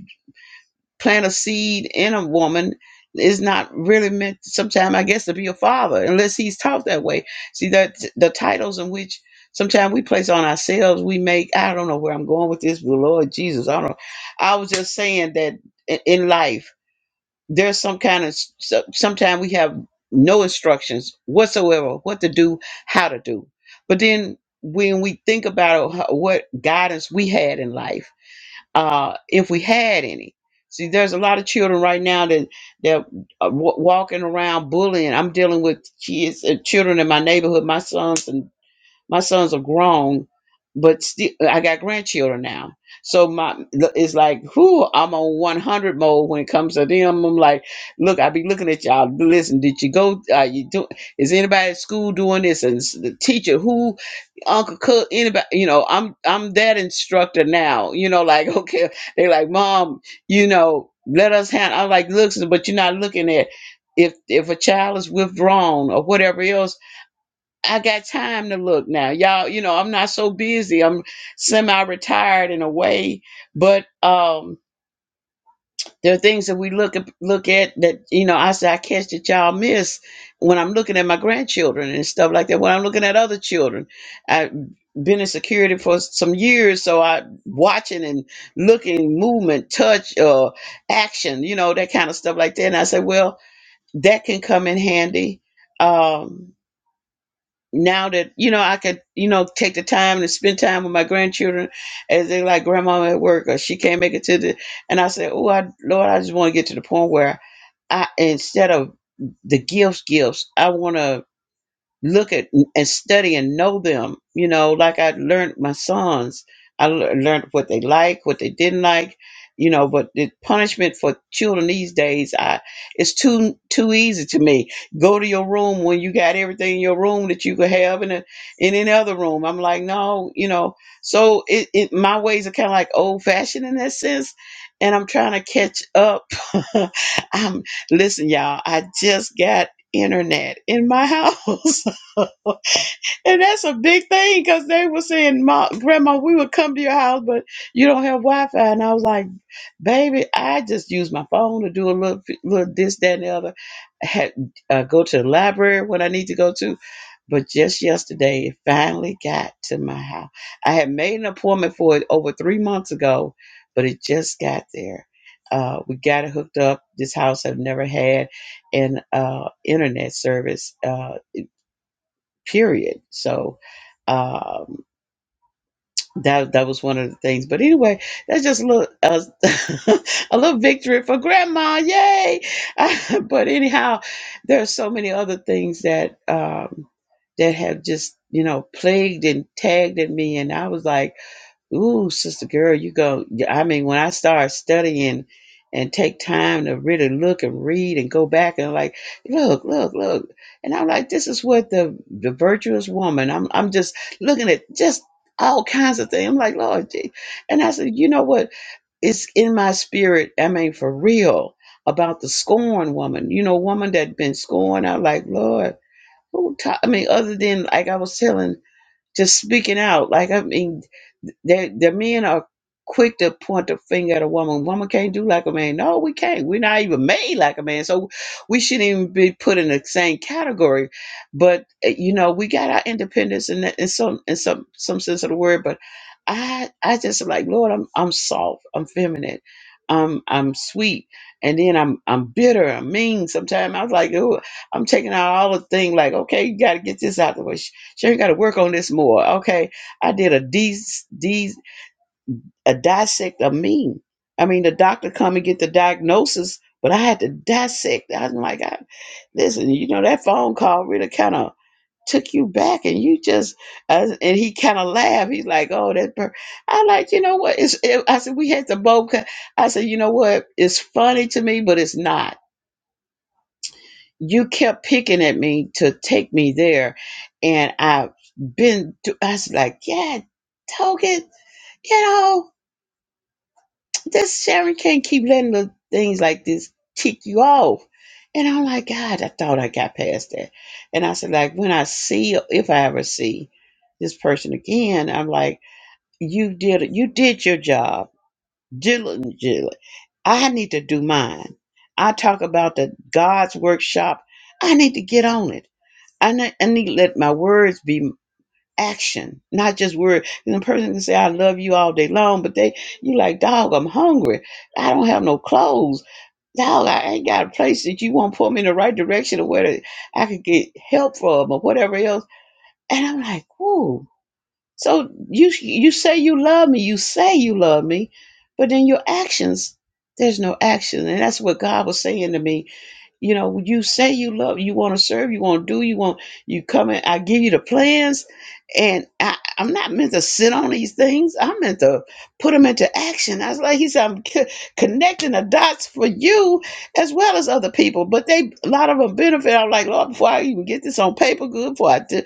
Speaker 5: plant a seed in a woman is not really meant sometimes i guess to be a father unless he's taught that way see that the titles in which sometimes we place on ourselves we make i don't know where i'm going with this but lord jesus i don't know i was just saying that in in life there's some kind of so, sometimes we have no instructions whatsoever what to do how to do but then when we think about how- what guidance we had in life uh if we had any see there's a lot of children right now that that are wa- walking around bullying i'm dealing with kids and children in my neighborhood my sons and my sons are grown, but still, I got grandchildren now. So my it's like, whoo, I'm on 100 mode when it comes to them. I'm like, look, I be looking at y'all. Listen, did you go? Are you doing? Is anybody at school doing this? And s- the teacher, who, Uncle Cook, anybody? You know, I'm I'm that instructor now. You know, like okay, they like, mom, you know, let us handle. I'm like, look, but you're not looking at if if a child is withdrawn or whatever else I got time to look now. Y'all, you know, I'm not so busy. I'm semi-retired in a way, but um there are things that we look at look at that, you know, I say I catch that y'all miss when I'm looking at my grandchildren and stuff like that. When I'm looking at other children. I've been in security for some years, so I watching and looking, movement, touch, uh action, you know, that kind of stuff like that. And I said, well, that can come in handy. Um now that you know I could you know take the time to spend time with my grandchildren as they like grandma at work or she can't make it to the and I said oh I Lord I just want to get to the point where I instead of the gifts gifts I want to look at and study and know them. You know, like I learned my sons, I lear- learned what they like, what they didn't like. You know, but the punishment for children these days, I it's too too easy to me. Go to your room when you got everything in your room that you could have in a, in any other room. I'm like, no, you know. So it, it my ways are kind of like old fashioned in that sense, and I'm trying to catch up. I'm listen, y'all. I just got internet in my house. And that's a big thing because they were saying, "Ma, Grandma, we would come to your house, but you don't have Wi-Fi." And I was like, "Baby, I just use my phone to do a little, little this, that, and the other. I had, uh, go to the library when I need to go to." But just yesterday, it finally got to my house. I had made an appointment for it over three months ago, but it just got there. Uh, we got it hooked up. This house have never had an uh, internet service. Uh, period. So um, that that was one of the things. But anyway, that's just a little uh, a little victory for Grandma, yay! but anyhow, there are so many other things that um, that have just you know plagued and tagged at me, and I was like. Ooh, sister girl, you go. yeah, I mean, when I start studying and take time to really look and read and go back and like, look, look, look. And I'm like, this is what the the virtuous woman. I'm I'm just looking at just all kinds of things. I'm like, Lord, gee. and I said, you know what? It's in my spirit. I mean, for real about the scorn woman. You know, woman that been scorned. I'm like, Lord, who? ta- I mean, other than like I was telling, just speaking out. Like I mean. They, the men are quick to point the finger at a woman. Woman can't do like a man. No, we can't. We're not even made like a man. So we shouldn't even be put in the same category. But, eh, you know, we got our independence in, that, in some in some some sense of the word. But I I just am like, Lord, I'm I'm soft. I'm feminine. I'm I'm sweet. And then I'm I'm bitter. I'm mean sometimes. I was like, oh, I'm taking out all the thing like, okay, you got to get this out the way. She, she ain't got to work on this more. Okay I did a dis dis a dissect of me. I mean, the doctor come and get the diagnosis, but I had to dissect. i was like, I, listen, you know, that phone call really kind of took you back, and you just uh, and he kind of laughed. He's like, oh, that. Per-. I like, you know what? It's. It, I said we had to both. co-" I said, you know what? It's funny to me, but it's not. You kept picking at me to take me there, and I've been. To, I was like, yeah, token, you know. this Sharon can't keep letting the things like this tick you off. And I'm like, God, I thought I got past that. And I said, like, when I see, if I ever see this person again, I'm like, you did, you did your job diligently. I need to do mine. I talk about the God's workshop. I need to get on it. I need, I need, to let my words be action, not just word. And the person can say, I love you all day long, but they you like, dog, I'm hungry. I don't have no clothes. Dog, I ain't got a place that you won't put me in the right direction or where that I could get help from or whatever else. And I'm like, whoa. So you you say you love me, you say you love me, but in your actions, there's no action. And that's what God was saying to me you know, you say you love, you want to serve, you want to do, you want, you come in, I give you the plans. And I, I'm not meant to sit on these things. I'm meant to put them into action. I was like, he said, I'm co- connecting the dots for you as well as other people. But they, a lot of them benefit. I'm like, Lord, before I even get this on paper, good, before I do, it,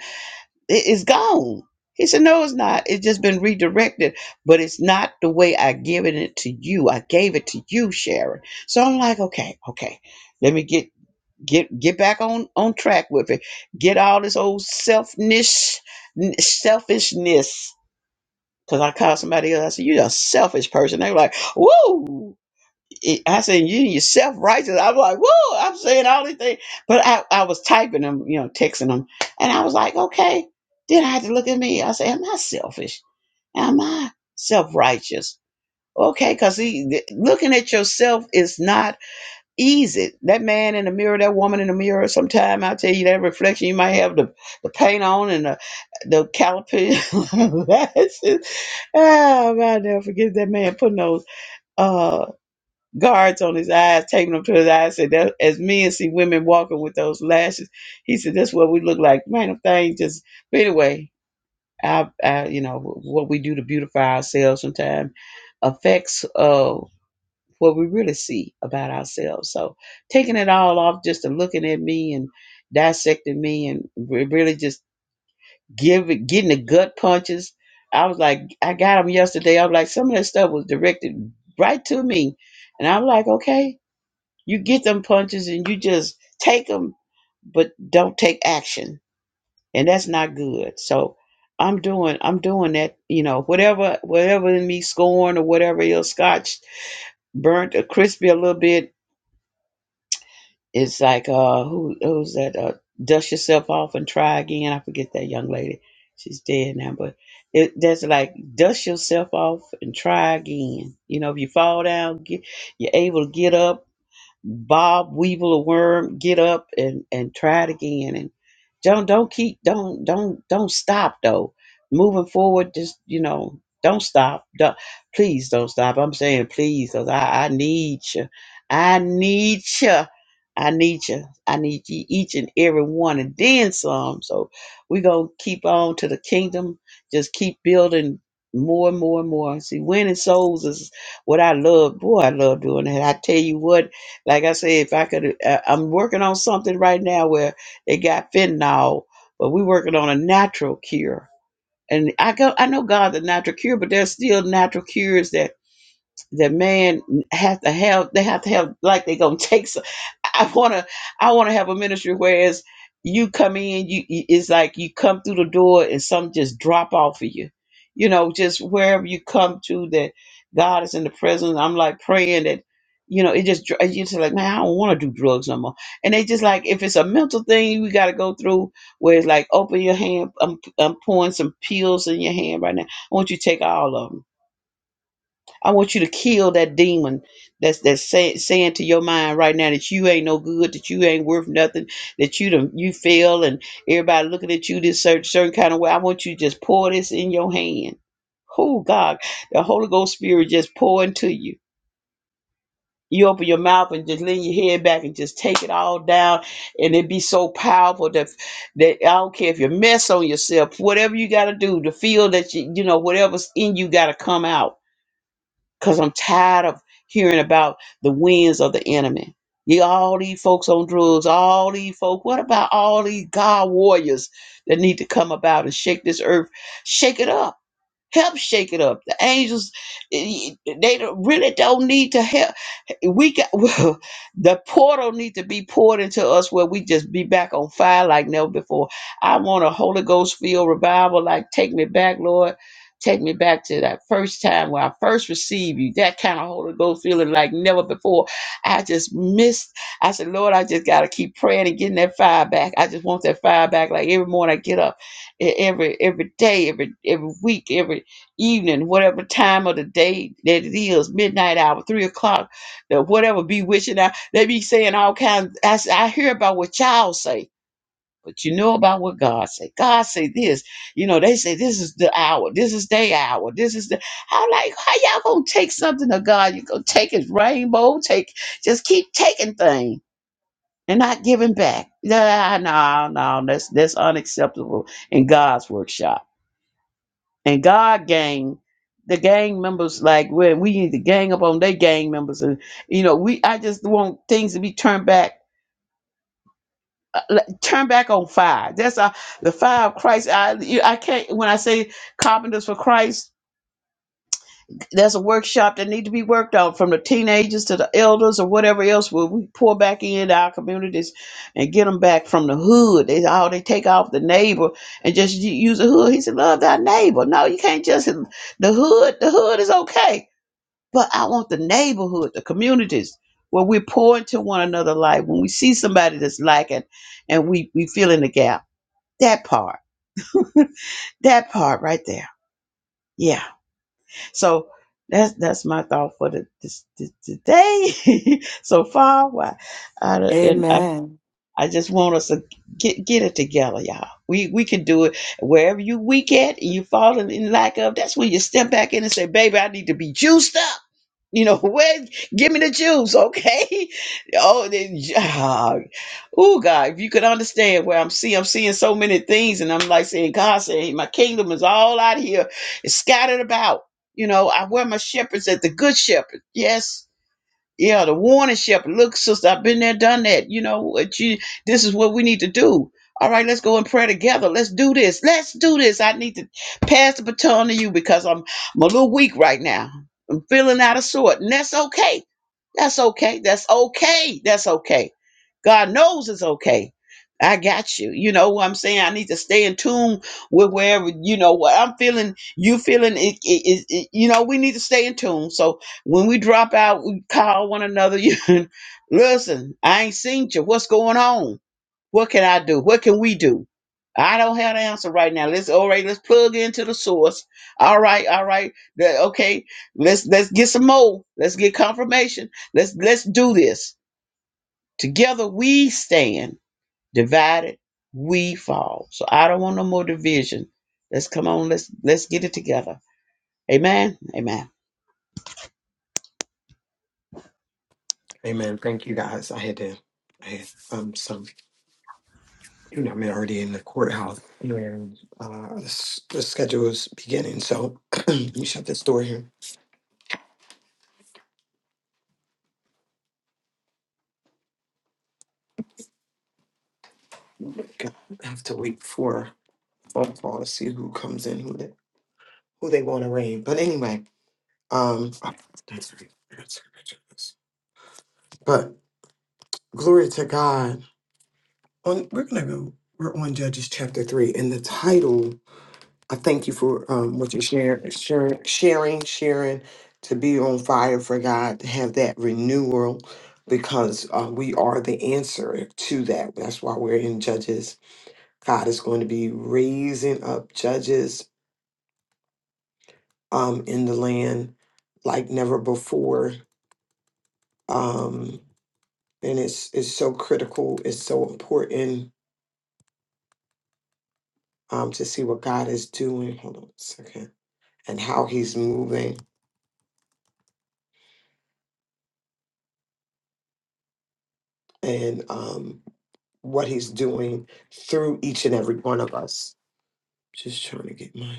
Speaker 5: it's gone. He said, no, it's not. It's just been redirected, but it's not the way I given it to you. I gave it to you, Sharon. So I'm like, okay, okay. Let me get get get back on on track with it get all this old selfishness selfishness because i called somebody else i said you're a selfish person they were like woo It- i said you you're self-righteous i was like woo i'm saying all these things but i i was typing them you know texting them and i was like okay then i had to look at me i said am i selfish am i self-righteous okay because looking at yourself is not ease it. That man in the mirror, that woman in the mirror, sometime I tell you that reflection, you might have the, the paint on and the the caliper. lashes. it. oh, I'll never forget that man putting those uh guards on his eyes, taping them to his eyes. Said that as men see women walking with those lashes, he said that's what we look like. Man, them things just. But anyway, I, I you know what we do to beautify ourselves sometimes affects. uh what we really see about ourselves. So taking it all off just and looking at me and dissecting me and re- really just giving getting the gut punches. I was like, I got them yesterday. I'm like, some of that stuff was directed right to me, and I'm like, okay, you get them punches and you just take them, but don't take action, and that's not good. So. I'm doing I'm doing that, you know, whatever whatever in me scorn or whatever else scotch burnt or crispy a little bit It's like uh, who who's that? Uh, dust yourself off and try again. I forget that young lady. She's dead now, but it that's like dust yourself off and try again. You know, if you fall down, get, you're able to get up Bob Weevil a worm, get up and and try it again. And don't don't keep don't don't don't stop though. Moving forward, just you know, don't stop. Don't, please don't stop. I'm saying please, cause I I need you. I need you. I need you. I need you each and every one, and then some. So we gonna keep on to the kingdom. Just keep building more and more and more. See, winning souls is what I love. Boy, I love doing that. I tell you what like I say, if I could, uh, I'm working on something right now where it got fentanyl, but we're working on a natural cure. And I go, I know God's a natural cure, but there's still natural cures that that man has to have. They have to have, like they're gonna take. some. I want to I want to have a ministry whereas you come in you you- it's like you come through the door and something just drop off of you you know just wherever you come to that God is in the presence I'm like praying that you know it just dr- you just like man I don't want to do drugs no more and they just like if it's a mental thing we got to go through where it's like open your hand I'm, I'm pouring some pills in your hand right now I want you to take all of them I want you to kill that demon that's that's say, saying to your mind right now that you ain't no good, that you ain't worth nothing, that you done, you fail, and everybody looking at you this certain, certain kind of way. I want you to just pour this in your hand. Oh God, the Holy Ghost Spirit just pour into you. You open your mouth and just lean your head back and just take it all down, and it be so powerful that that I don't care if you mess on yourself, whatever you got to do to feel that you you know whatever's in you got to come out because I'm tired of hearing about the winds of the enemy. You all these folks on drugs, all these folk. What about all these God warriors that need to come about and shake this earth, shake it up? Help shake it up. The angels, eh, eh, they don't- really don't need to help. We got well. the portal need to be poured into us where we just be back on fire like never before. I want a Holy Ghost filled revival. Like take me back, Lord. Take me back to that first time where I first received you. That kind of Holy Ghost feeling like never before. I just missed. I said, Lord, I just gotta keep praying and getting that fire back. I just want that fire back. Like every morning I get up, e- every every day, every every week, every evening, whatever time of the day that it is, midnight hour, three o'clock, the whatever be wishing out. They be saying all kinds. I, s- I hear about what y'all say, but you know about what God say. God say this. You know, they say this is the hour, this is day hour, this is the. How like how y'all gonna take something of God? You gonna take His rainbow? Take just keep taking things. And not giving back. Nah, no, no, that's that's unacceptable in God's workshop and God gang, the gang members, like when we need to gang up on their gang members, and you know, we I just want things to be turned back, uh, like, turned back on fire. That's uh, the fire of Christ. I you, I can't when I say carpenters for Christ. There's a workshop that need to be worked on from the teenagers to the elders or whatever else. Where we pour back into our communities and get them back from the hood. They how they take off the neighbor and just u- use the hood. He said, "Love thy neighbor." No, you can't just the hood. The hood is okay but I want the neighborhood, the communities where we pour into one another life. When we see somebody that's lacking and we, we fill in the gap. That part. That part right there. Yeah. So that's that's my thought for the this, this, today so far. Why, I, and I,
Speaker 7: Amen.
Speaker 5: I just want us to get get it together, y'all. We we can do it wherever you weak at and you falling in lack of. That's when you step back in and say, "Baby, I need to be juiced up." You know, where? Give me the juice, okay? Oh, then, ah, oh God! If you could understand where I'm seeing, I'm seeing so many things, and I'm like saying, God, saying, my kingdom is all out here, it's scattered about. You know, I wear my shepherds at the good shepherd. Yes, yeah, the warning shepherd. Look, sister, I've been there, done that. You know what you this is what we need to do. All right, let's go and pray together. Let's do this. Let's do this. I need to pass the baton to you because I'm I'm a little weak right now. I'm feeling out of sort, and that's okay that's okay. That's okay. That's okay. God knows it's okay. I got you. You know what I'm saying? I need to stay in tune with wherever, you know, what I'm feeling, you feeling it, it, it, it- you know, we need to stay in tune. So when we drop out, we call one another. You Listen, I ain't seen you. What's going on? What can I do? What can we do? I don't have the answer right now. Let's all right. Let's plug into the source. All right, all right. The- okay, let's let's get some more. Let's get confirmation. Let's let's do this together. We stand divided. We fall. So I don't want no more division. Let's come on. Let's let's get it together. Amen. Amen.
Speaker 3: Amen. Thank you guys. I had to I had um some you know, I'm already in the courthouse and uh s- the schedule is beginning. So let me shut this door here. I have to wait for a phone call to see who comes in, who who they want to reign. But anyway, um, that's right. That's right. But glory to God. On we're gonna go. We're on Judges chapter three, and the title. I thank you for um, what you're sharing, sharing, sharing, sharing. To be on fire for God, to have that renewal, because uh, we are the answer to that. That's why we're in Judges. God is going to be raising up judges um, in the land like never before. Um, and it's it's so critical. It's so important um, to see what God is doing. Hold on a second, and how He's moving, and um, what He's doing through each and every one of us. Just trying to get my.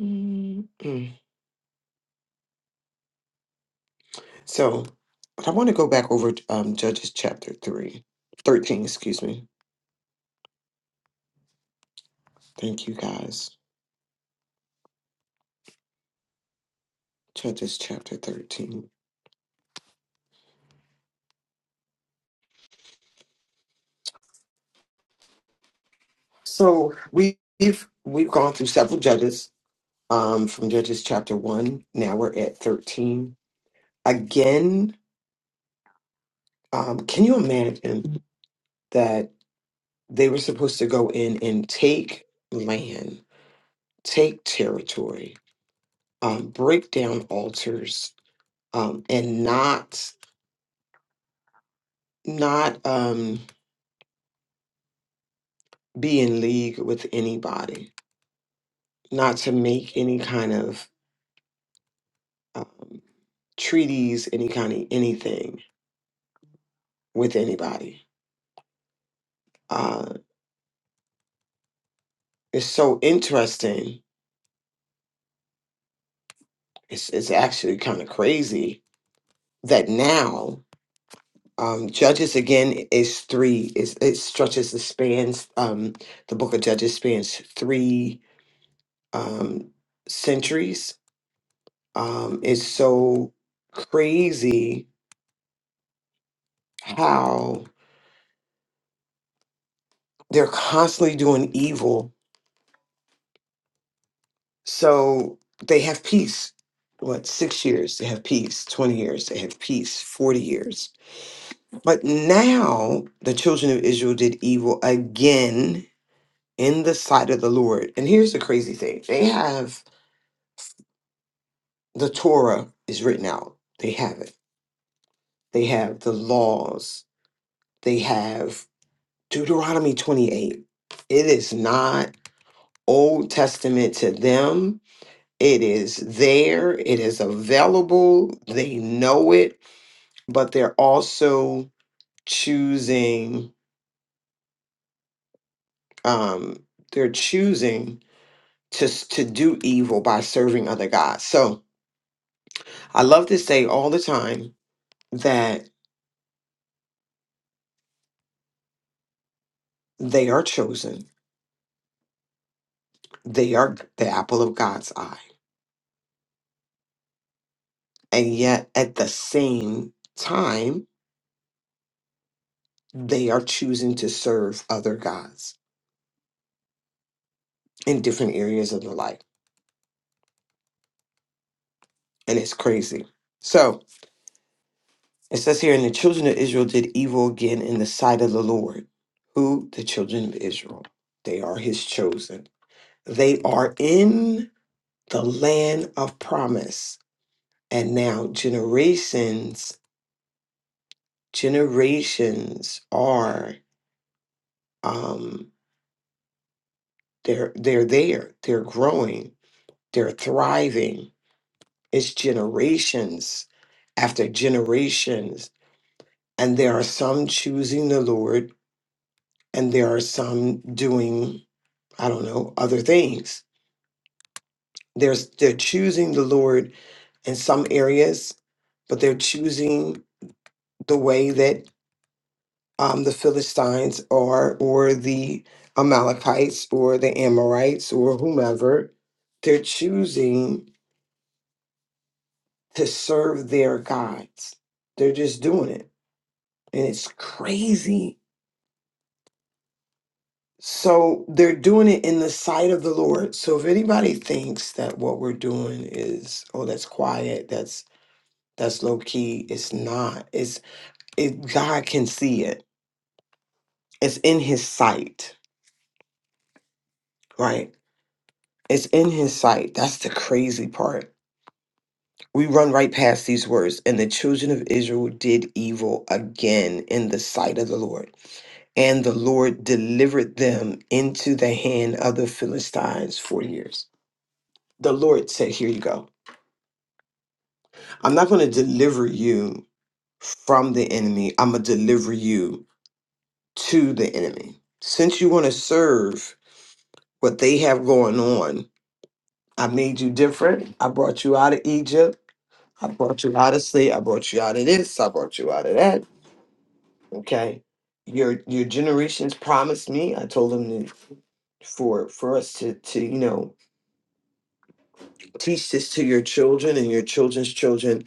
Speaker 3: Mm. So, but I want to go back over um, Judges chapter 3, 13. excuse me. Thank you guys. Judges chapter 13. So we- we've we've gone through several judges um, from Judges chapter 1. Now we're at 13 again, um, can you imagine that they were supposed to go in and take land, take territory, um, break down altars, um, and not not um, be in league with anybody, not to make any kind of um, treaties, any kind of anything with anybody. Uh, it's so interesting. It's, it's actually kind of crazy that now Um, Judges again is three. Is it stretches the spans? Um, the book of Judges spans three um, centuries. Um, it's so crazy how they're constantly doing evil. So they have peace. What six years they have peace? Twenty years they have peace. Forty years. But now the children of Israel did evil again in the sight of the Lord. And here's the crazy thing: they have the Torah is written out. They have it. They have the laws. They have Deuteronomy 28. It is not Old Testament to them. It is there. It is available. They know it, but they're also choosing um they're choosing to s- to do evil by serving other gods. So, I love to say all the time that they are chosen. They are the apple of God's eye And yet, at the same time, they are choosing to serve other gods in different areas of their life. And it's crazy. So it says here, and the children of Israel did evil again in the sight of the Lord. Who? The children of Israel. They are his chosen. They are in the land of promise. And now, generations, generations are, um, they're, they're there, they're growing, they're thriving It's generations after generations. And there are some choosing the Lord, and there are some doing, I don't know, other things. There's, they're choosing the Lord in some areas, but they're choosing the way that um, the Philistines are, or the Amalekites, or the Amorites, or whomever. They're choosing to serve their gods. They're just doing it. And it's crazy So they're doing it in the sight of the Lord. So if anybody thinks that what we're doing is, oh, that's quiet, that's that's low key, it's not. It's it God can see it. It's in his sight, right? It's in his sight. That's the crazy part. We run right past these words, and the children of Israel did evil again in the sight of the Lord. And the Lord delivered them into the hand of the Philistines for years. The Lord said, Here you go. I'm not going to deliver you from the enemy. I'm going to deliver you to the enemy. Since you want to serve what they have going on, I made you different. I brought you out of Egypt. I brought you out of slave. I brought you out of this. I brought you out of that. Okay. Your your generations promised me. I told them to, for for us to to you know Teach this to your children and your children's children.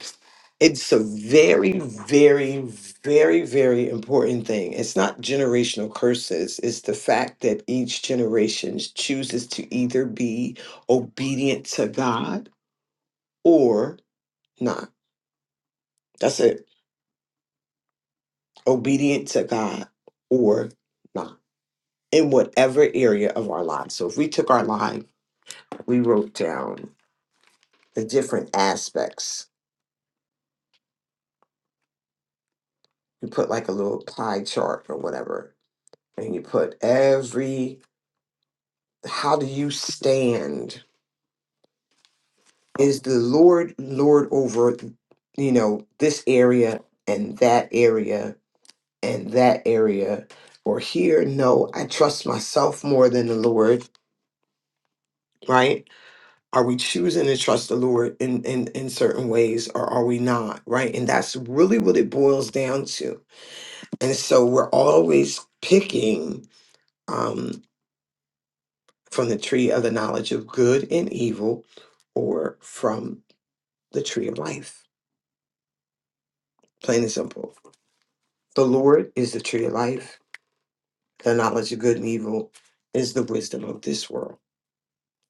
Speaker 3: It's a very, very, very, very important thing. It's not generational curses, it's the fact that each generation chooses to either be obedient to God or not. That's it. Obedient to God or not in whatever area of our lives. So if we took our life, we wrote down the different aspects. We put like a little pie chart or whatever and you put every how do you stand is the lord lord over you know this area and that area and that area or here no i trust myself more than the lord right are we choosing to trust the lord in in, in certain ways or are we not right and that's really what it boils down to and so we're always picking um. from the tree of the knowledge of good and evil or from the tree of life. Plain and simple. The Lord is the tree of life. The knowledge of good and evil is the wisdom of this world,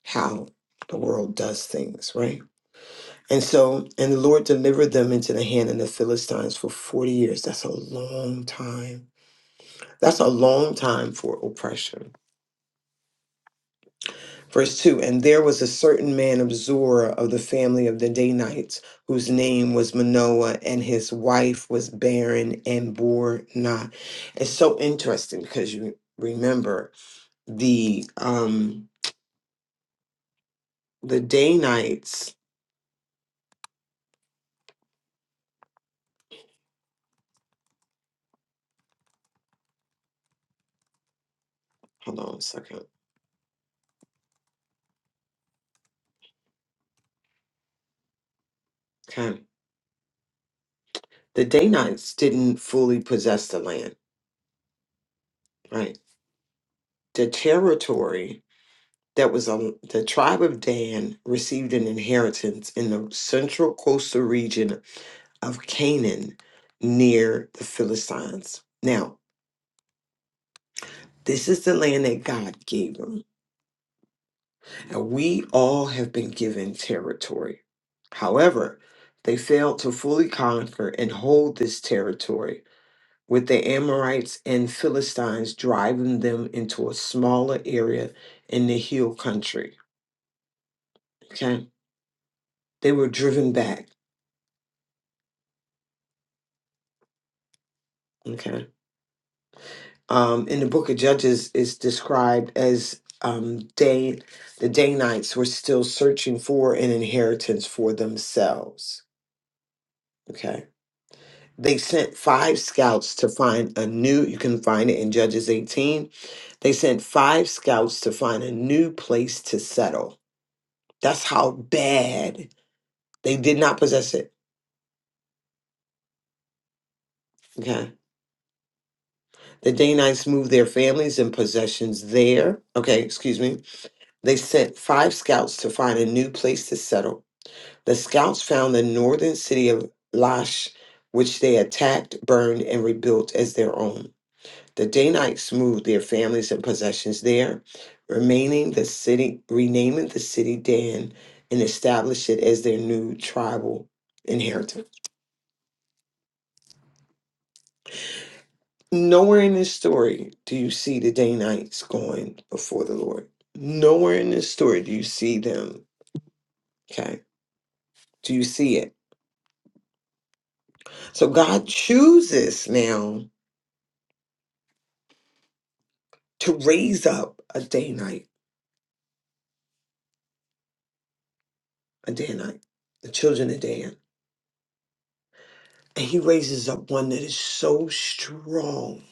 Speaker 3: how the world does things, right? And so, and the Lord delivered them into the hand of the Philistines for 40 years. That's a long time. That's a long time for oppression. Verse 2 And there was a certain man of Zorah of the family of the Danites, whose name was Manoah, and his wife was barren and bore not. It's so interesting because you remember the um the Danites, hold on a second. Okay. The Danites didn't fully possess the land, right? The territory that was on the tribe of Dan received an inheritance in the central coastal region of Canaan near the Philistines. Now, this is the land that God gave them. And we all have been given territory. However, they failed to fully conquer and hold this territory, with the Amorites and Philistines driving them into a smaller area in the hill country. Okay? They were driven back. Okay. um, in the book of Judges is described as um, Dan, the Danites were still searching for an inheritance for themselves. Okay. They sent five scouts to find a new, you can find it in Judges 18. They sent five scouts to find a new place to settle. That's how bad they did not possess it. Okay. The Danites moved their families and possessions there. Okay, excuse me. They sent five scouts to find a new place to settle. The scouts found the northern city of Lash, which they attacked, burned, and rebuilt as their own. The Danites moved their families and possessions there, remaining the city, renaming the city Dan, and established it as their new tribal inheritance. Nowhere in this story do you see the Danites going before the Lord. Nowhere in this story do you see them. Okay, do you see it? So God chooses now to raise up a Danite a Danite, the children of Dan. And he raises up one that is so strong,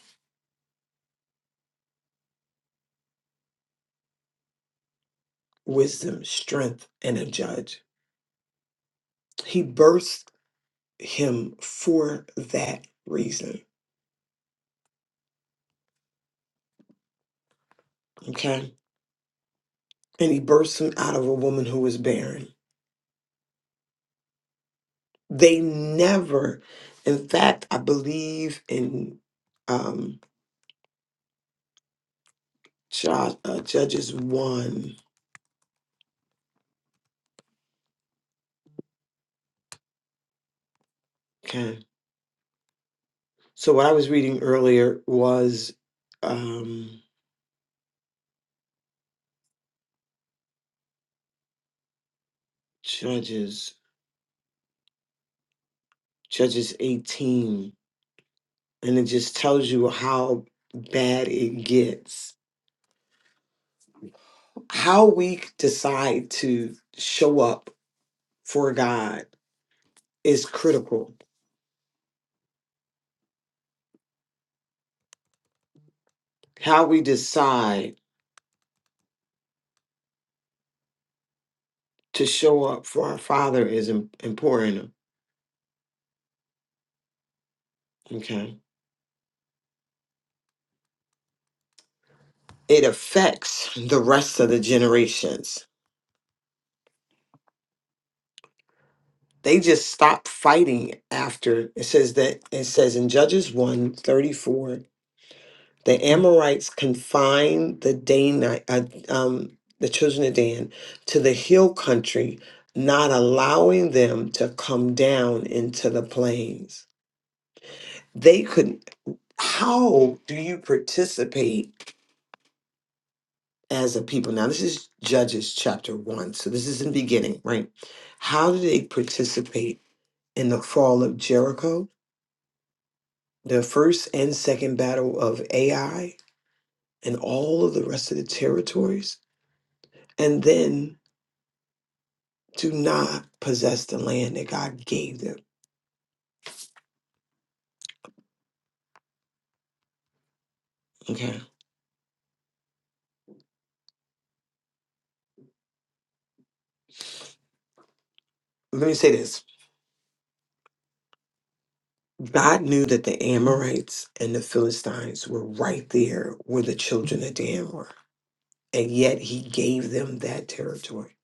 Speaker 3: wisdom, strength, and a judge. He birthed him for that reason. Okay. And he births him out of a woman who was barren. They never, in fact, I believe in um, Ju- uh, Judges 1. Okay. So what I was reading earlier was um, Judges. Judges 18, and it just tells you how bad it gets. How we decide to show up for God is critical. How we decide to show up for our Father is im- important. Okay. It affects the rest of the generations. They just stop fighting after it says that it says in Judges 1 the Amorites confined the Danite, uh, um, the children of Dan, to the hill country, not allowing them to come down into the plains. They could. How do you participate as a people? Now, this is Judges chapter one, so this is in the beginning, right? How do they participate in the fall of Jericho, the first and second battle of Ai, and all of the rest of the territories? And then to not possess the land that God gave them. Okay. Let me say this God knew that the Amorites and the Philistines were right there where the children of Dan were. And yet he gave them that territory.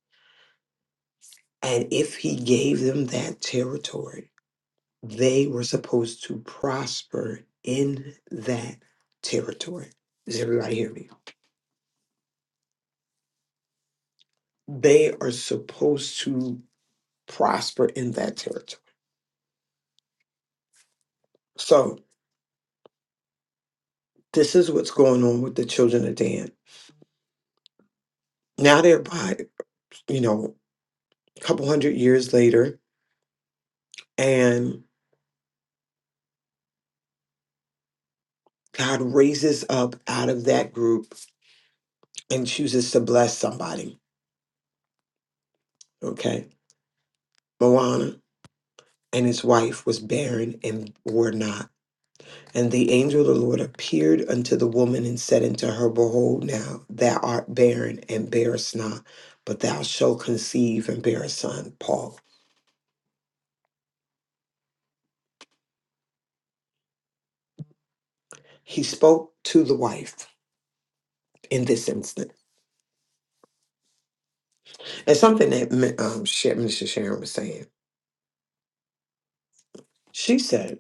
Speaker 3: And if he gave them that territory, they were supposed to prosper in that territory. Does everybody hear me? They are supposed to prosper in that territory. So, this is what's going on with the children of Dan Now they're by, you know, a couple hundred years later, and God raises up out of that group and chooses to bless somebody. Okay. Moana and his wife was barren and were not. And the angel of the Lord appeared unto the woman and said unto her, Behold, now thou art barren and bearest not, but thou shalt conceive and bear a son. Paul. He spoke to the wife in this instant. And something that um, Sh- Minister Sharon was saying. She said,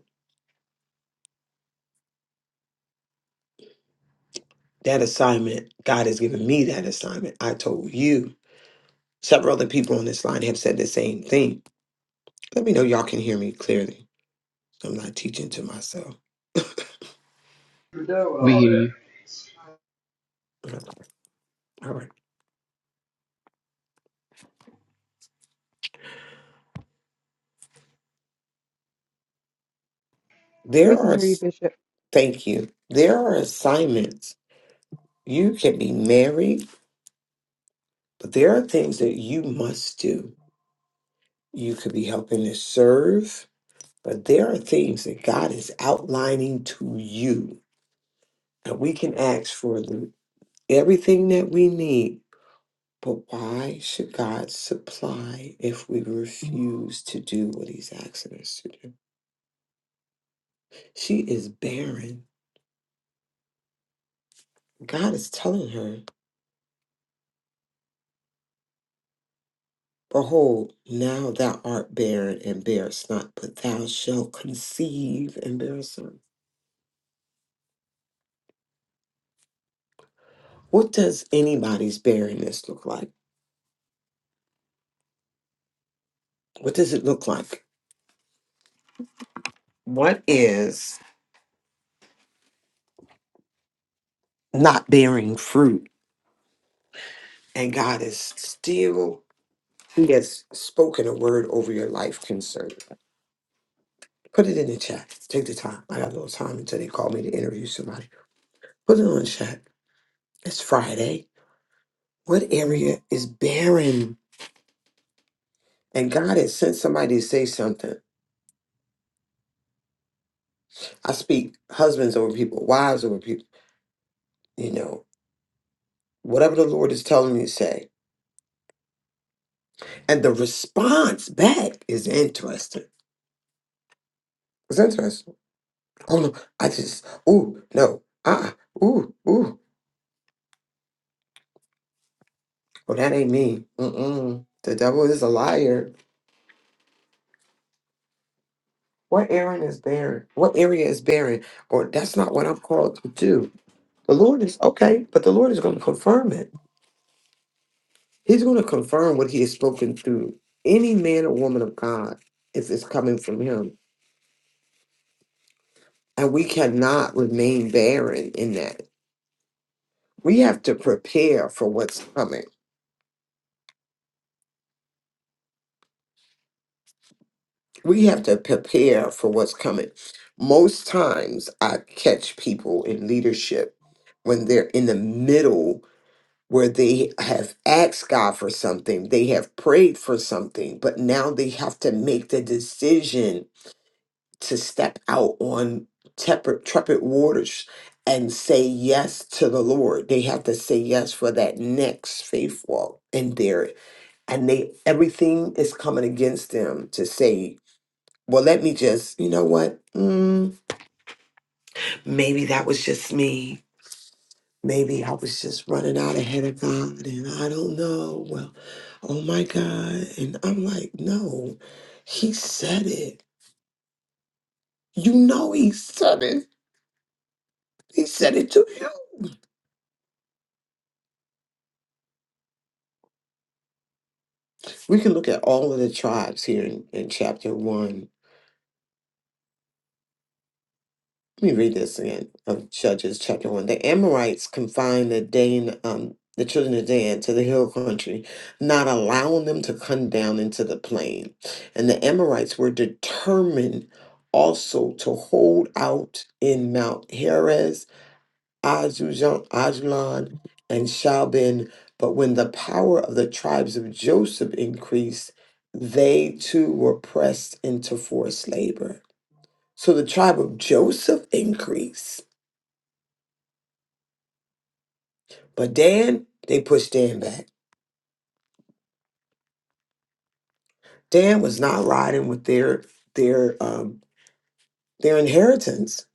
Speaker 3: That assignment, God has given me that assignment. I told you. Several other people on this line have said the same thing. Let me know y'all can hear me clearly. I'm not teaching to myself.
Speaker 8: We hear you.
Speaker 3: All right. There
Speaker 9: We can
Speaker 3: are,
Speaker 9: hear you, Bishop.
Speaker 3: thank you. There are assignments. You can be married, but there are things that you must do. You could be helping to serve, but there are things that God is outlining to you. And we can ask for the, everything that we need But why should God supply if we refuse to do what He's asking us to do? She is barren. God is telling her, Behold, now thou art barren and bearest not, but thou shalt conceive and bear a son. What does anybody's barrenness look like? What does it look like? What is not bearing fruit? And God is still, He has spoken a word over your life concern. Put it in the chat. Take the time. I got a little time until they call me to interview somebody. Put it on the chat. It's Friday. What area is barren? And God has sent somebody to say something. I speak husbands over people, wives over people, you know, whatever the Lord is telling me to say. And the response back is interesting. It's interesting. Oh no, I just, ooh, no, uh uh ooh, ooh. Oh, that ain't me. Mm-mm. The devil is a liar What Aaron is barren? What area is barren? Or that's not what I'm called to do. The Lord is okay, but the Lord is going to confirm it. He's going to confirm what He has spoken through any man or woman of God if it's coming from Him. And we cannot remain barren in that. We have to prepare for what's coming. We have to prepare for what's coming. Most times I catch people in leadership when they're in the middle where they have asked God for something, they have prayed for something, but now they have to make the decision to step out on tepid, trepid waters and say yes to the Lord. They have to say yes for that next faith walk in there. And they everything is coming against them to say, well, let me just, you know what? Mm, maybe that was just me Maybe I was just running out ahead of God and I don't know. Well, oh my God. And I'm like, no, he said it. You know, he said it. He said it to you. We can look at all of the tribes here in, in chapter one Let me read this again of Judges chapter one. The Amorites confined the Dan, um, the children of Dan to the hill country, not allowing them to come down into the plain. And the Amorites were determined also to hold out in Mount Heres, Azujan- Ajalon, and Shalbin. But when the power of the tribes of Joseph increased, they too were pressed into forced labor. So the tribe of Joseph increased But Dan, they pushed Dan back. Dan was not riding with their their um their inheritance.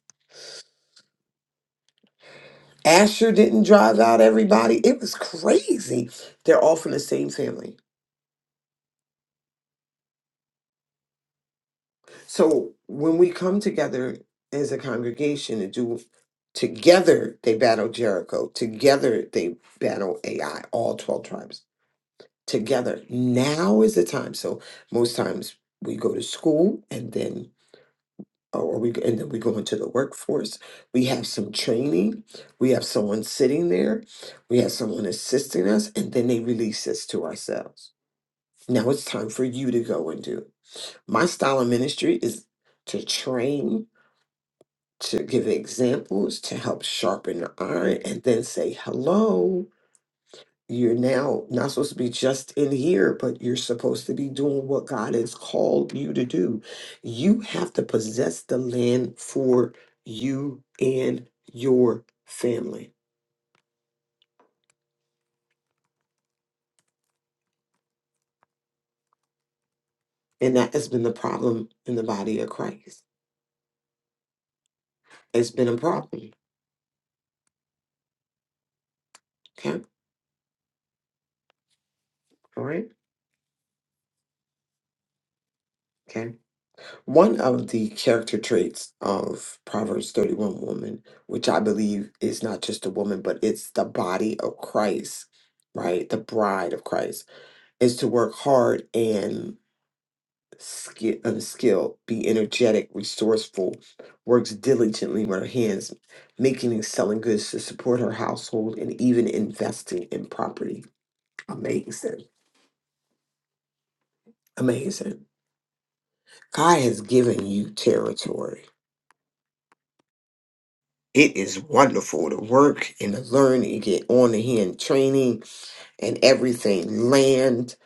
Speaker 3: Asher didn't drive out everybody. It was crazy. They're all from the same family. So when we come together as a congregation and do together they battle Jericho. Together they battle AI, all 12 tribes. Together. Now is the time. So most times we go to school and then or we and then we go into the workforce. We have some training. We have someone sitting there. We have someone assisting us, and then they release us to ourselves. Now it's time for you to go and do. My style of ministry is to train, to give examples, to help sharpen the iron, and then say hello you're now not supposed to be just in here, but you're supposed to be doing what God has called you to do. You have to possess the land for you and your family. And that has been the problem in the body of Christ. It's been a problem. Okay. All right. Okay. One of the character traits of Proverbs 31 woman, which I believe is not just a woman, but it's the body of Christ, right? The bride of Christ is to work hard and skill, um, skill, be energetic, resourceful, works diligently with her hands, making and selling goods to support her household, and even investing in property. Amazing. Amazing. God has given you territory. It is wonderful to work and to learn and get on the hand training and everything. Land,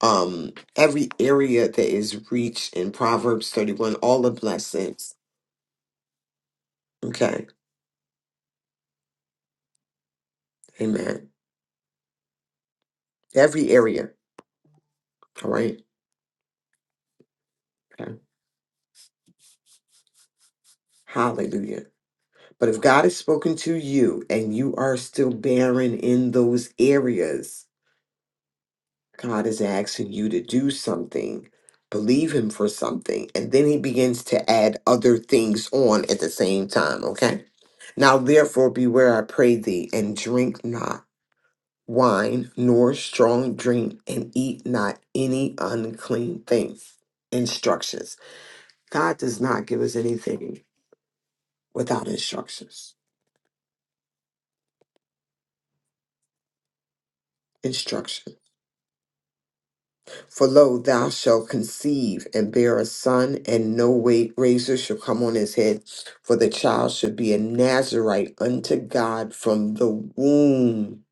Speaker 3: um, every area that is reached in Proverbs 31, all the blessings. Okay Amen. Every area. All right. Okay. Hallelujah. But if God has spoken to you and you are still barren in those areas, God is asking you to do something. Believe Him for something. And then He begins to add other things on at the same time. Okay. Now, therefore, beware, I pray thee, and drink not wine nor strong drink, and eat not any unclean thing. Instructions. God does not give us anything without instructions. Instruction. For lo, thou shalt conceive and bear a son, and no weight razor shall come on his head, for the child shall be a Nazarite unto God from the womb,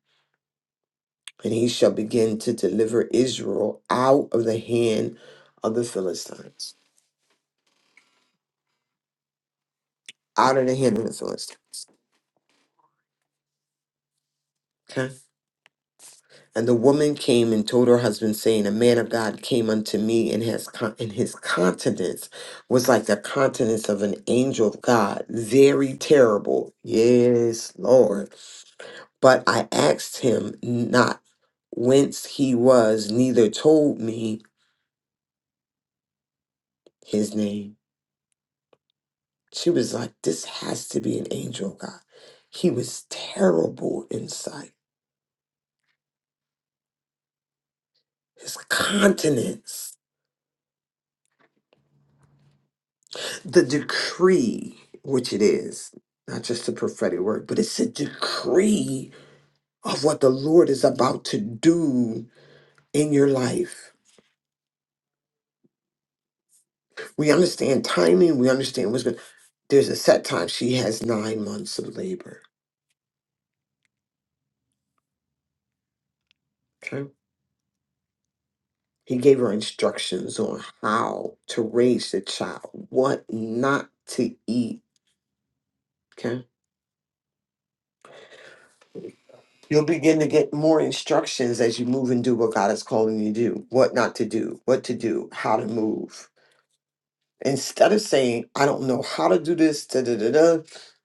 Speaker 3: and he shall begin to deliver Israel out of the hand of the Philistines. Out of the hand of the Philistines. okay? And the woman came and told her husband, saying, A man of God came unto me, and his, con- and his countenance was like the countenance of an angel of God, very terrible. Yes, Lord. But I asked him not whence he was, neither told me his name. She was like, This has to be an angel of God. He was terrible in sight, his countenance. the decree, which it is, not just a prophetic word, but it's a decree of what the Lord is about to do in your life. We understand timing, we understand what's going there's a set time. She has nine months of labor. Okay. He gave her instructions on how to raise the child, what not to eat. Okay. You'll begin to get more instructions as you move and do what God is calling you to do, what not to do, what to do, how to move instead of saying i don't know how to do this da, da, da, da,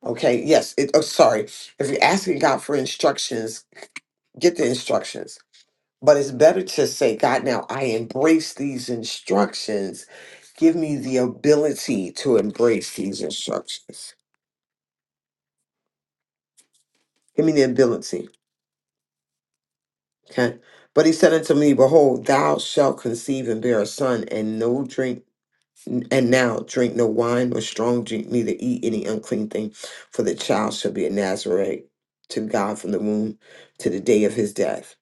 Speaker 3: okay yes it, oh, sorry if you're asking god for instructions get the instructions but it's better to say god now i embrace these instructions give me the ability to embrace these instructions give me the ability okay but he said unto me behold thou shalt conceive and bear a son and no drink N- And now drink no wine or strong drink, neither eat any unclean thing, for the child shall be a Nazarite to God from the womb to the day of his death.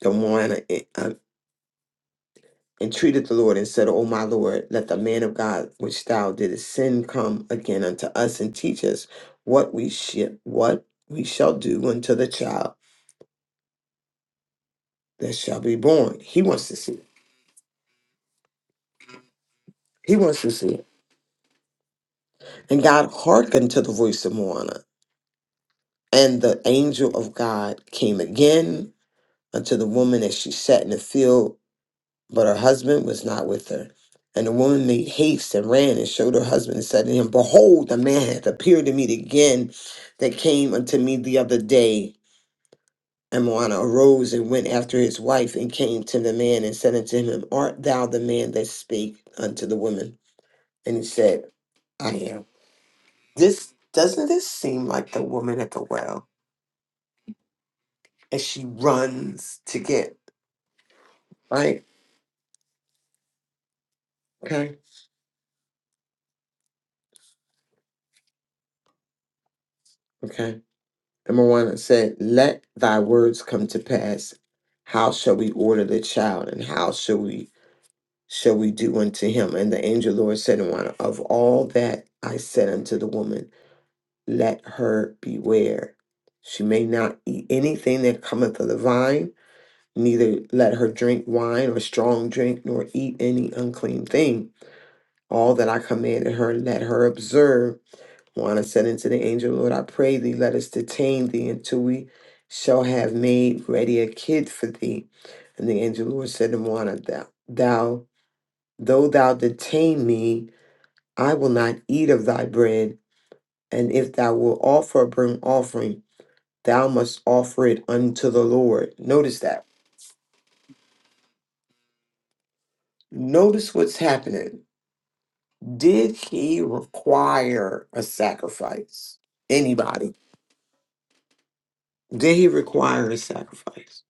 Speaker 3: The Moana uh, eh, uh, entreated the Lord and said, O my Lord, let the man of God which thou didst send come again unto us and teach us what we should what we shall do unto the child that shall be born. He wants to see it. He wants to see it. And God hearkened to the voice of Moana. And the angel of God came again unto the woman as she sat in the field, but her husband was not with her. And the woman made haste and ran and showed her husband and said to him, Behold, the man hath appeared to me again that came unto me the other day. And Moana arose and went after his wife and came to the man and said unto him, Art thou the man that spake unto the woman? And he said, I am. This doesn't this seem like the woman at the well as she runs to get right? Okay. Okay. Number one, it said, Let thy words come to pass. How shall we order the child, and how shall we shall we do unto him? And the angel Lord said unto one, Of all that I said unto the woman, let her beware. She may not eat anything that cometh of the vine, neither let her drink wine or strong drink, nor eat any unclean thing. All that I commanded her, let her observe. Juana said unto the angel, Lord, I pray thee, let us detain thee until we shall have made ready a kid for thee. And the angel Lord said to Juana, Thou, thou though thou detain me, I will not eat of thy bread. And if thou wilt offer a burnt offering, thou must offer it unto the Lord. Notice that. Notice what's happening. Did he require a sacrifice? Anybody? Did he require a sacrifice?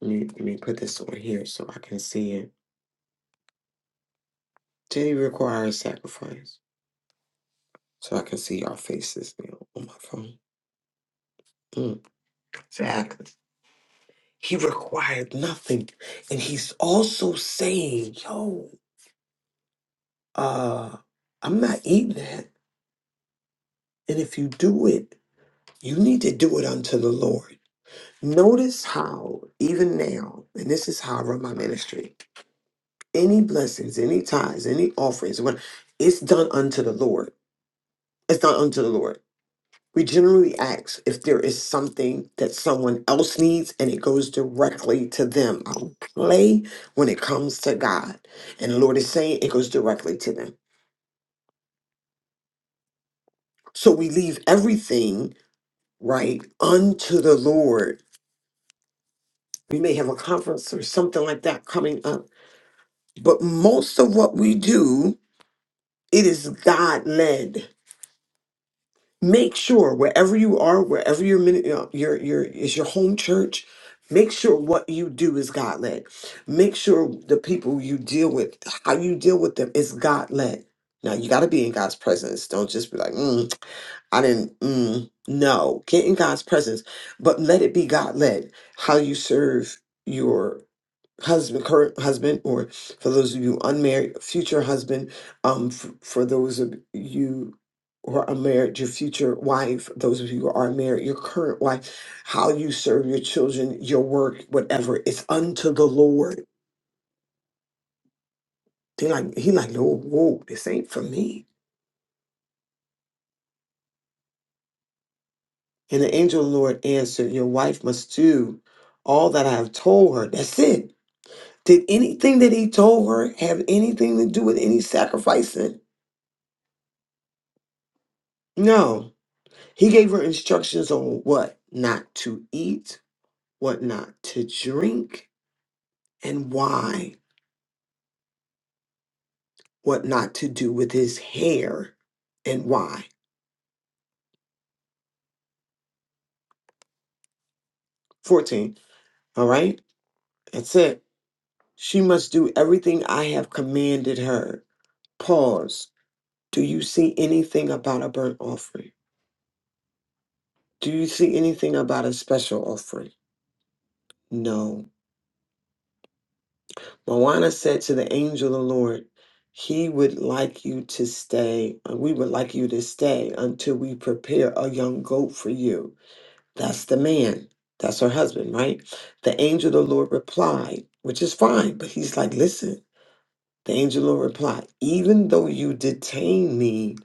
Speaker 3: Let me, let me put this on here so I can see it. Day requires sacrifice. So I can see y'all faces now on my phone. Mm, exactly. He required nothing. And he's also saying, yo, uh, I'm not eating that. And if you do it, you need to do it unto the Lord. Notice how, even now, and this is how I run my ministry any blessings, any tithes, any offerings, what it's done unto the Lord. It's done unto the Lord. We generally ask if there is something that someone else needs and it goes directly to them. I don't play when it comes to God. And the Lord is saying it goes directly to them. So we leave everything right unto the Lord. We may have a conference or something like that coming up. But most of what we do, it is God led. make sure wherever you are, wherever your mini- you know, your your is your home church, make sure what you do is God led. Make sure the people you deal with, how you deal with them, is God led. Now you got to be in God's presence. Don't just be like, mm. I didn't mm, no get in God's presence, but let it be God led. How you serve your husband, current husband, or for those of you unmarried, future husband. Um, f- for those of you who are unmarried, your future wife. Those of you who are married, your current wife. How you serve your children, your work, whatever. It's unto the Lord. They like he like no, whoa, this ain't for me. And the angel of the Lord answered, Your wife must do all that I have told her. That's it. Did anything that he told her have anything to do with any sacrificing? No. He gave her instructions on what not to eat, what not to drink, and why. What not to do with his hair and why. 14. All right. That's it. She must do everything I have commanded her. Pause. Do you see anything about a burnt offering? Do you see anything about a special offering? No. Moana said to the angel of the Lord, He would like you to stay, uh, we would like you to stay until we prepare a young goat for you. That's the man. That's her husband, right? The angel of the Lord replied, which is fine, but he's like, Listen, the angel of the Lord replied, Even though you detain me,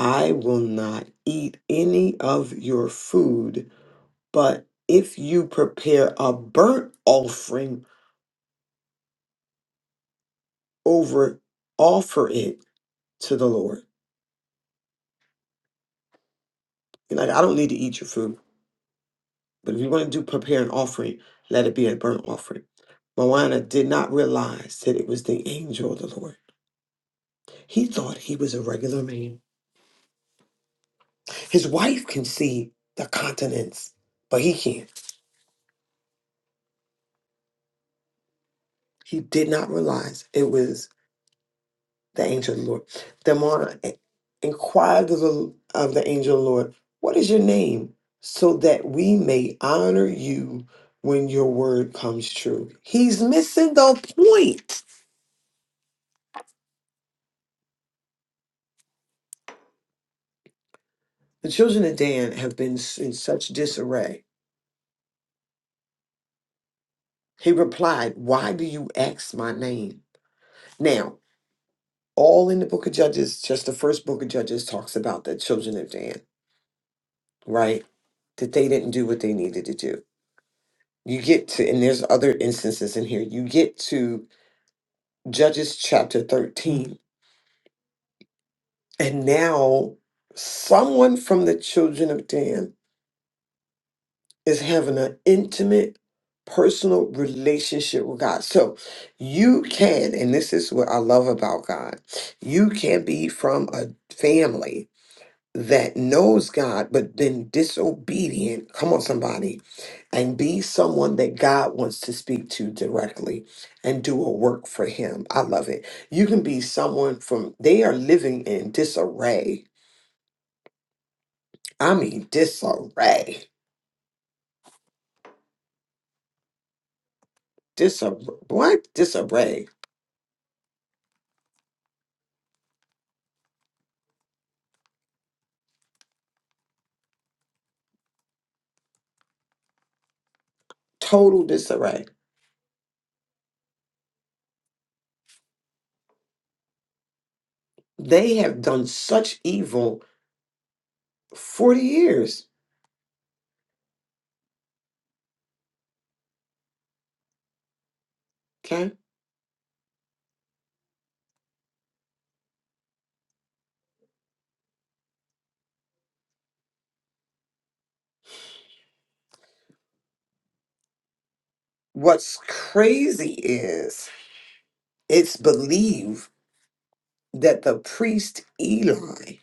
Speaker 3: I will not eat any of your food But if you prepare a burnt offering over, offer it to the Lord. You're like, I don't need to eat your food. But if you want to do prepare an offering, let it be a burnt offering. Moana did not realize that it was the angel of the Lord. He thought he was a regular man. His wife can see the continents, but he can't. He did not realize it was the angel of the Lord. The more inquired of the, of the angel of the Lord, What is your name? So that we may honor you when your word comes true. He's missing the point. The children of Dan have been s- in such disarray. He replied, Why do you ask my name? Now, all in the book of Judges, just the first book of Judges talks about the children of Dan, right? That they didn't do what they needed to do. You get to, and there's other instances in here, you get to Judges chapter 13. And now someone from the children of Dan is having an intimate, personal relationship with God. So you can, and this is what I love about God, you can be from a family that knows God, but then disobedient. Come on, somebody and be someone that God wants to speak to directly and do a work for Him. I love it. You can be someone from, they are living in disarray. I mean, disarray. Disarray. What? Disarray. Total disarray. They have done such evil 40 years. Okay. What's crazy is it's believed that the priest Eli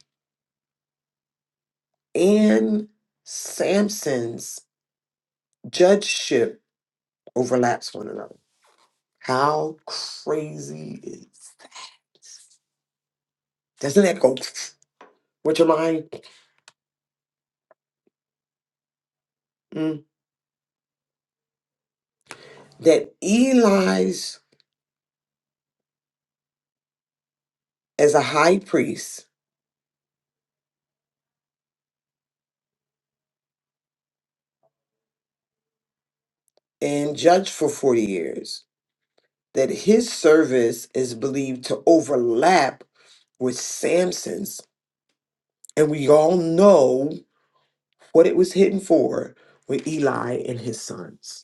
Speaker 3: and Samson's judgeship overlaps one another. How crazy is doesn't that go with your mind? Mm. That Eli's as a high priest and judge for 40 years, that his service is believed to overlap with Samson's, and we all know what it was hidden for with Eli and his sons.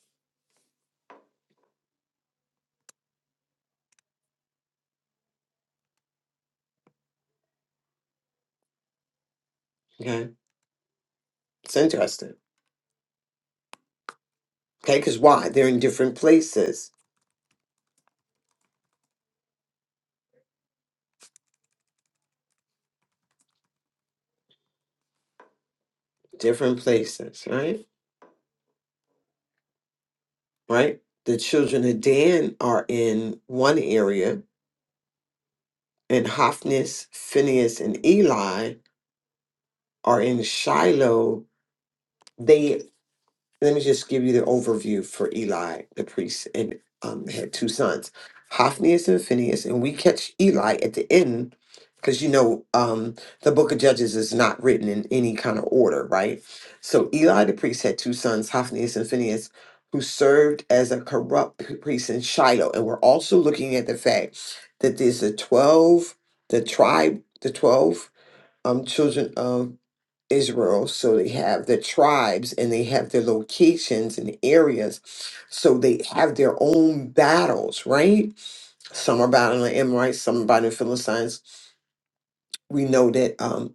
Speaker 3: Okay, it's interesting. Okay, because why? They're in different places, different places, right? right? The children of Dan are in one area, and Hophnis, Phineas, and Eli are in Shiloh. They. Let me just give you the overview for Eli, the priest, and um, had two sons, Hophnius and Phineas, and we catch Eli at the end because you know um, the Book of Judges is not written in any kind of order, right? So Eli, the priest, had two sons, Hophnius and Phineas, who served as a corrupt p- priest in Shiloh, and we're also looking at the fact that there's the twelve, the tribe, the twelve um, children of Israel. So they have the tribes and they have their locations and areas. So they have their own battles, right? Some are battling the Amorites, some are battling the Philistines. We know that um,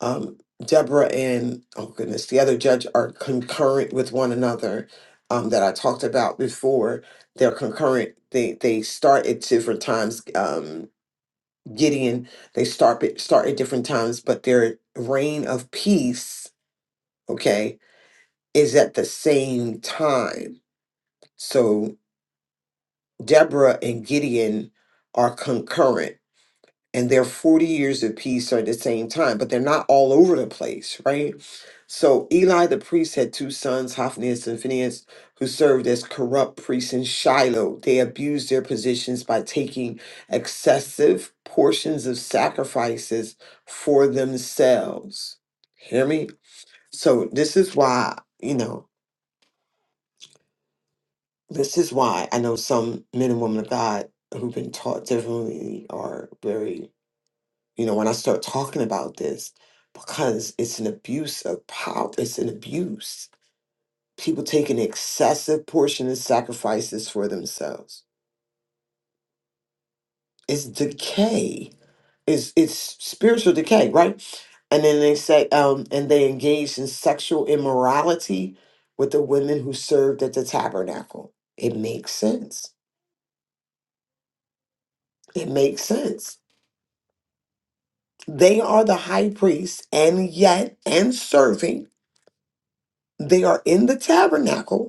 Speaker 3: um, Deborah and, oh goodness, the other judge are concurrent with one another um, that I talked about before. They're concurrent. They, they start at different times. Um, Gideon, they start at- start at different times, but their reign of peace, okay, is at the same time. So Deborah and Gideon are concurrent and their 40 years of peace are at the same time, but they're not all over the place, right? So Eli the priest had two sons, Hophnius and Phinehas, who served as corrupt priests in Shiloh. They abused their positions by taking excessive portions of sacrifices for themselves. Hear me? So this is why, you know, this is why I know some men and women of God who've been taught differently are very you know, when I start talking about this, because it's an abuse of power, it's an abuse. People take an excessive portion of sacrifices for themselves. It's decay. It's it's spiritual decay, right? And then they say, um, and they engaged in sexual immorality with the women who served at the tabernacle. It makes sense. It makes sense. They are the high priest, and yet, and serving, they are in the tabernacle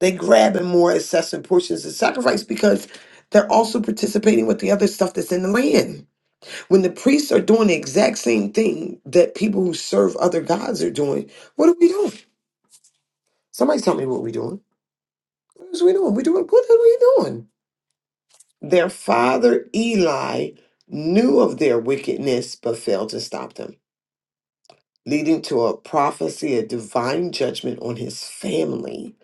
Speaker 3: They grabbing more incessant portions of sacrifice because they're also participating with the other stuff that's in the land. When the priests are doing the exact same thing that people who serve other gods are doing, what are we doing? Somebody tell me what we're doing. What is we doing? We doing what are we doing? Their father Eli knew of their wickedness but failed to stop them, leading to a prophecy of divine judgment on his family.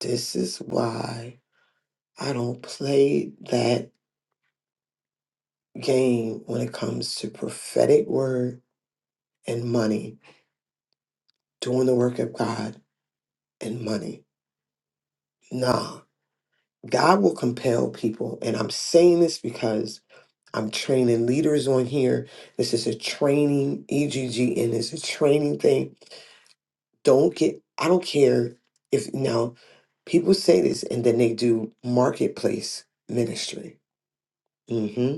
Speaker 3: This is why I don't play that game when it comes to prophetic word and money, doing the work of God and money. Nah, God will compel people. And I'm saying this because I'm training leaders on here. This is a training, EGG, and it's a training thing. Don't get, I don't care if now people say this and then they do marketplace ministry. hmm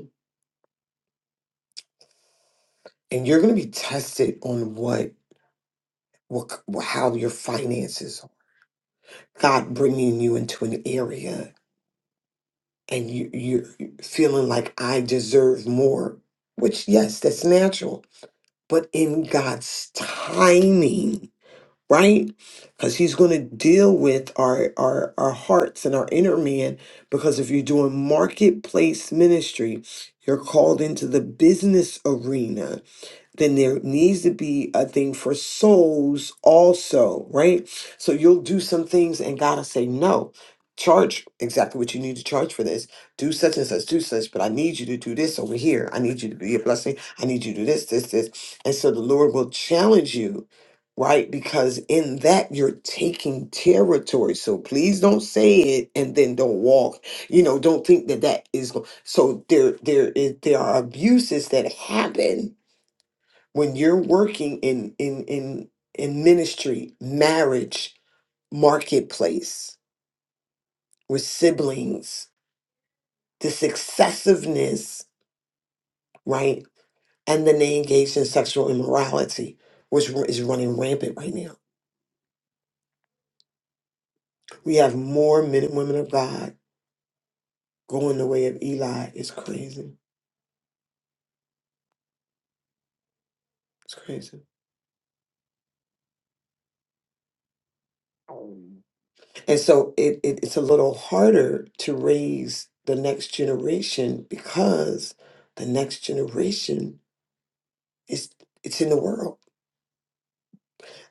Speaker 3: And you're going to be tested on what, what, how your finances God bringing you into an area and you you're feeling like I deserve more, which yes, that's natural, but in God's timing, right? Because He's going to deal with our, our our hearts and our inner man. Because if you're doing marketplace ministry, you're called into the business arena then there needs to be a thing for souls also, right? So you'll do some things and God will say, no, charge exactly what you need to charge for this. Do such and such, do such, but I need you to do this over here. I need you to be a blessing. I need you to do this, this, this. And so the Lord will challenge you, right? Because in that you're taking territory. So please don't say it and then don't walk. You know, don't think that that is go- so there there is there are abuses that happen when you're working in in in in ministry marriage marketplace with siblings this excessiveness right and then they engage in sexual immorality which ru- is running rampant right now we have more men and women of god going the way of eli it's crazy it's crazy and so it, it it's a little harder to raise the next generation because the next generation It's it's in the world.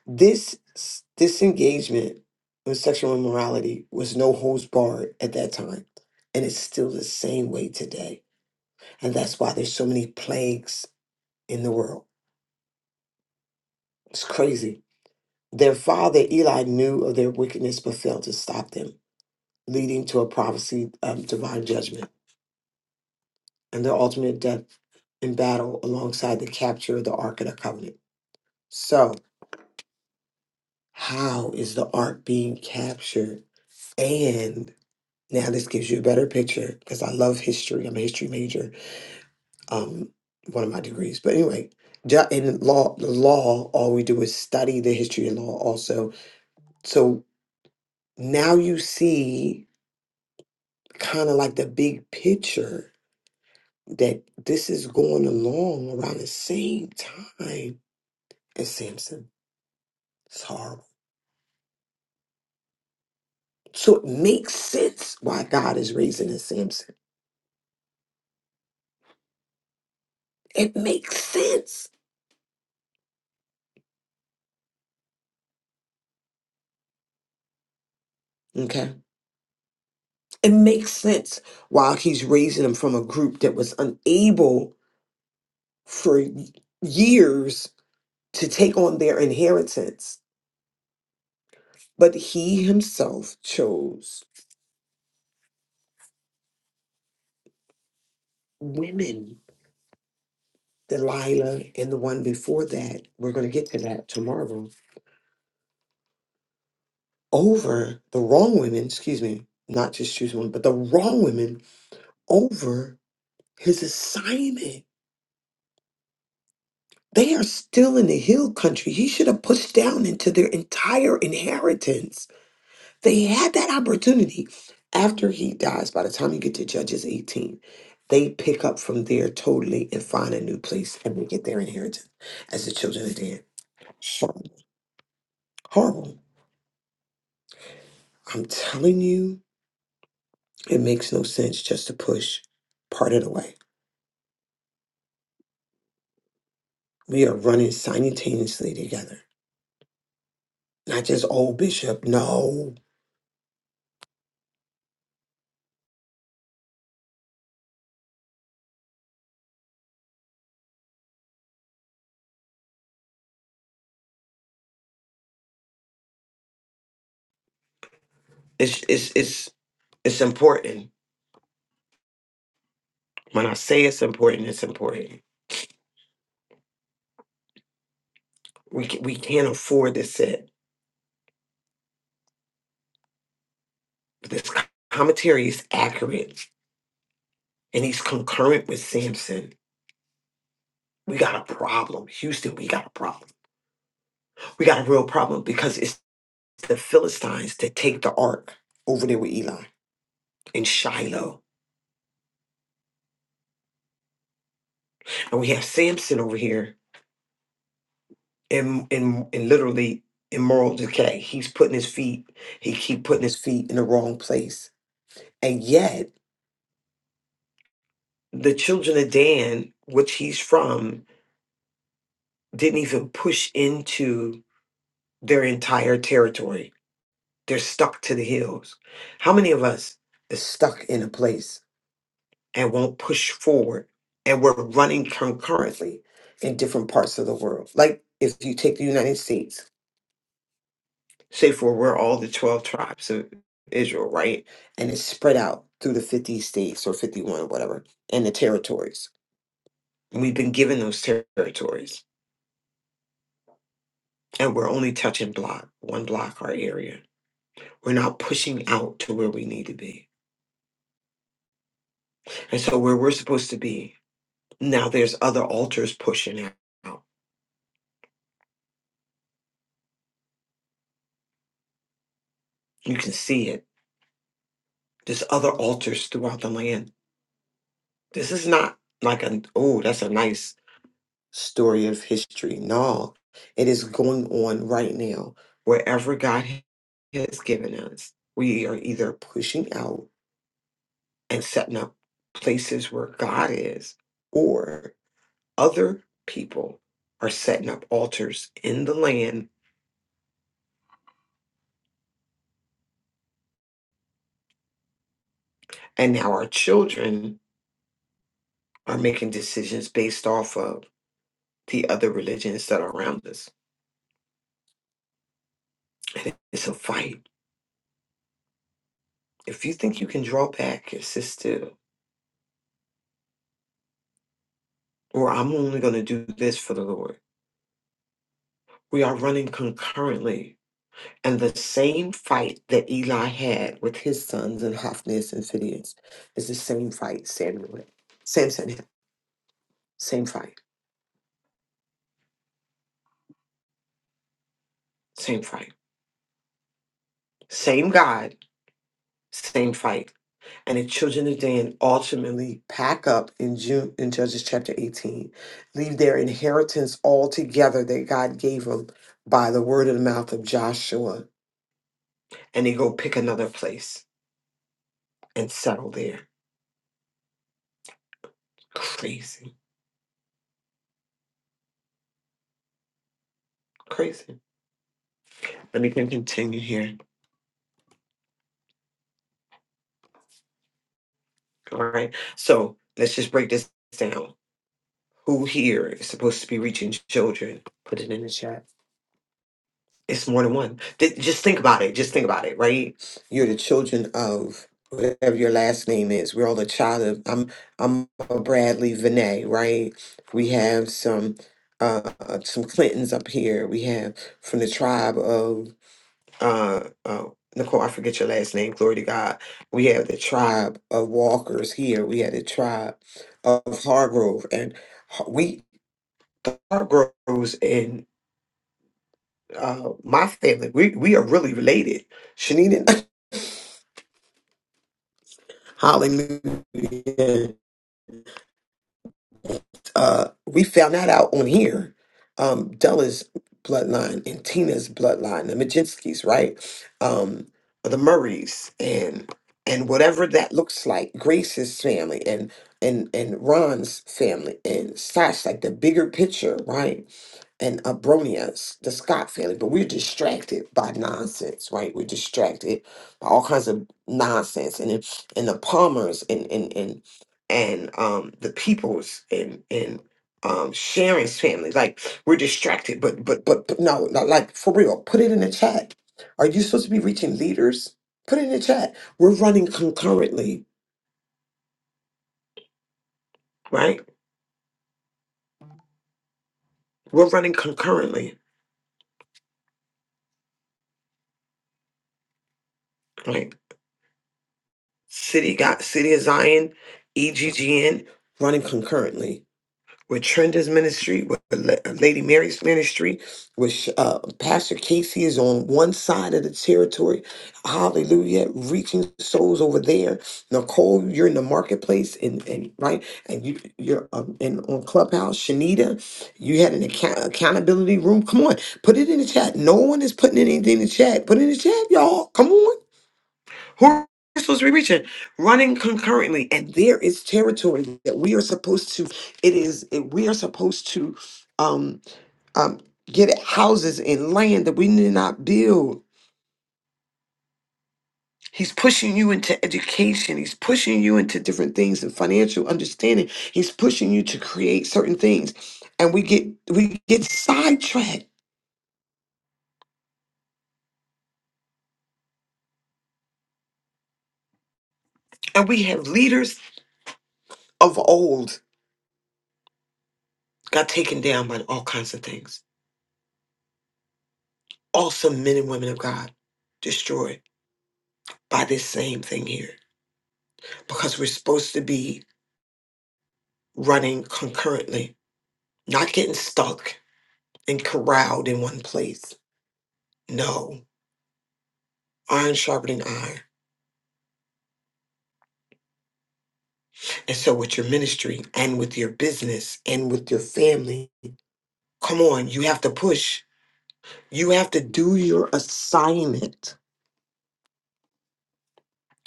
Speaker 3: This s- disengagement with sexual immorality was no holds barred at that time, and it's still the same way today. And that's why there's so many plagues in the world. It's crazy. Their father Eli knew of their wickedness, but failed to stop them, leading to a prophecy of divine judgment and their ultimate death in battle alongside the capture of the Ark of the Covenant. So, how is the Ark being captured? And Now this gives you a better picture because I love history. I'm a history major, um, one of my degrees. But anyway, ju- in law, the law, all we do is study the history of law also. So now you see kind of like the big picture that this is going along around the same time as Samson. It's horrible. So it makes sense why God is raising a Samson. It makes sense. Okay. it makes sense while he's raising them from a group that was unable for years to take on their inheritance. But he himself chose women, Delilah and the one before that. We're going to get to that tomorrow. Over the wrong women, excuse me, not just choose one, but the wrong women over his assignment. They are still in the hill country. He should have pushed down into their entire inheritance They had that opportunity after he dies. By the time you get to Judges 18, they pick up from there totally and find a new place and they get their inheritance as the children of Dan. Horrible. Horrible. I'm telling you, it makes no sense just to push part of the way. We are running simultaneously together. Not just old bishop. No. It's it's it's it's important. When I say it's important, it's important. We ca- we can't afford to sit this commentary is accurate and he's concurrent with Samson. We got a problem. Houston, we got a problem. We got a real problem because it's the Philistines that take the ark over there with Eli in Shiloh. And we have Samson over here in in, in literally immoral decay. He's putting his feet, he keep putting his feet in the wrong place. And yet the children of Dan, which he's from, didn't even push into their entire territory They're stuck to the hills. How many of us is stuck in a place and won't push forward and we're running concurrently in different parts of the world? Like if you take the United States, say for we're all the 12 tribes of Israel, right? And it's spread out through the 50 states or 51, whatever, and the territories. And we've been given those territories and we're only touching block, one block, our area. We're not pushing out to where we need to be. And so where we're supposed to be Now there's other altars pushing out. You can see it. There's other altars throughout the land. This is not like a oh, that's a nice story of history. No, it is going on right now. Wherever God has given us, we are either pushing out and setting up places where God is, or other people are setting up altars in the land. And now our children are making decisions based off of the other religions that are around us. It's a fight. If you think you can draw back and sit still, or I'm only going to do this for the Lord, we are running concurrently. And the same fight that Eli had with his sons and Hophnius and Phineas is the same fight Samuel, had- Samson had. Same fight, same fight, same God, same fight. and the children of Dan ultimately pack up in June in Judges chapter 18, leave their inheritance all together that God gave them by the word of the mouth of Joshua, and they go pick another place and settle there. Crazy, crazy. Let me con- continue here. All right. So let's just break this down. Who here is supposed to be reaching children? Put it in the chat. It's more than one. Th- just think about it. Just think about it, right? You're the children of whatever your last name is. We're all the child of I'm I'm a Bradley Vinay, right? We have some uh uh, some Clintons up here. We have from the tribe of uh uh Nicole, I forget your last name, glory to God. We have the tribe of Walkers here. We have the tribe of Hargrove and Har- we the Hargroves uh, my family, we, we are really related. Shanita, hallelujah. Uh, we found that out on here. Um, Della's bloodline and Tina's bloodline, the Majinskis, right? Um, the Murrays and and whatever that looks like, Grace's family and and and Ron's family and Sash, like the bigger picture, right? and Abronius, the Scott family, but we're distracted by nonsense, right? We're distracted by all kinds of nonsense, and it- and the Palmers and and and and um the Peoples and and um Sharon's family, like we're distracted, but but but, but no, no, like for real, put it in the chat. Are you supposed to be reaching leaders? Put it in the chat. We're running concurrently, right? We're running concurrently, right? City got City of Zion, EGGN running concurrently with Trenda's ministry, with La- Lady Mary's ministry, with uh, Pastor Casey is on one side of the territory. Hallelujah, reaching souls over there. Nicole, you're in the marketplace, and, and right, and you you're um, in on Clubhouse. Shanita, you had an account- accountability room. Come on, put it in the chat. No one is putting anything in the chat. Put it in the chat, y'all. Come on. Who are supposed to be reaching? Running concurrently. And there is territory that we are supposed to, it is, it, we are supposed to um, um, get houses and land that we did not build. He's pushing you into education. He's pushing you into different things and financial understanding. He's pushing you to create certain things. And we get we get sidetracked. And we have leaders of old got taken down by all kinds of things. Awesome men and women of God destroyed by this same thing here because we're supposed to be running concurrently, not getting stuck and corralled in one place. No, iron sharpening iron. And so, with your ministry and with your business and with your family, come on, you have to push. You have to do your assignment.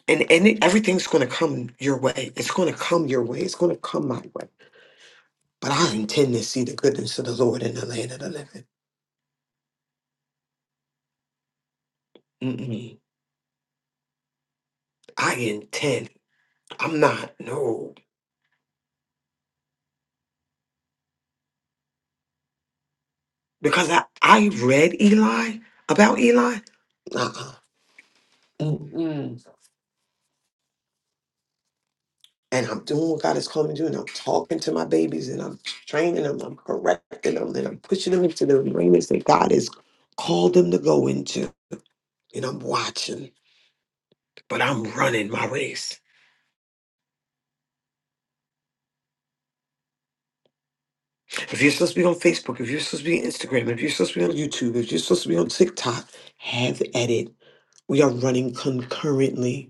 Speaker 3: And, and it- everything's going to come your way. It's going to come your way. It's going to come my way. But I intend to see the goodness of the Lord in the land of the living. Mm-mm. I intend. I'm not. No, because I I read Eli about Eli. Uh-uh. Mm-mm. And I'm doing what God has called me to do, and I'm talking to my babies, and I'm training them, I'm correcting them, and I'm pushing them into the arenas that God has called them to go into. And I'm watching, but I'm running my race. If you're supposed to be on Facebook, if you're supposed to be on Instagram, if you're supposed to be on YouTube, if you're supposed to be on TikTok, have at it. We are running concurrently.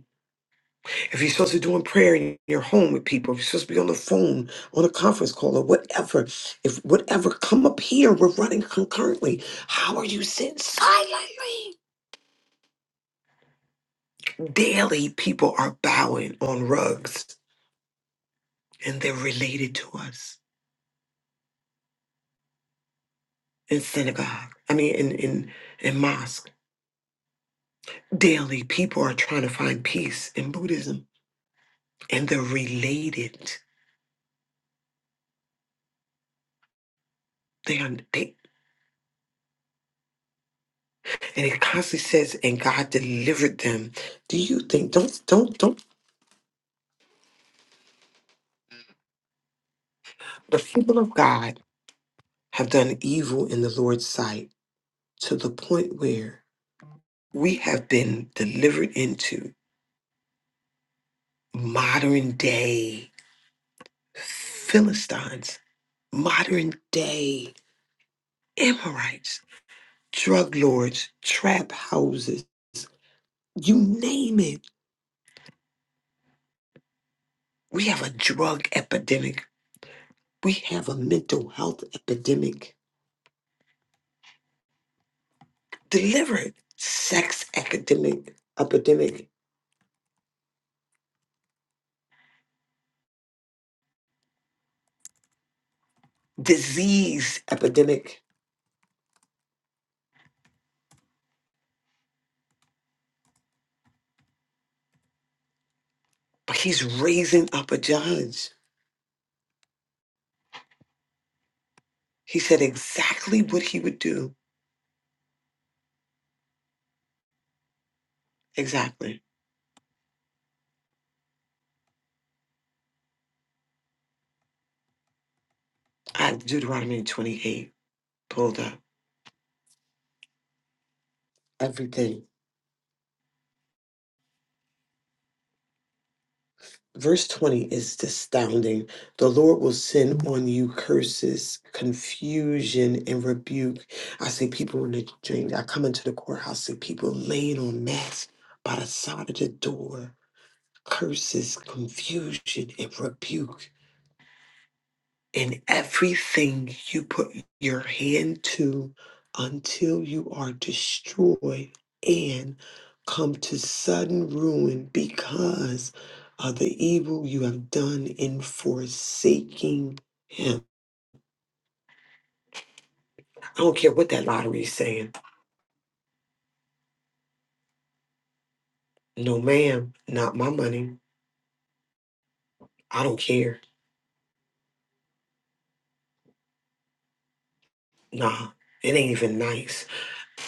Speaker 3: if you're supposed to be doing prayer in your home with people, if you're supposed to be on the phone, on a conference call, or whatever, if whatever, come up here. We're running concurrently. How are you sitting silently? Daily, people are bowing on rugs, and they're related to us in synagogue. I mean, in in in mosque. Daily, people are trying to find peace in Buddhism, and they're related. They are they. And it constantly says, and God delivered them do you think don't don't don't The people of God have done evil in the Lord's sight to the point where we have been delivered into modern day Philistines, modern day Amorites, drug lords, trap houses, you name it. We have a drug epidemic. We have a mental health epidemic. Delivered sex epidemic, epidemic, disease epidemic But he's raising up a judge. He said exactly what he would do. Exactly. I have Deuteronomy 28 pulled up. Everything. Verse 20 is astounding. The Lord will send on you curses, confusion, and rebuke. I see people in the dream. I come into the courthouse, see people laying on mats by the side of the door. Curses, confusion, and rebuke. in everything you put your hand to until you are destroyed and come to sudden ruin because of the evil you have done in forsaking him. I don't care what that lottery is saying. No, ma'am, not my money. I don't care. Nah. It ain't even nice.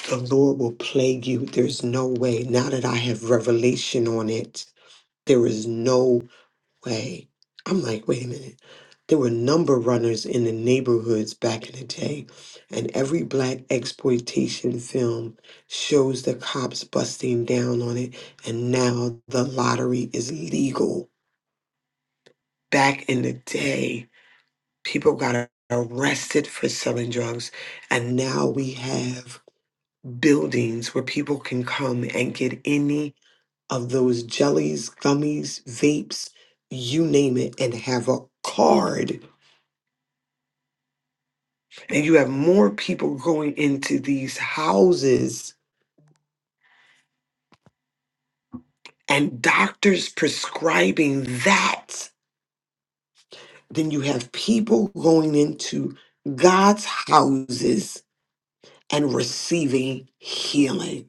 Speaker 3: The Lord will plague you. There's no way. Now that I have revelation on it, there is no way. I'm like, wait a minute. There were number runners in the neighborhoods back in the day, and every black exploitation film shows the cops busting down on it, and now the lottery is legal. Back in the day, people got arrested for selling drugs, and now we have buildings where people can come and get any of those jellies, gummies, vapes, you name it, and have a card and you have more people going into these houses and doctors prescribing that than you have people going into God's houses and receiving healing.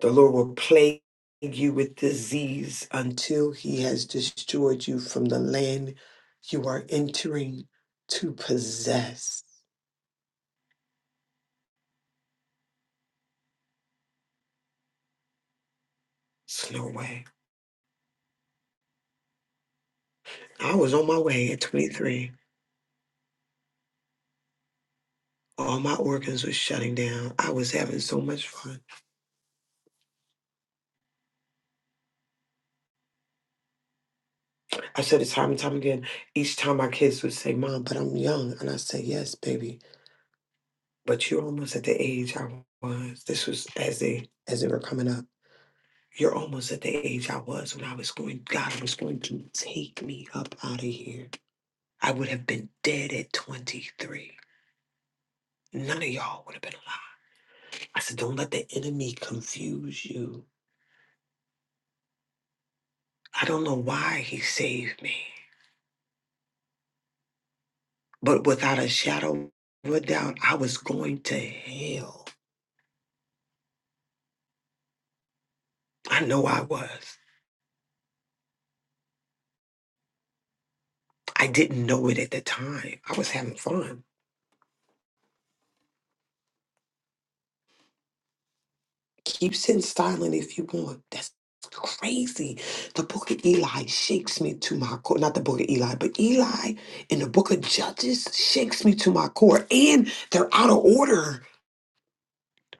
Speaker 3: The Lord will plague you with disease until he has destroyed you from the land you are entering to possess. It's no way. I was on my way at 23. all my organs were shutting down. I was having so much fun. I said it time and time again. Each time my kids would say, Mom, but I'm young. And I said, Yes, baby. But you're almost at the age I was. This was as they as they were coming up. You're almost at the age I was when I was going, God was going to take me up out of here. I would have been dead at 23. None of y'all would have been alive. I said, Don't let the enemy confuse you. I don't know why he saved me. But without a shadow of a doubt, I was going to hell. I know I was. I didn't know it at the time. I was having fun. Keep sitting silent if you want. That's crazy. The book of Eli shakes me to my core. Not the book of Eli, but Eli in the book of Judges shakes me to my core. And they're out of order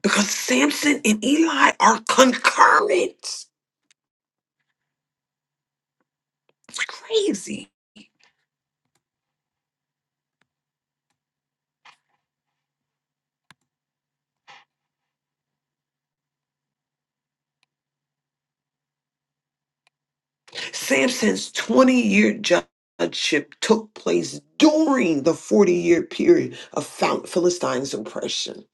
Speaker 3: because Samson and Eli are concurrent. It's crazy. Samson's 20 year judgeship took place during the 40 year period of Phil- Philistines' oppression.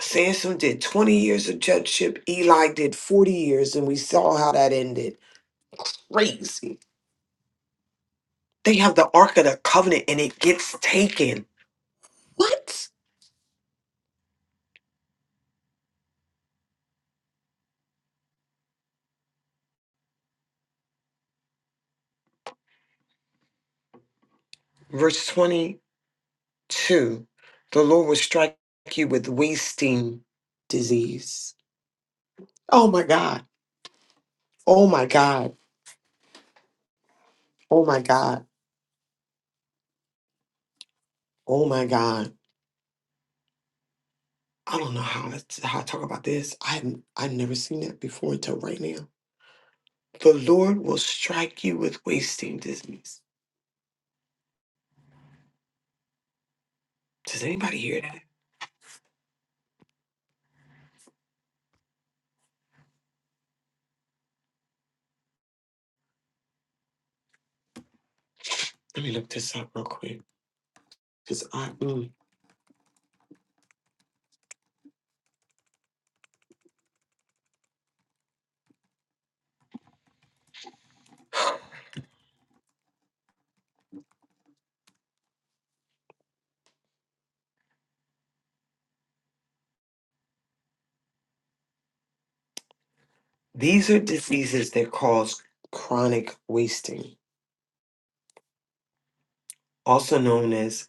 Speaker 3: Samson did 20 years of judgeship, Eli did 40 years, and we saw how that ended. Crazy. They have the Ark of the Covenant and it gets taken. What? Verse 22 The Lord will strike you with wasting disease. Oh my God. Oh my God. Oh my God. Oh my God. I don't know how to how to talk about this. I haven't I've never seen that before until right now. The Lord will strike you with wasting disease. Does anybody hear that? Let me look this up real quick. Because I mm. these are diseases that cause chronic wasting, also known as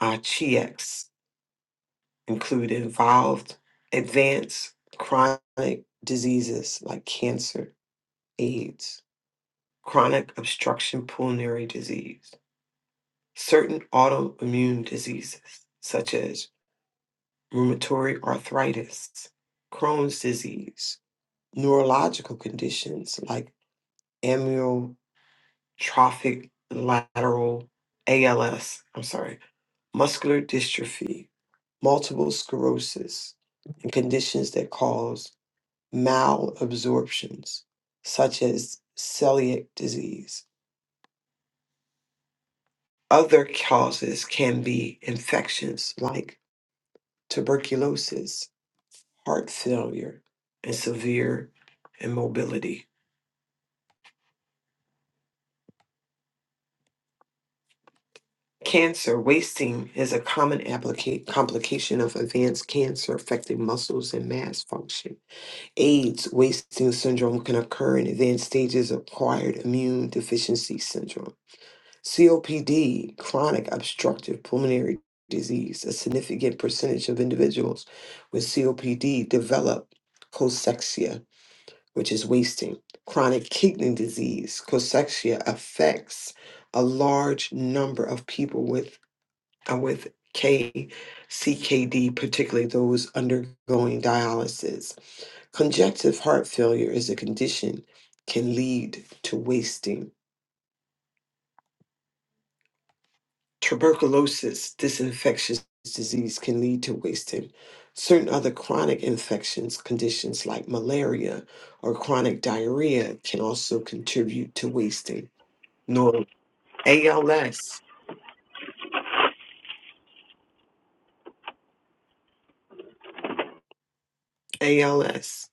Speaker 3: uh, CHEX, include involved advanced chronic diseases like cancer, AIDS, chronic obstruction pulmonary disease certain autoimmune diseases such as rheumatoid arthritis, Crohn's disease, neurological conditions like amyotrophic lateral ALS, I'm sorry, muscular dystrophy, multiple sclerosis, and conditions that cause malabsorptions such as celiac disease. Other causes can be infections like tuberculosis, heart failure, and severe immobility. Cancer wasting is a common applica- complication of advanced cancer affecting muscles and mass function. AIDS wasting syndrome can occur in advanced stages of acquired immune deficiency syndrome. COPD, chronic obstructive pulmonary disease, a significant percentage of individuals with COPD develop cosexia which is wasting. Chronic kidney disease, cachexia, affects a large number of people with uh, with K, CKD, particularly those undergoing dialysis. Congestive heart failure is a condition can lead to wasting. Tuberculosis, this infectious disease, can lead to wasting. Certain other chronic infections, conditions like malaria or chronic diarrhea, can also contribute to wasting. nor ALS, ALS,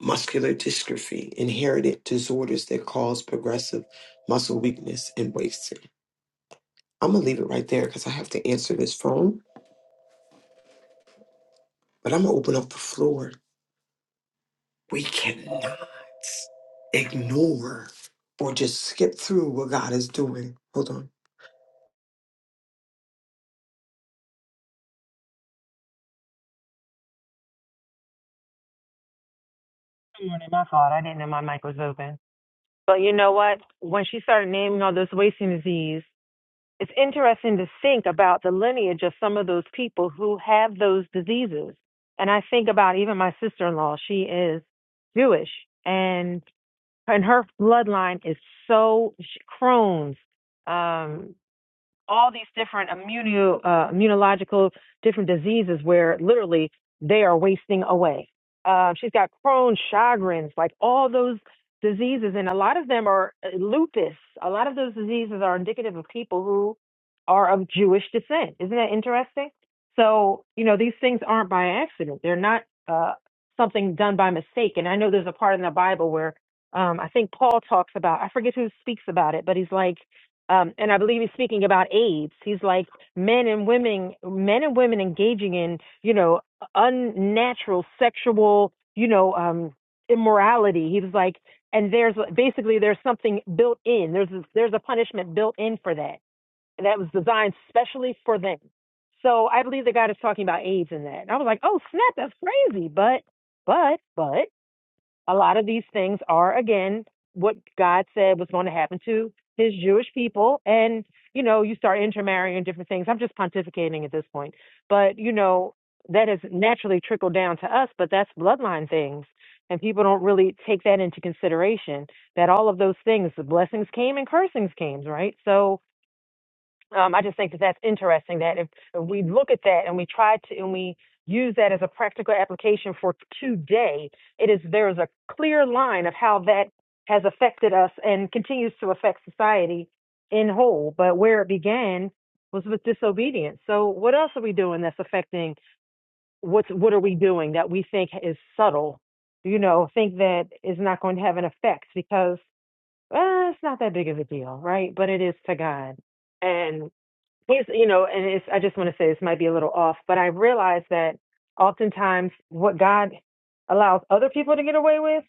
Speaker 3: muscular dystrophy, inherited disorders that cause progressive muscle weakness and wasting. I'm gonna leave it right there because I have to answer this phone, but I'm gonna open up the floor. We cannot ignore or just skip through what God is doing. Hold on.
Speaker 10: Good morning. My fault. I didn't know my mic was open. But you know what? When she started naming all those wasting disease, it's interesting to think about the lineage of some of those people who have those diseases. And I think about even my sister in law. She is Jewish, and and her bloodline is so she, Crohn's. Um, all these different immuno, uh, immunological different diseases where literally they are wasting away. Uh, she's got Crohn's, Sjogren's, like all those diseases, and a lot of them are uh, lupus. A lot of those diseases are indicative of people who are of Jewish descent. Isn't that interesting? So you know these things aren't by accident. They're not uh, something done by mistake. And I know there's a part in the Bible where um, I think Paul talks about. I forget who speaks about it, but he's like um, and I believe he's speaking about AIDS. He's like men and women, men and women engaging in, you know, unnatural sexual, you know, um, immorality. He was like, and there's basically there's something built in. There's a, there's a punishment built in for that, and that was designed specially for them. So I believe the God is talking about AIDS in that. And I was like, oh snap, that's crazy. But, but, but a lot of these things are again what God said was going to happen to his Jewish people and you know you start intermarrying and different things I'm just pontificating at this point but you know that has naturally trickled down to us but that's bloodline things and people don't really take that into consideration that all of those things the blessings came and cursings came right so um, I just think that that's interesting that if, if we look at that and we try to and we use that as a practical application for today, it is there is a clear line of how that has affected us and continues to affect society in whole. But where it began was with disobedience. So what else are we doing that's affecting what's what are we doing that we think is subtle, you know, think that is not going to have an effect because uh, it's not that big of a deal, right? But it is to God. And here's you know and it's i just want to say this might be a little off but i realize that oftentimes what god allows other people to get away with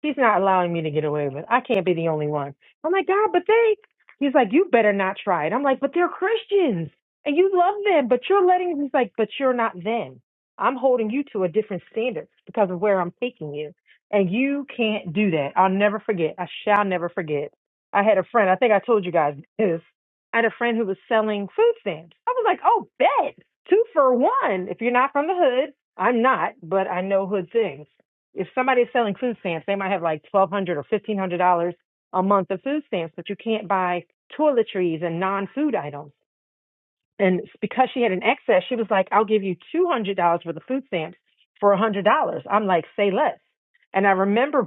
Speaker 10: He's not allowing me to get away with. it. I can't be the only one. I'm like, God, but they. He's like, you better not try it. I'm like, but they're Christians and you love them, but you're letting. He's like, but you're not them. I'm holding you to a different standard because of where I'm taking you, and you can't do that. I'll never forget. I shall never forget. I had a friend. I think I told you guys this. I had a friend who was selling food stamps. I was like, oh, bet two for one. If you're not from the hood, I'm not, but I know hood things if somebody is selling food stamps, they might have like twelve hundred dollars or fifteen hundred dollars a month of food stamps, but you can't buy toiletries and non-food items and because she had an excess, she was like, I'll give you two hundred dollars for the food stamps for a hundred dollars. I'm like, say less. And I remember,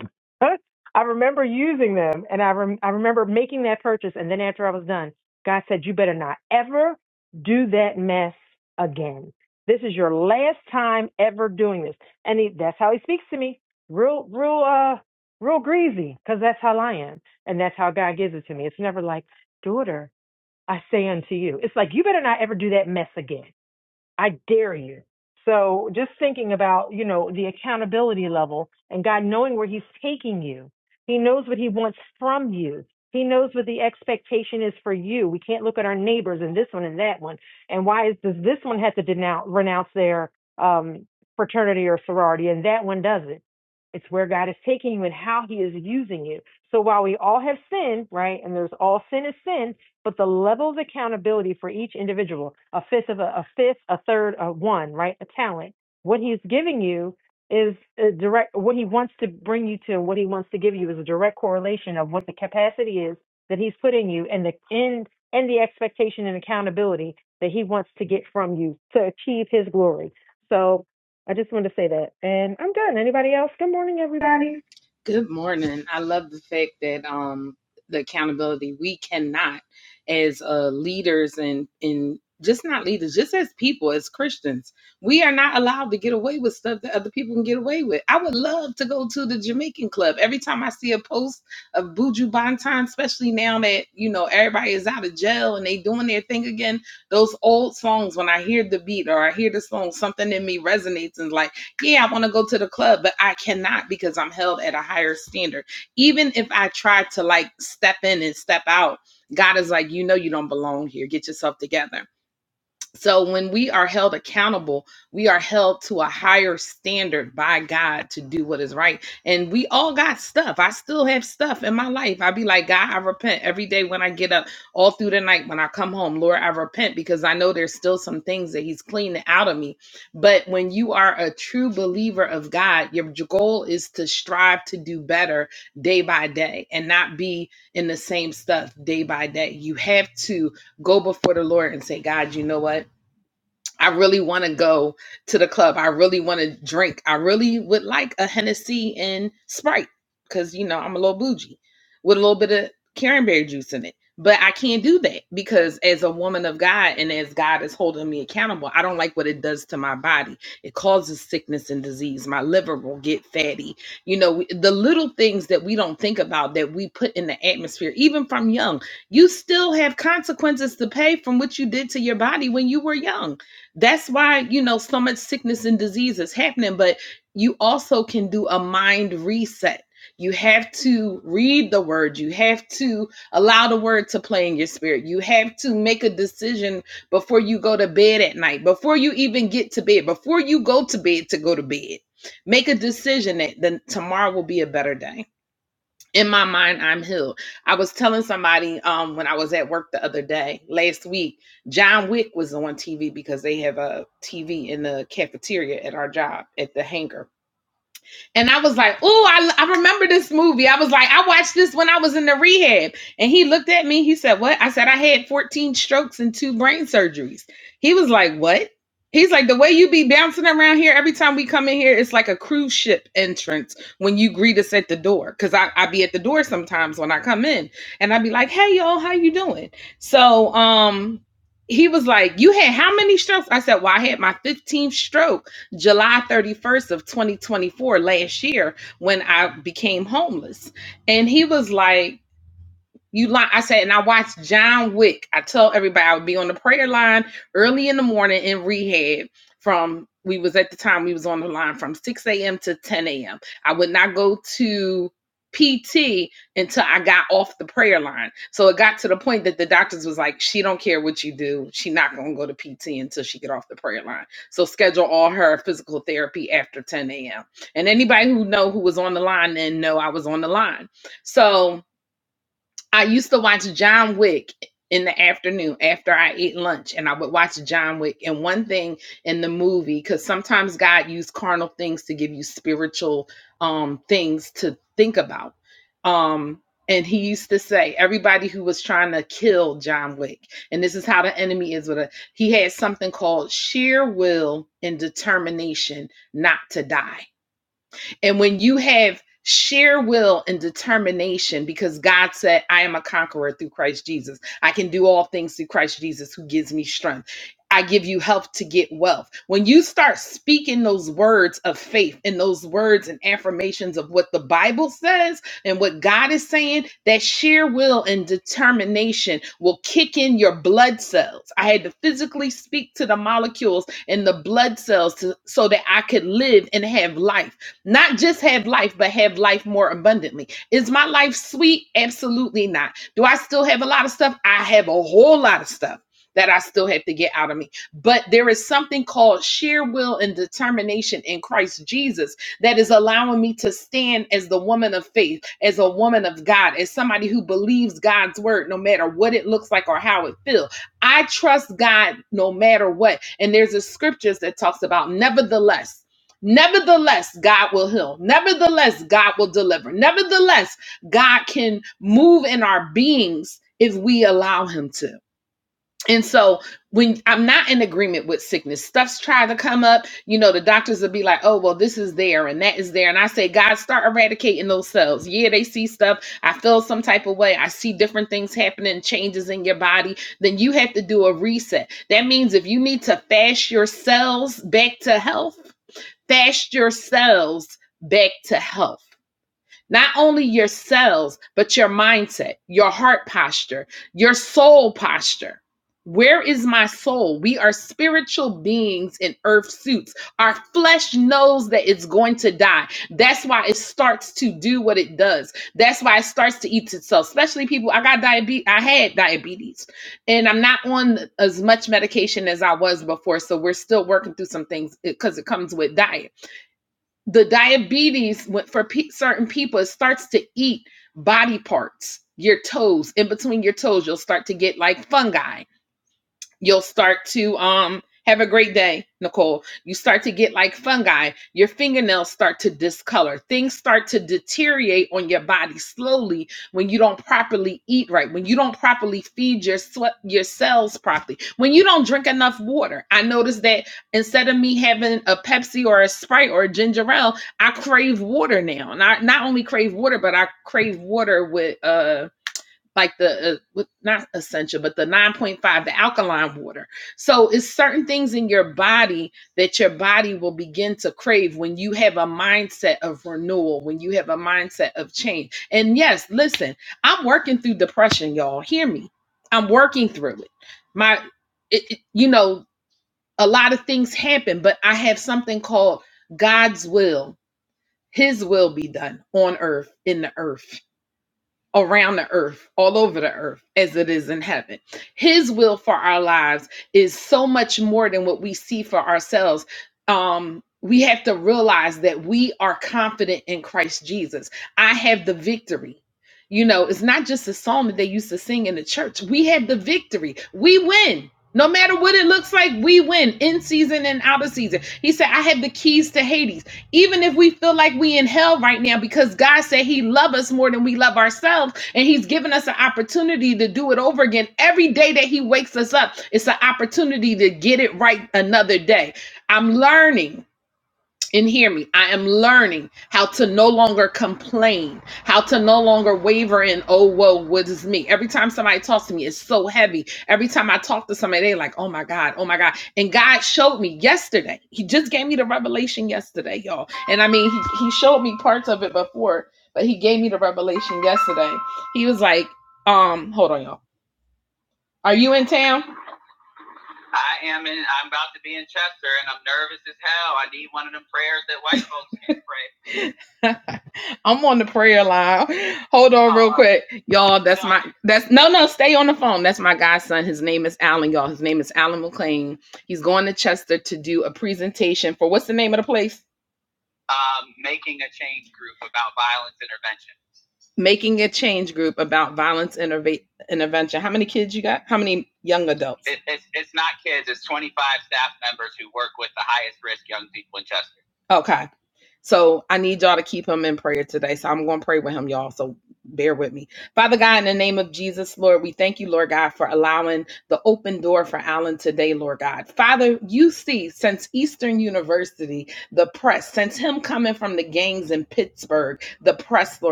Speaker 10: I remember using them, and I rem- I remember making that purchase. And then after I was done, God said, you better not ever do that mess again. This is your last time ever doing this. And he, that's how he speaks to me, real, real, uh, real greasy, because that's how I am, and that's how God gives it to me. It's never like, daughter, I say unto you. It's like, you better not ever do that mess again. I dare you. So just thinking about, you know, the accountability level and God knowing where he's taking you. He knows what he wants from you. He knows what the expectation is for you. We can't look at our neighbors and this one and that one. And why is, does this one have to denounce, renounce their um, fraternity or sorority and that one doesn't? It's where God is taking you and how he is using you. So while we all have sin, right? And there's all sin is sin, but the level of accountability for each individual, a fifth of a, a fifth, a third, a one, right? A talent. What he's giving you is a direct, what he wants to bring you to and what he wants to give you is a direct correlation of what the capacity is that he's put in you and the end and the expectation and accountability that he wants to get from you to achieve his glory. So I just wanted to say that. And I'm done. Anybody else? Good morning, everybody.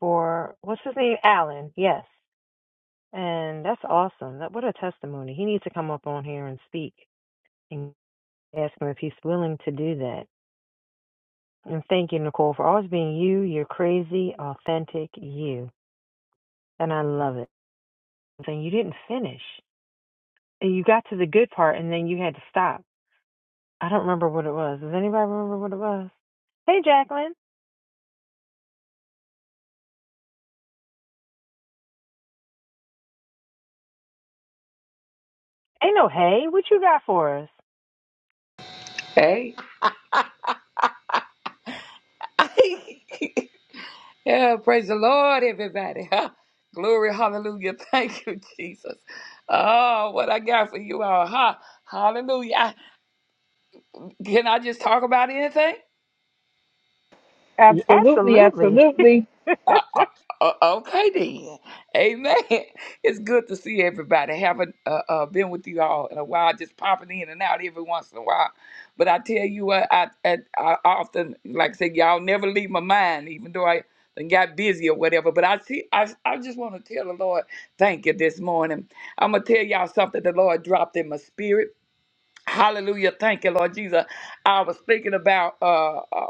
Speaker 10: Or what's his name? Alan. Yes. And that's awesome. That what a testimony. He needs to come up on here and speak and ask him if he's willing to do that. And thank you, Nicole, for always being you, your crazy, authentic you. And I love it. And you didn't finish. And you got to the good part and then you had to stop. I don't remember what it was. Does anybody remember what it was? Hey Jacqueline. Ain't no hey, what you got for us?
Speaker 11: Hey. yeah, praise the Lord, everybody. Glory, hallelujah. Thank you, Jesus. Oh, what I got for you all. Ha, hallelujah. I- can I just talk about anything?
Speaker 10: Yeah,
Speaker 9: Absolutely.
Speaker 10: absolutely.
Speaker 11: Uh, uh, uh, okay then, amen. It's good to see everybody. Haven't uh, uh, been with you all in a while, just popping in and out every once in a while. But I tell you what, I I, I often like I said, y'all never leave my mind, even though I done got busy or whatever. But I see, I I just want to tell the Lord, thank you this morning. I'm gonna tell y'all something the Lord dropped in my spirit Hallelujah. Thank you, Lord Jesus. I was thinking about uh, uh,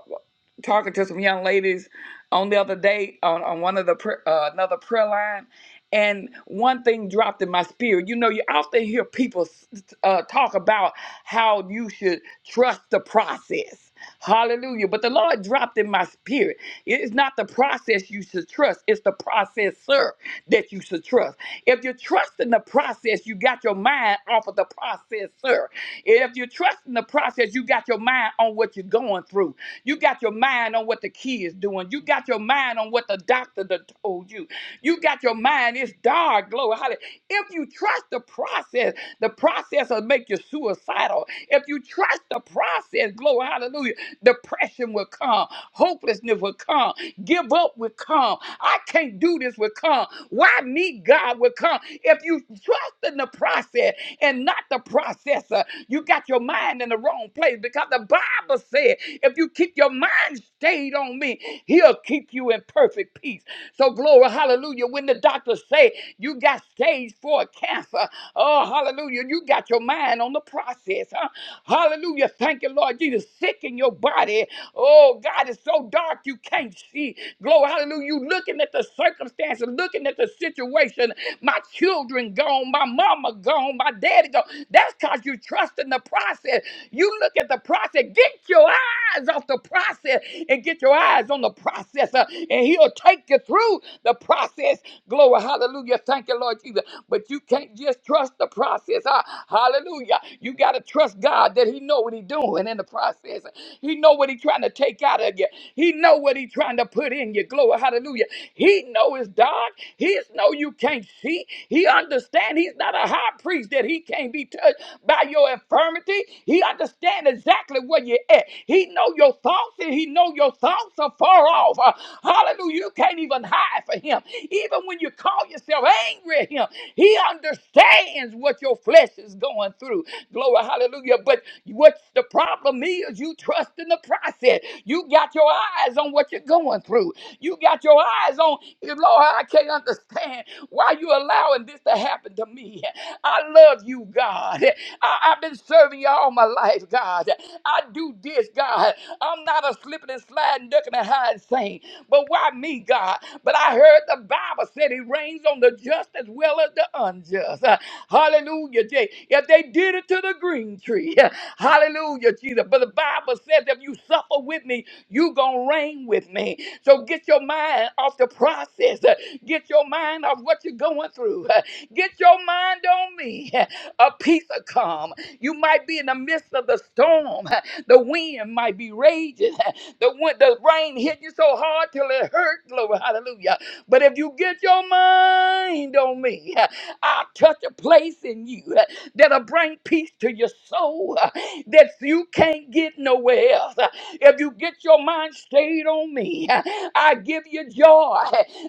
Speaker 11: talking to some young ladies on the other day on, on one of the pr- uh, another prayer line, and one thing dropped in my spirit. You know, you often hear people s- uh, talk about how you should trust the process. Hallelujah. But the Lord dropped in my spirit. It's not the process you should trust, it's the processor that you should trust. If you're trusting the process, you got your mind off of the processor. If you're trusting the process, you got your mind on what you're going through. You got your mind on what the key is doing. You got your mind on what the doctor done told you. You got your mind, it's dark, glory. Hallelujah. If you trust the process, process. The process will make you suicidal. If you trust the process, glory, hallelujah, depression will come, hopelessness will come, give up will come, I can't do this will come, why me, God will come. If you trust in the process and not the processor, you got your mind in the wrong place because the Bible said, if you keep your mind stayed on me, he'll keep you in perfect peace. So glory, hallelujah. When the doctors say you got stage four cancer, oh hallelujah, you got your mind on the process, huh? Hallelujah. Thank you, Lord Jesus. Sick in your body. Oh God, it's so dark you can't see. Glory, hallelujah. You looking at the circumstances, looking at the situation. My children gone, my mama gone, my daddy gone. That's because you trust in the process. You look at the process. Get your eyes off the process and get your eyes on the process, uh, and He'll take you through the process. Glory, hallelujah. Thank you, Lord Jesus. But you can't just trust the process. Ah, hallelujah. You got to trust God that He know what He's doing in the process. He know what He's trying to take out of you. He know what he trying to put in you. Glory, hallelujah. He know it's dark. He know you can't see. He understand he's not a high priest that he can't be touched by your infirmity. He understand exactly where you're at. He know your thoughts and he know your thoughts are far off. Uh, hallelujah. You can't even hide for him. Even when you call yourself angry at him, he understands what your flesh is going through. Glory, hallelujah. But what's the problem is you trust in the process. You got your eyes on what you're going through. You got your eyes on, Lord, I can't understand why you allowing this to happen to me. I love you, God. I, I've been serving you all my life, God. I do this, God. I'm not a slipping and sliding, ducking and hiding saint. But why me, God? But I heard the Bible said it rains on the just as well as the unjust. Uh, Hallelujah. Hallelujah, Jay. If they did it to the green tree, hallelujah, Jesus. But the Bible says, if you suffer with me, you gonna reign with me. So get your mind off the process. Uh, Get your mind off what you're going through. Uh, Get your mind on me. A peace of calm. You might be in the midst of the storm. The wind might be raging. The wind, the rain hit you so hard till it hurt. Glory, hallelujah. But if you get your mind on me, I'll touch a place in you uh, that'll bring peace to your soul uh, that you can't get nowhere else. Uh, If you get your mind stayed on me, uh, I give you joy.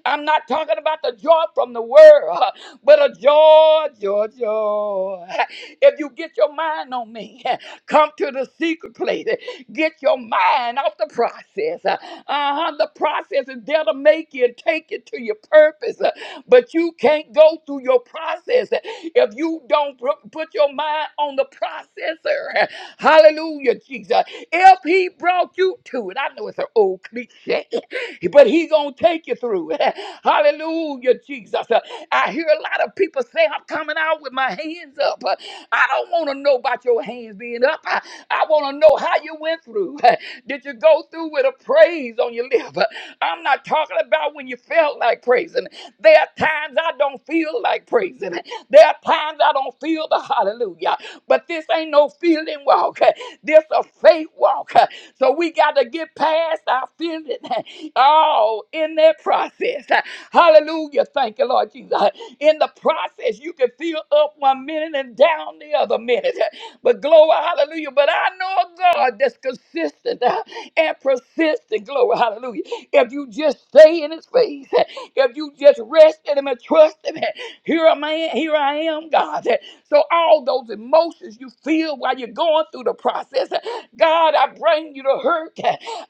Speaker 11: I'm not talking about the joy from the world, uh, but a joy, joy, joy. If you get your mind on me, uh, come to the secret place. Uh, Get your mind off the process. Uh huh. The process is there to make you and take you to your purpose. uh, but you can't go through your process if you don't pr- put your mind on the processor. Hallelujah, Jesus. If he brought you to it, I know it's an old cliche, but he gonna take you through. Hallelujah, Jesus. Uh, I hear a lot of people say, I'm coming out with my hands up. Uh, I don't want to know about your hands being up. I, I want to know how you went through. Did you go through with a praise on your lip? Uh, I'm not talking about when you felt like praising. There are times I don't feel like praising. There are times I don't feel the hallelujah. But this ain't no feeling walk. This a faith walk. So we got to get past our feelings. all in that process. Hallelujah. Thank you, Lord Jesus. In the process, you can feel up one minute and down the other minute. But glory, hallelujah. But I know a God that's consistent uh, and persistent. Glory, hallelujah. If you just stay in his face, if you just rest in him and trust him, here am I, here I am, God. So all those emotions you feel while you're going through the process, God, I bring you to hurt.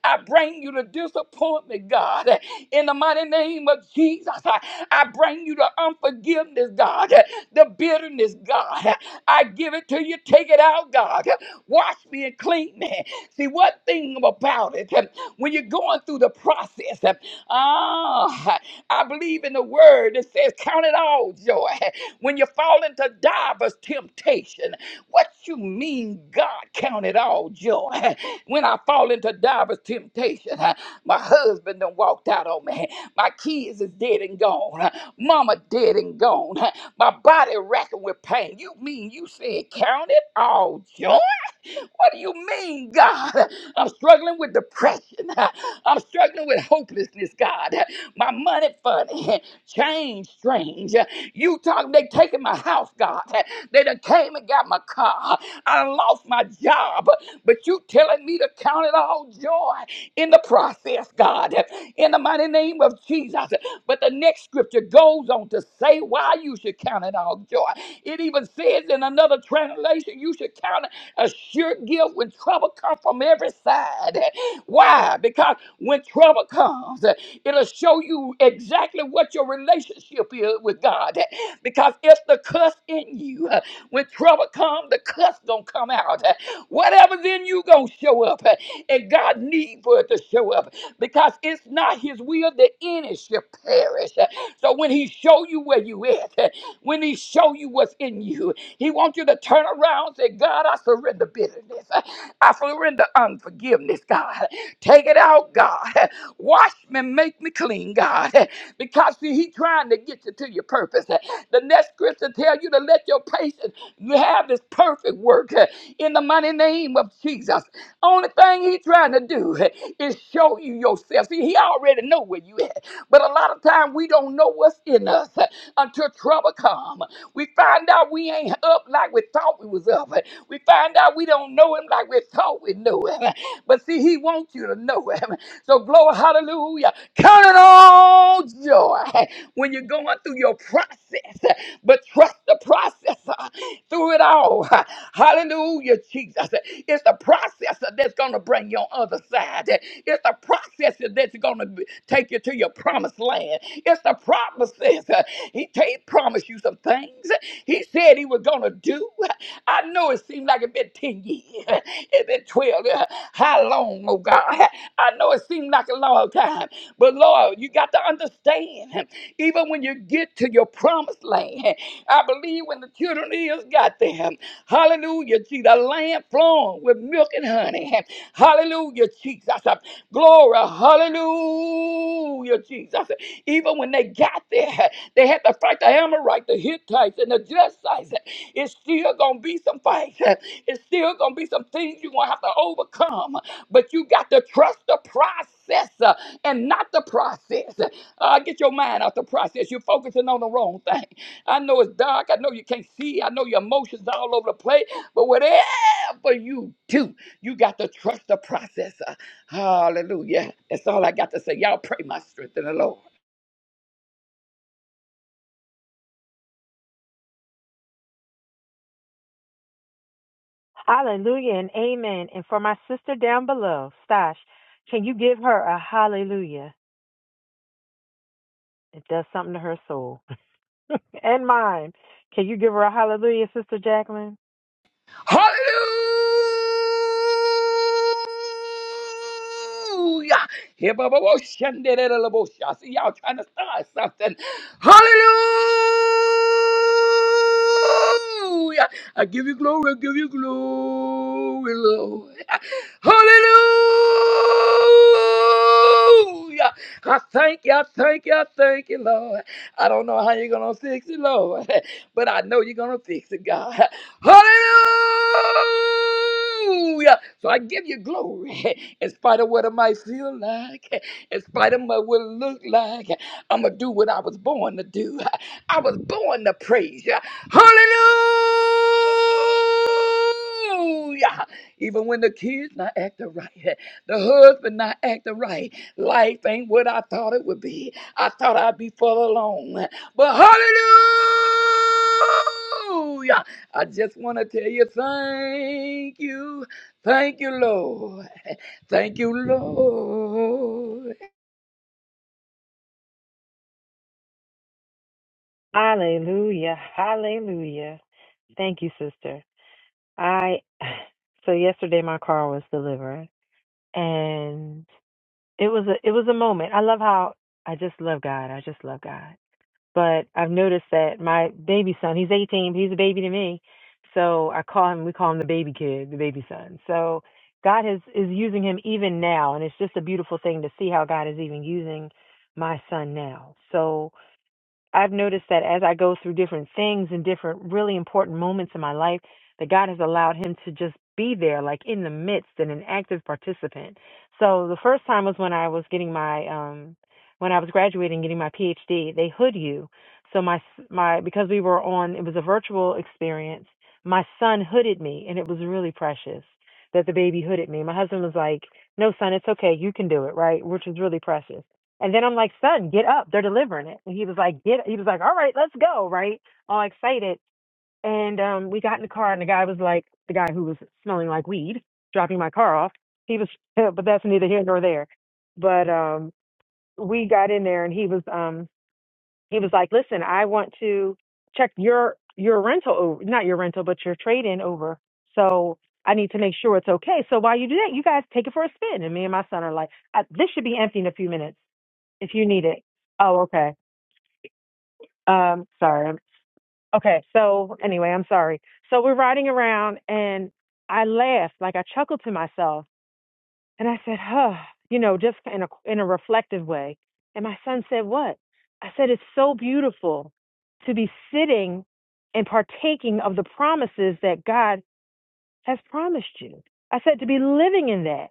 Speaker 11: I bring you to disappointment, God. In the mighty name of Jesus, I, I bring you to unforgiveness, God. The bitterness, God. I give it to you. Take it out, God. Wash me and clean me. See, what thing about it, when you're going through the process, ah, I believe in the word that says, Count it all joy when you fall into divers temptation. What you mean, God, count it all joy? When I fall into divers temptation, my husband done walked out on me. My kids is dead and gone. Mama dead and gone. My body racking with pain. You mean you said count it all joy? What do you mean, God? I'm struggling with depression. I'm struggling with hopelessness, God. My money funny, change strange. You talk, they taking my house, God. They done came and got my car. I lost my job, but you telling me to count it all joy in the process, God, in the mighty name of Jesus. But the next scripture goes on to say why you should count it all joy. It even says in another translation, you should count it a sure gift when trouble comes from every side. Why? Because when trouble comes, it'll show you exactly what your relationship is with God. Because it's the cuss in you. When trouble comes, come, the cuss gonna come out. Whatever's in you gonna show up. And God need for it to show up because it's not his will that any should perish. So when he show you where you at, when he show you what's in you, he wants you to turn around and say, God, I surrender bitterness. I surrender unforgiveness, God. Take it out, God. Wash me, make me clean, God. Because see, he trying to get you to your purpose. The next scripture tell you to let your patience you have this perfect work uh, in the mighty name of Jesus. Only thing he's trying to do uh, is show you yourself. See, he already know where you at. But a lot of time we don't know what's in us uh, until trouble come. We find out we ain't up like we thought we was up. uh, We find out we don't know him like we thought we knew him. But see, he wants you to know him. So glory, hallelujah. Count it all joy when you're going through your process, but trust the process through it all. Hallelujah, Jesus. It's the process that's going to bring you on other side. It's the process that's going to take you to your promised land. It's the promises. He, ta- he promised you some things. He said he was going to do. I know it seemed like it been 10 years. It's been 12. How long, oh God? I know know it seemed like a long time, but Lord, you got to understand, even when you get to your promised land, I believe when the children of Israel got there, hallelujah, see the land flowing with milk and honey. Hallelujah, Jesus. Glory, hallelujah, Jesus. Even when they got there, they had to fight the Amorite, the Hittites, and the Jebusites. It's still gonna be some fights. It's still gonna be some things you're gonna have to overcome but you got to trust the process uh, and not the process. Uh, get your mind out the process. You're focusing on the wrong thing. I know it's dark. I know you can't see. I know your emotions are all over the place. But whatever you do, you got to trust the process. Uh, hallelujah. That's all I got to say. Y'all pray my strength in the Lord.
Speaker 10: Hallelujah and amen. And for my sister down below, Stash, can you give her a hallelujah? It does something to her soul and mine. Can you give her a hallelujah, Sister Jacqueline?
Speaker 11: Hallelujah. Hebababoshanderelabosha. I see y'all trying to start something. Hallelujah. I give you glory. I give you glory, Lord. Hallelujah. I thank you. I thank you. I thank you, Lord. I don't know how you're going to fix it, Lord, but I know you're going to fix it, God. Hallelujah. So I give you glory in spite of what I might feel like, in spite of what it look like. I'm going to do what I was born to do. I was born to praise you. Hallelujah. Even when the kids not acting right, the husband not acting right, life ain't what I thought it would be. I thought I'd be full alone. But hallelujah. I just want to tell you thank you. Thank you, Lord. Thank you, Lord.
Speaker 10: Hallelujah. Hallelujah. Thank you, sister. I so yesterday my car was delivered and it was a it was a moment. I love how I just love God. I just love God. but I've noticed that my baby son, he's 18, he's a baby to me. So I call him, we call him the baby kid, the baby son. So God is, is using him even now. And it's just a beautiful thing to see how God is even using my son now. So, I've noticed that as I go through different things and different really important moments in my life, that God has allowed him to just be there, like in the midst and an active participant. So the first time was when I was getting my, um, when I was graduating, getting my PhD. They hood you. So my, my, because we were on, it was a virtual experience. My son hooded me, and it was really precious that the baby hooded me. My husband was like, "No, son, it's okay. You can do it, right?" Which was really precious. And then I'm like, son, get up. They're delivering it. And he was like, get, he was like, all right, let's go. Right. All excited. And, um, we got in the car and the guy was like, the guy who was smelling like weed, dropping my car off. He was, but that's neither here nor there. But, um, we got in there and he was, um, he was like, listen, I want to check your, your rental, over, not your rental, but your trade in over. So I need to make sure it's okay. So while you do that, you guys take it for a spin. And me and my son are like, I, this should be empty in a few minutes if you need it. Oh, okay. Um, sorry. Okay. So anyway, I'm sorry. So we're riding around and I laughed, like I chuckled to myself and I said, huh, you know, just in a, in a reflective way. And my son said, what? I said, it's so beautiful to be sitting and partaking of the promises that God has promised you. I said to be living in that,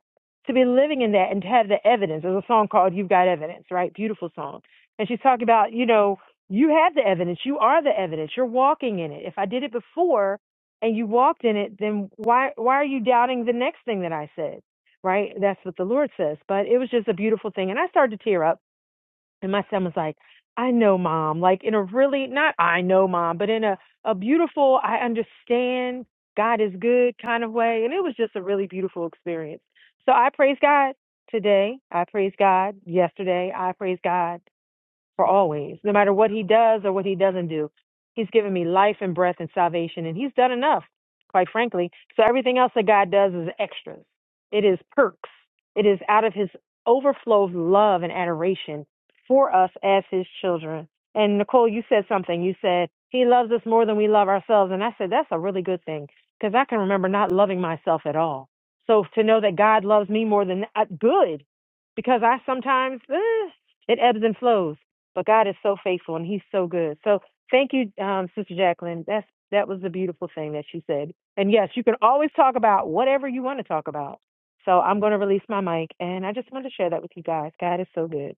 Speaker 10: to be living in that and to have the evidence. There's a song called You've Got Evidence, right? Beautiful song. And she's talking about, you know, you have the evidence. You are the evidence. You're walking in it. If I did it before and you walked in it, then why why are you doubting the next thing that I said? Right? That's what the Lord says. But it was just a beautiful thing. And I started to tear up and my son was like, I know mom, like in a really, not I know mom, but in a, a beautiful, I understand God is good kind of way. And it was just a really beautiful experience. So I praise God today. I praise God yesterday. I praise God for always, no matter what he does or what he doesn't do. He's given me life and breath and salvation, and he's done enough, quite frankly. So everything else that God does is extras. It is perks. It is out of his overflow of love and adoration for us as his children. And Nicole, you said something. You said, he loves us more than we love ourselves. And I said, that's a really good thing because I can remember not loving myself at all. So to know that God loves me more than uh, good, because I sometimes, eh, it ebbs and flows. But God is so faithful and He's so good. So thank you, um, Sister Jacqueline. That's that was the beautiful thing that she said. And yes, you can always talk about whatever you want to talk about. So I'm going to release my mic, and I just wanted to share that with you guys. God is so good.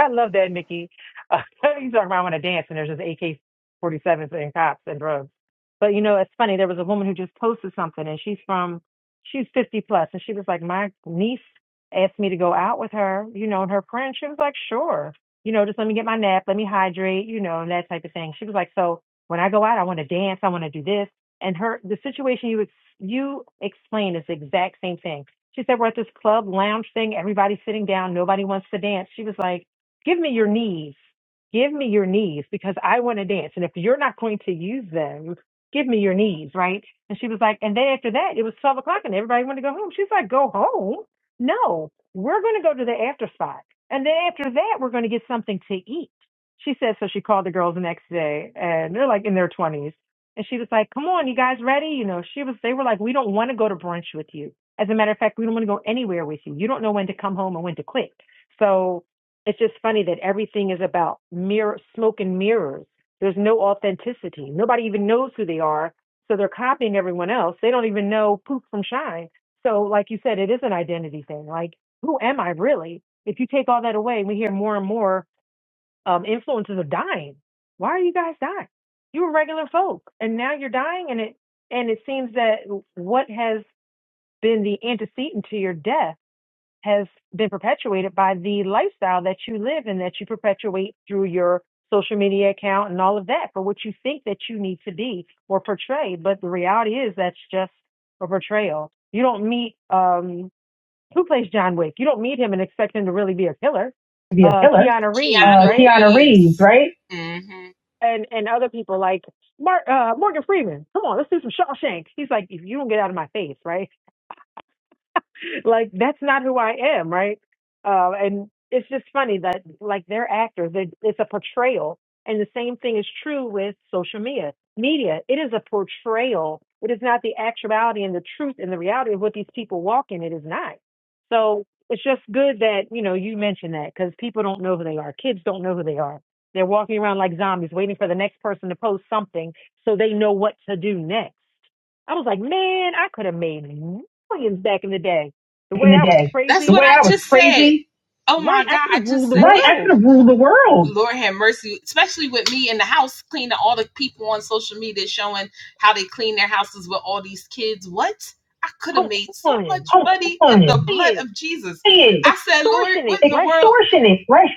Speaker 10: I love that, Nikki. Uh, you talk about I want to dance, and there's just AK-47s and cops and drugs. But you know, it's funny. There was a woman who just posted something, and she's from, she's 50 plus, and she was like, my niece asked me to go out with her, you know, and her friend. She was like, sure, you know, just let me get my nap, let me hydrate, you know, and that type of thing. She was like, so when I go out, I want to dance, I want to do this, and her the situation you ex- you explained is the exact same thing. She said, we're at this club lounge thing, everybody's sitting down, nobody wants to dance. She was like Give me your knees. Give me your knees because I want to dance. And if you're not going to use them, give me your knees, right? And she was like, and then after that, it was 12 o'clock and everybody wanted to go home. She's like, go home? No, we're going to go to the after spot. And then after that, we're going to get something to eat. She said, so she called the girls the next day and they're like in their 20s. And she was like, come on, you guys ready? You know, she was, they were like, we don't want to go to brunch with you. As a matter of fact, we don't want to go anywhere with you. You don't know when to come home and when to quit. So it's just funny that everything is about mirror, smoke and mirrors. There's no authenticity. Nobody even knows who they are. So they're copying everyone else. They don't even know poop from shine. So, like you said, it is an identity thing. Like, who am I really? If you take all that away, we hear more and more um, influences are dying. Why are you guys dying? You were regular folk, and now you're dying. And it and it seems that what has been the antecedent to your death has been perpetuated by the lifestyle that you live and that you perpetuate through your social media account and all of that for what you think that you need to be or portray. But the reality is that's just a portrayal. You don't meet um who plays John Wick? You don't meet him and expect him to really be a killer.
Speaker 12: to be a
Speaker 10: Uh
Speaker 12: killer.
Speaker 10: Keanu Reeves,
Speaker 12: Keanu, Uh, Keanu
Speaker 10: right?
Speaker 12: Reeves, Reeves. right?
Speaker 10: And and other people like Mark uh Morgan Freeman. Come on, let's do some Shawshank. He's like, if you don't get out of my face, right? like that's not who I am, right? Uh, and it's just funny that like they're actors. They, it's a portrayal, and the same thing is true with social media. Media, it is a portrayal. It is not the actuality and the truth and the reality of what these people walk in. It is not. So it's just good that you know you mentioned that because people don't know who they are. Kids don't know who they are. They're walking around like zombies, waiting for the next person to post something so they know what to do next. I was like, man, I could have made millions back in the day the
Speaker 12: Back in
Speaker 10: way
Speaker 12: the
Speaker 10: I was
Speaker 12: day.
Speaker 10: crazy, right? I could have ruled the
Speaker 12: I could
Speaker 10: world.
Speaker 12: have ruled the world.
Speaker 10: Come on. Lying.
Speaker 12: Hey,
Speaker 10: Extortionate, right?
Speaker 12: extortionate, right?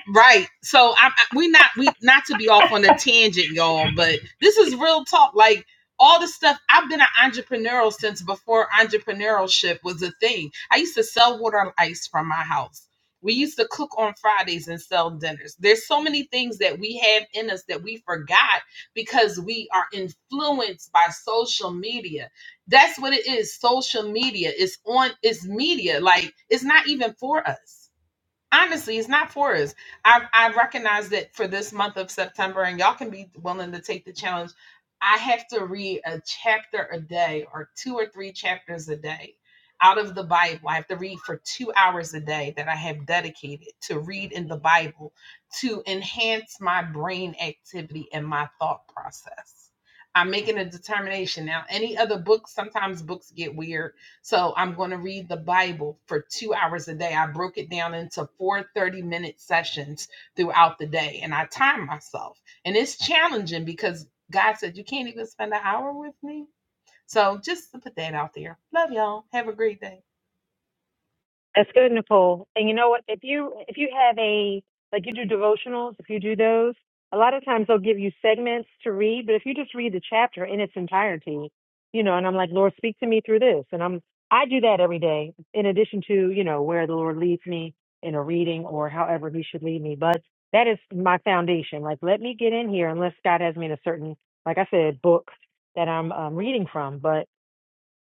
Speaker 10: That's good, Nicole. And you know what? If you if you have a like you do devotionals, if you do those, a lot of times they'll give you segments to read. But if you just read the chapter in its entirety, you know, and I'm like, Lord, speak to me through this, and I'm I do that every day. In addition to you know where the Lord leads me in a reading or however He should lead me, but that is my foundation. Like, let me get in here unless God has me in a certain, like I said, book that I'm um, reading from. But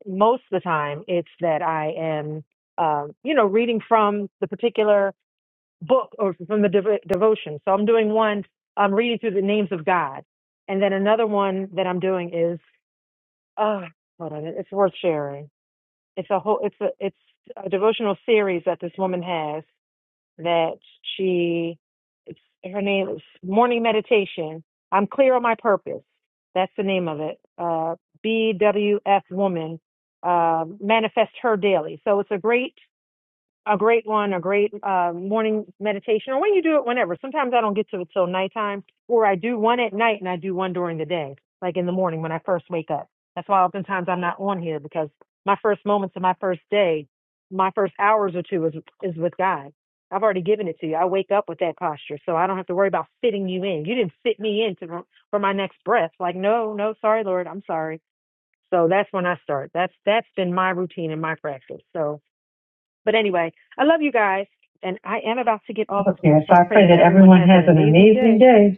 Speaker 10: most of the time it's that I am, um, you know, reading from the particular book or from the dev- devotion. So I'm doing one, I'm reading through the names of God. And then another one that I'm doing is, oh, hold on, it's worth sharing. It's a whole, it's a, it's a devotional series that this woman has that she it's her name is morning meditation i'm clear on my purpose that's the name of it uh bwf woman uh manifest her daily so it's a great a great one, a great uh, morning meditation, or when you do it whenever. Sometimes I don't get to it till nighttime, or I do one at night and I do one during the day, like in the morning when I first wake up. That's why oftentimes I'm not on here because my first moments of my first day, my first hours or two is is with God. I've already given it to you. I wake up with that posture, so I don't have to worry about fitting you in. You didn't fit me in to, for my next breath. Like, no, no, sorry, Lord, I'm sorry. So that's when I start. That's that's been my routine and my practice. So but anyway, I love you guys, and I am about to get off of here.
Speaker 12: Okay,
Speaker 10: So
Speaker 12: so
Speaker 10: I
Speaker 12: I
Speaker 10: pray
Speaker 12: pray
Speaker 10: that
Speaker 12: that
Speaker 10: everyone
Speaker 12: everyone
Speaker 10: has an
Speaker 12: has an
Speaker 10: amazing
Speaker 12: amazing
Speaker 10: day.
Speaker 12: day.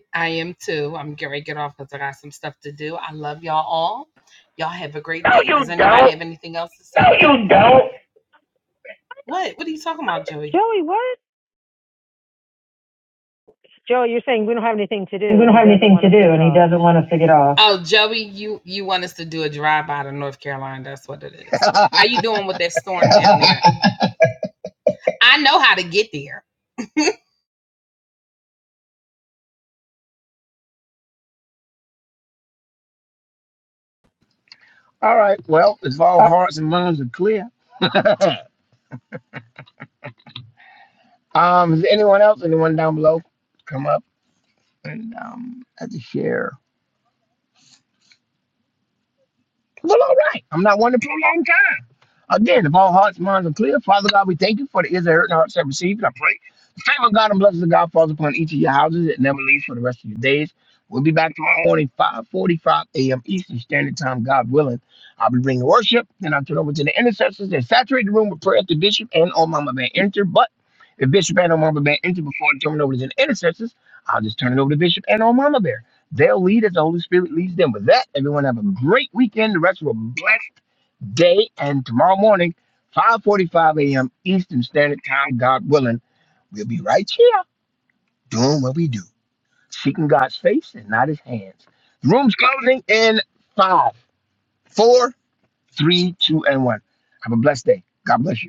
Speaker 12: No, No, you don't.
Speaker 10: Joey, what? Joey, you're saying we don't have anything to
Speaker 12: We
Speaker 10: do, and
Speaker 12: don't
Speaker 10: he
Speaker 12: have
Speaker 10: doesn't
Speaker 12: anything
Speaker 10: want
Speaker 12: to
Speaker 10: us to
Speaker 12: do,
Speaker 10: get
Speaker 12: and he
Speaker 10: off.
Speaker 12: doesn't want us to get off.
Speaker 8: All right. Well, if all hearts and minds are clear, um, is there anyone else? Anyone down below? Come up and um, have to share. Well, all right. I'm not one to prolong Again, if all hearts, minds are clear, Father God, we thank you for the ears that heard and hearts that received. And I pray the favor of God and blessings of God falls upon each of your houses. It never leaves for the rest of your days. We'll be back tomorrow morning, 5.45 a.m. Eastern Standard Time, God willing. I'll be bringing worship, and I'll turn over to the intercessors and saturate the room with prayer to Bishop and all Mama Van Enter. But if Bishop and all Mama Bear Enter before I turn it over to the intercessors, I'll just turn it over to Bishop and all Mama Bear. They'll lead as the Holy Spirit leads them. With that, everyone have a great weekend. The rest of a blessed day and tomorrow morning, 5:45 a.m. Eastern Standard Time, God willing, we'll be right here doing what we do, seeking God's face and not His hands. The room's closing in five, four, three, two, and one. Have a blessed day. God bless you.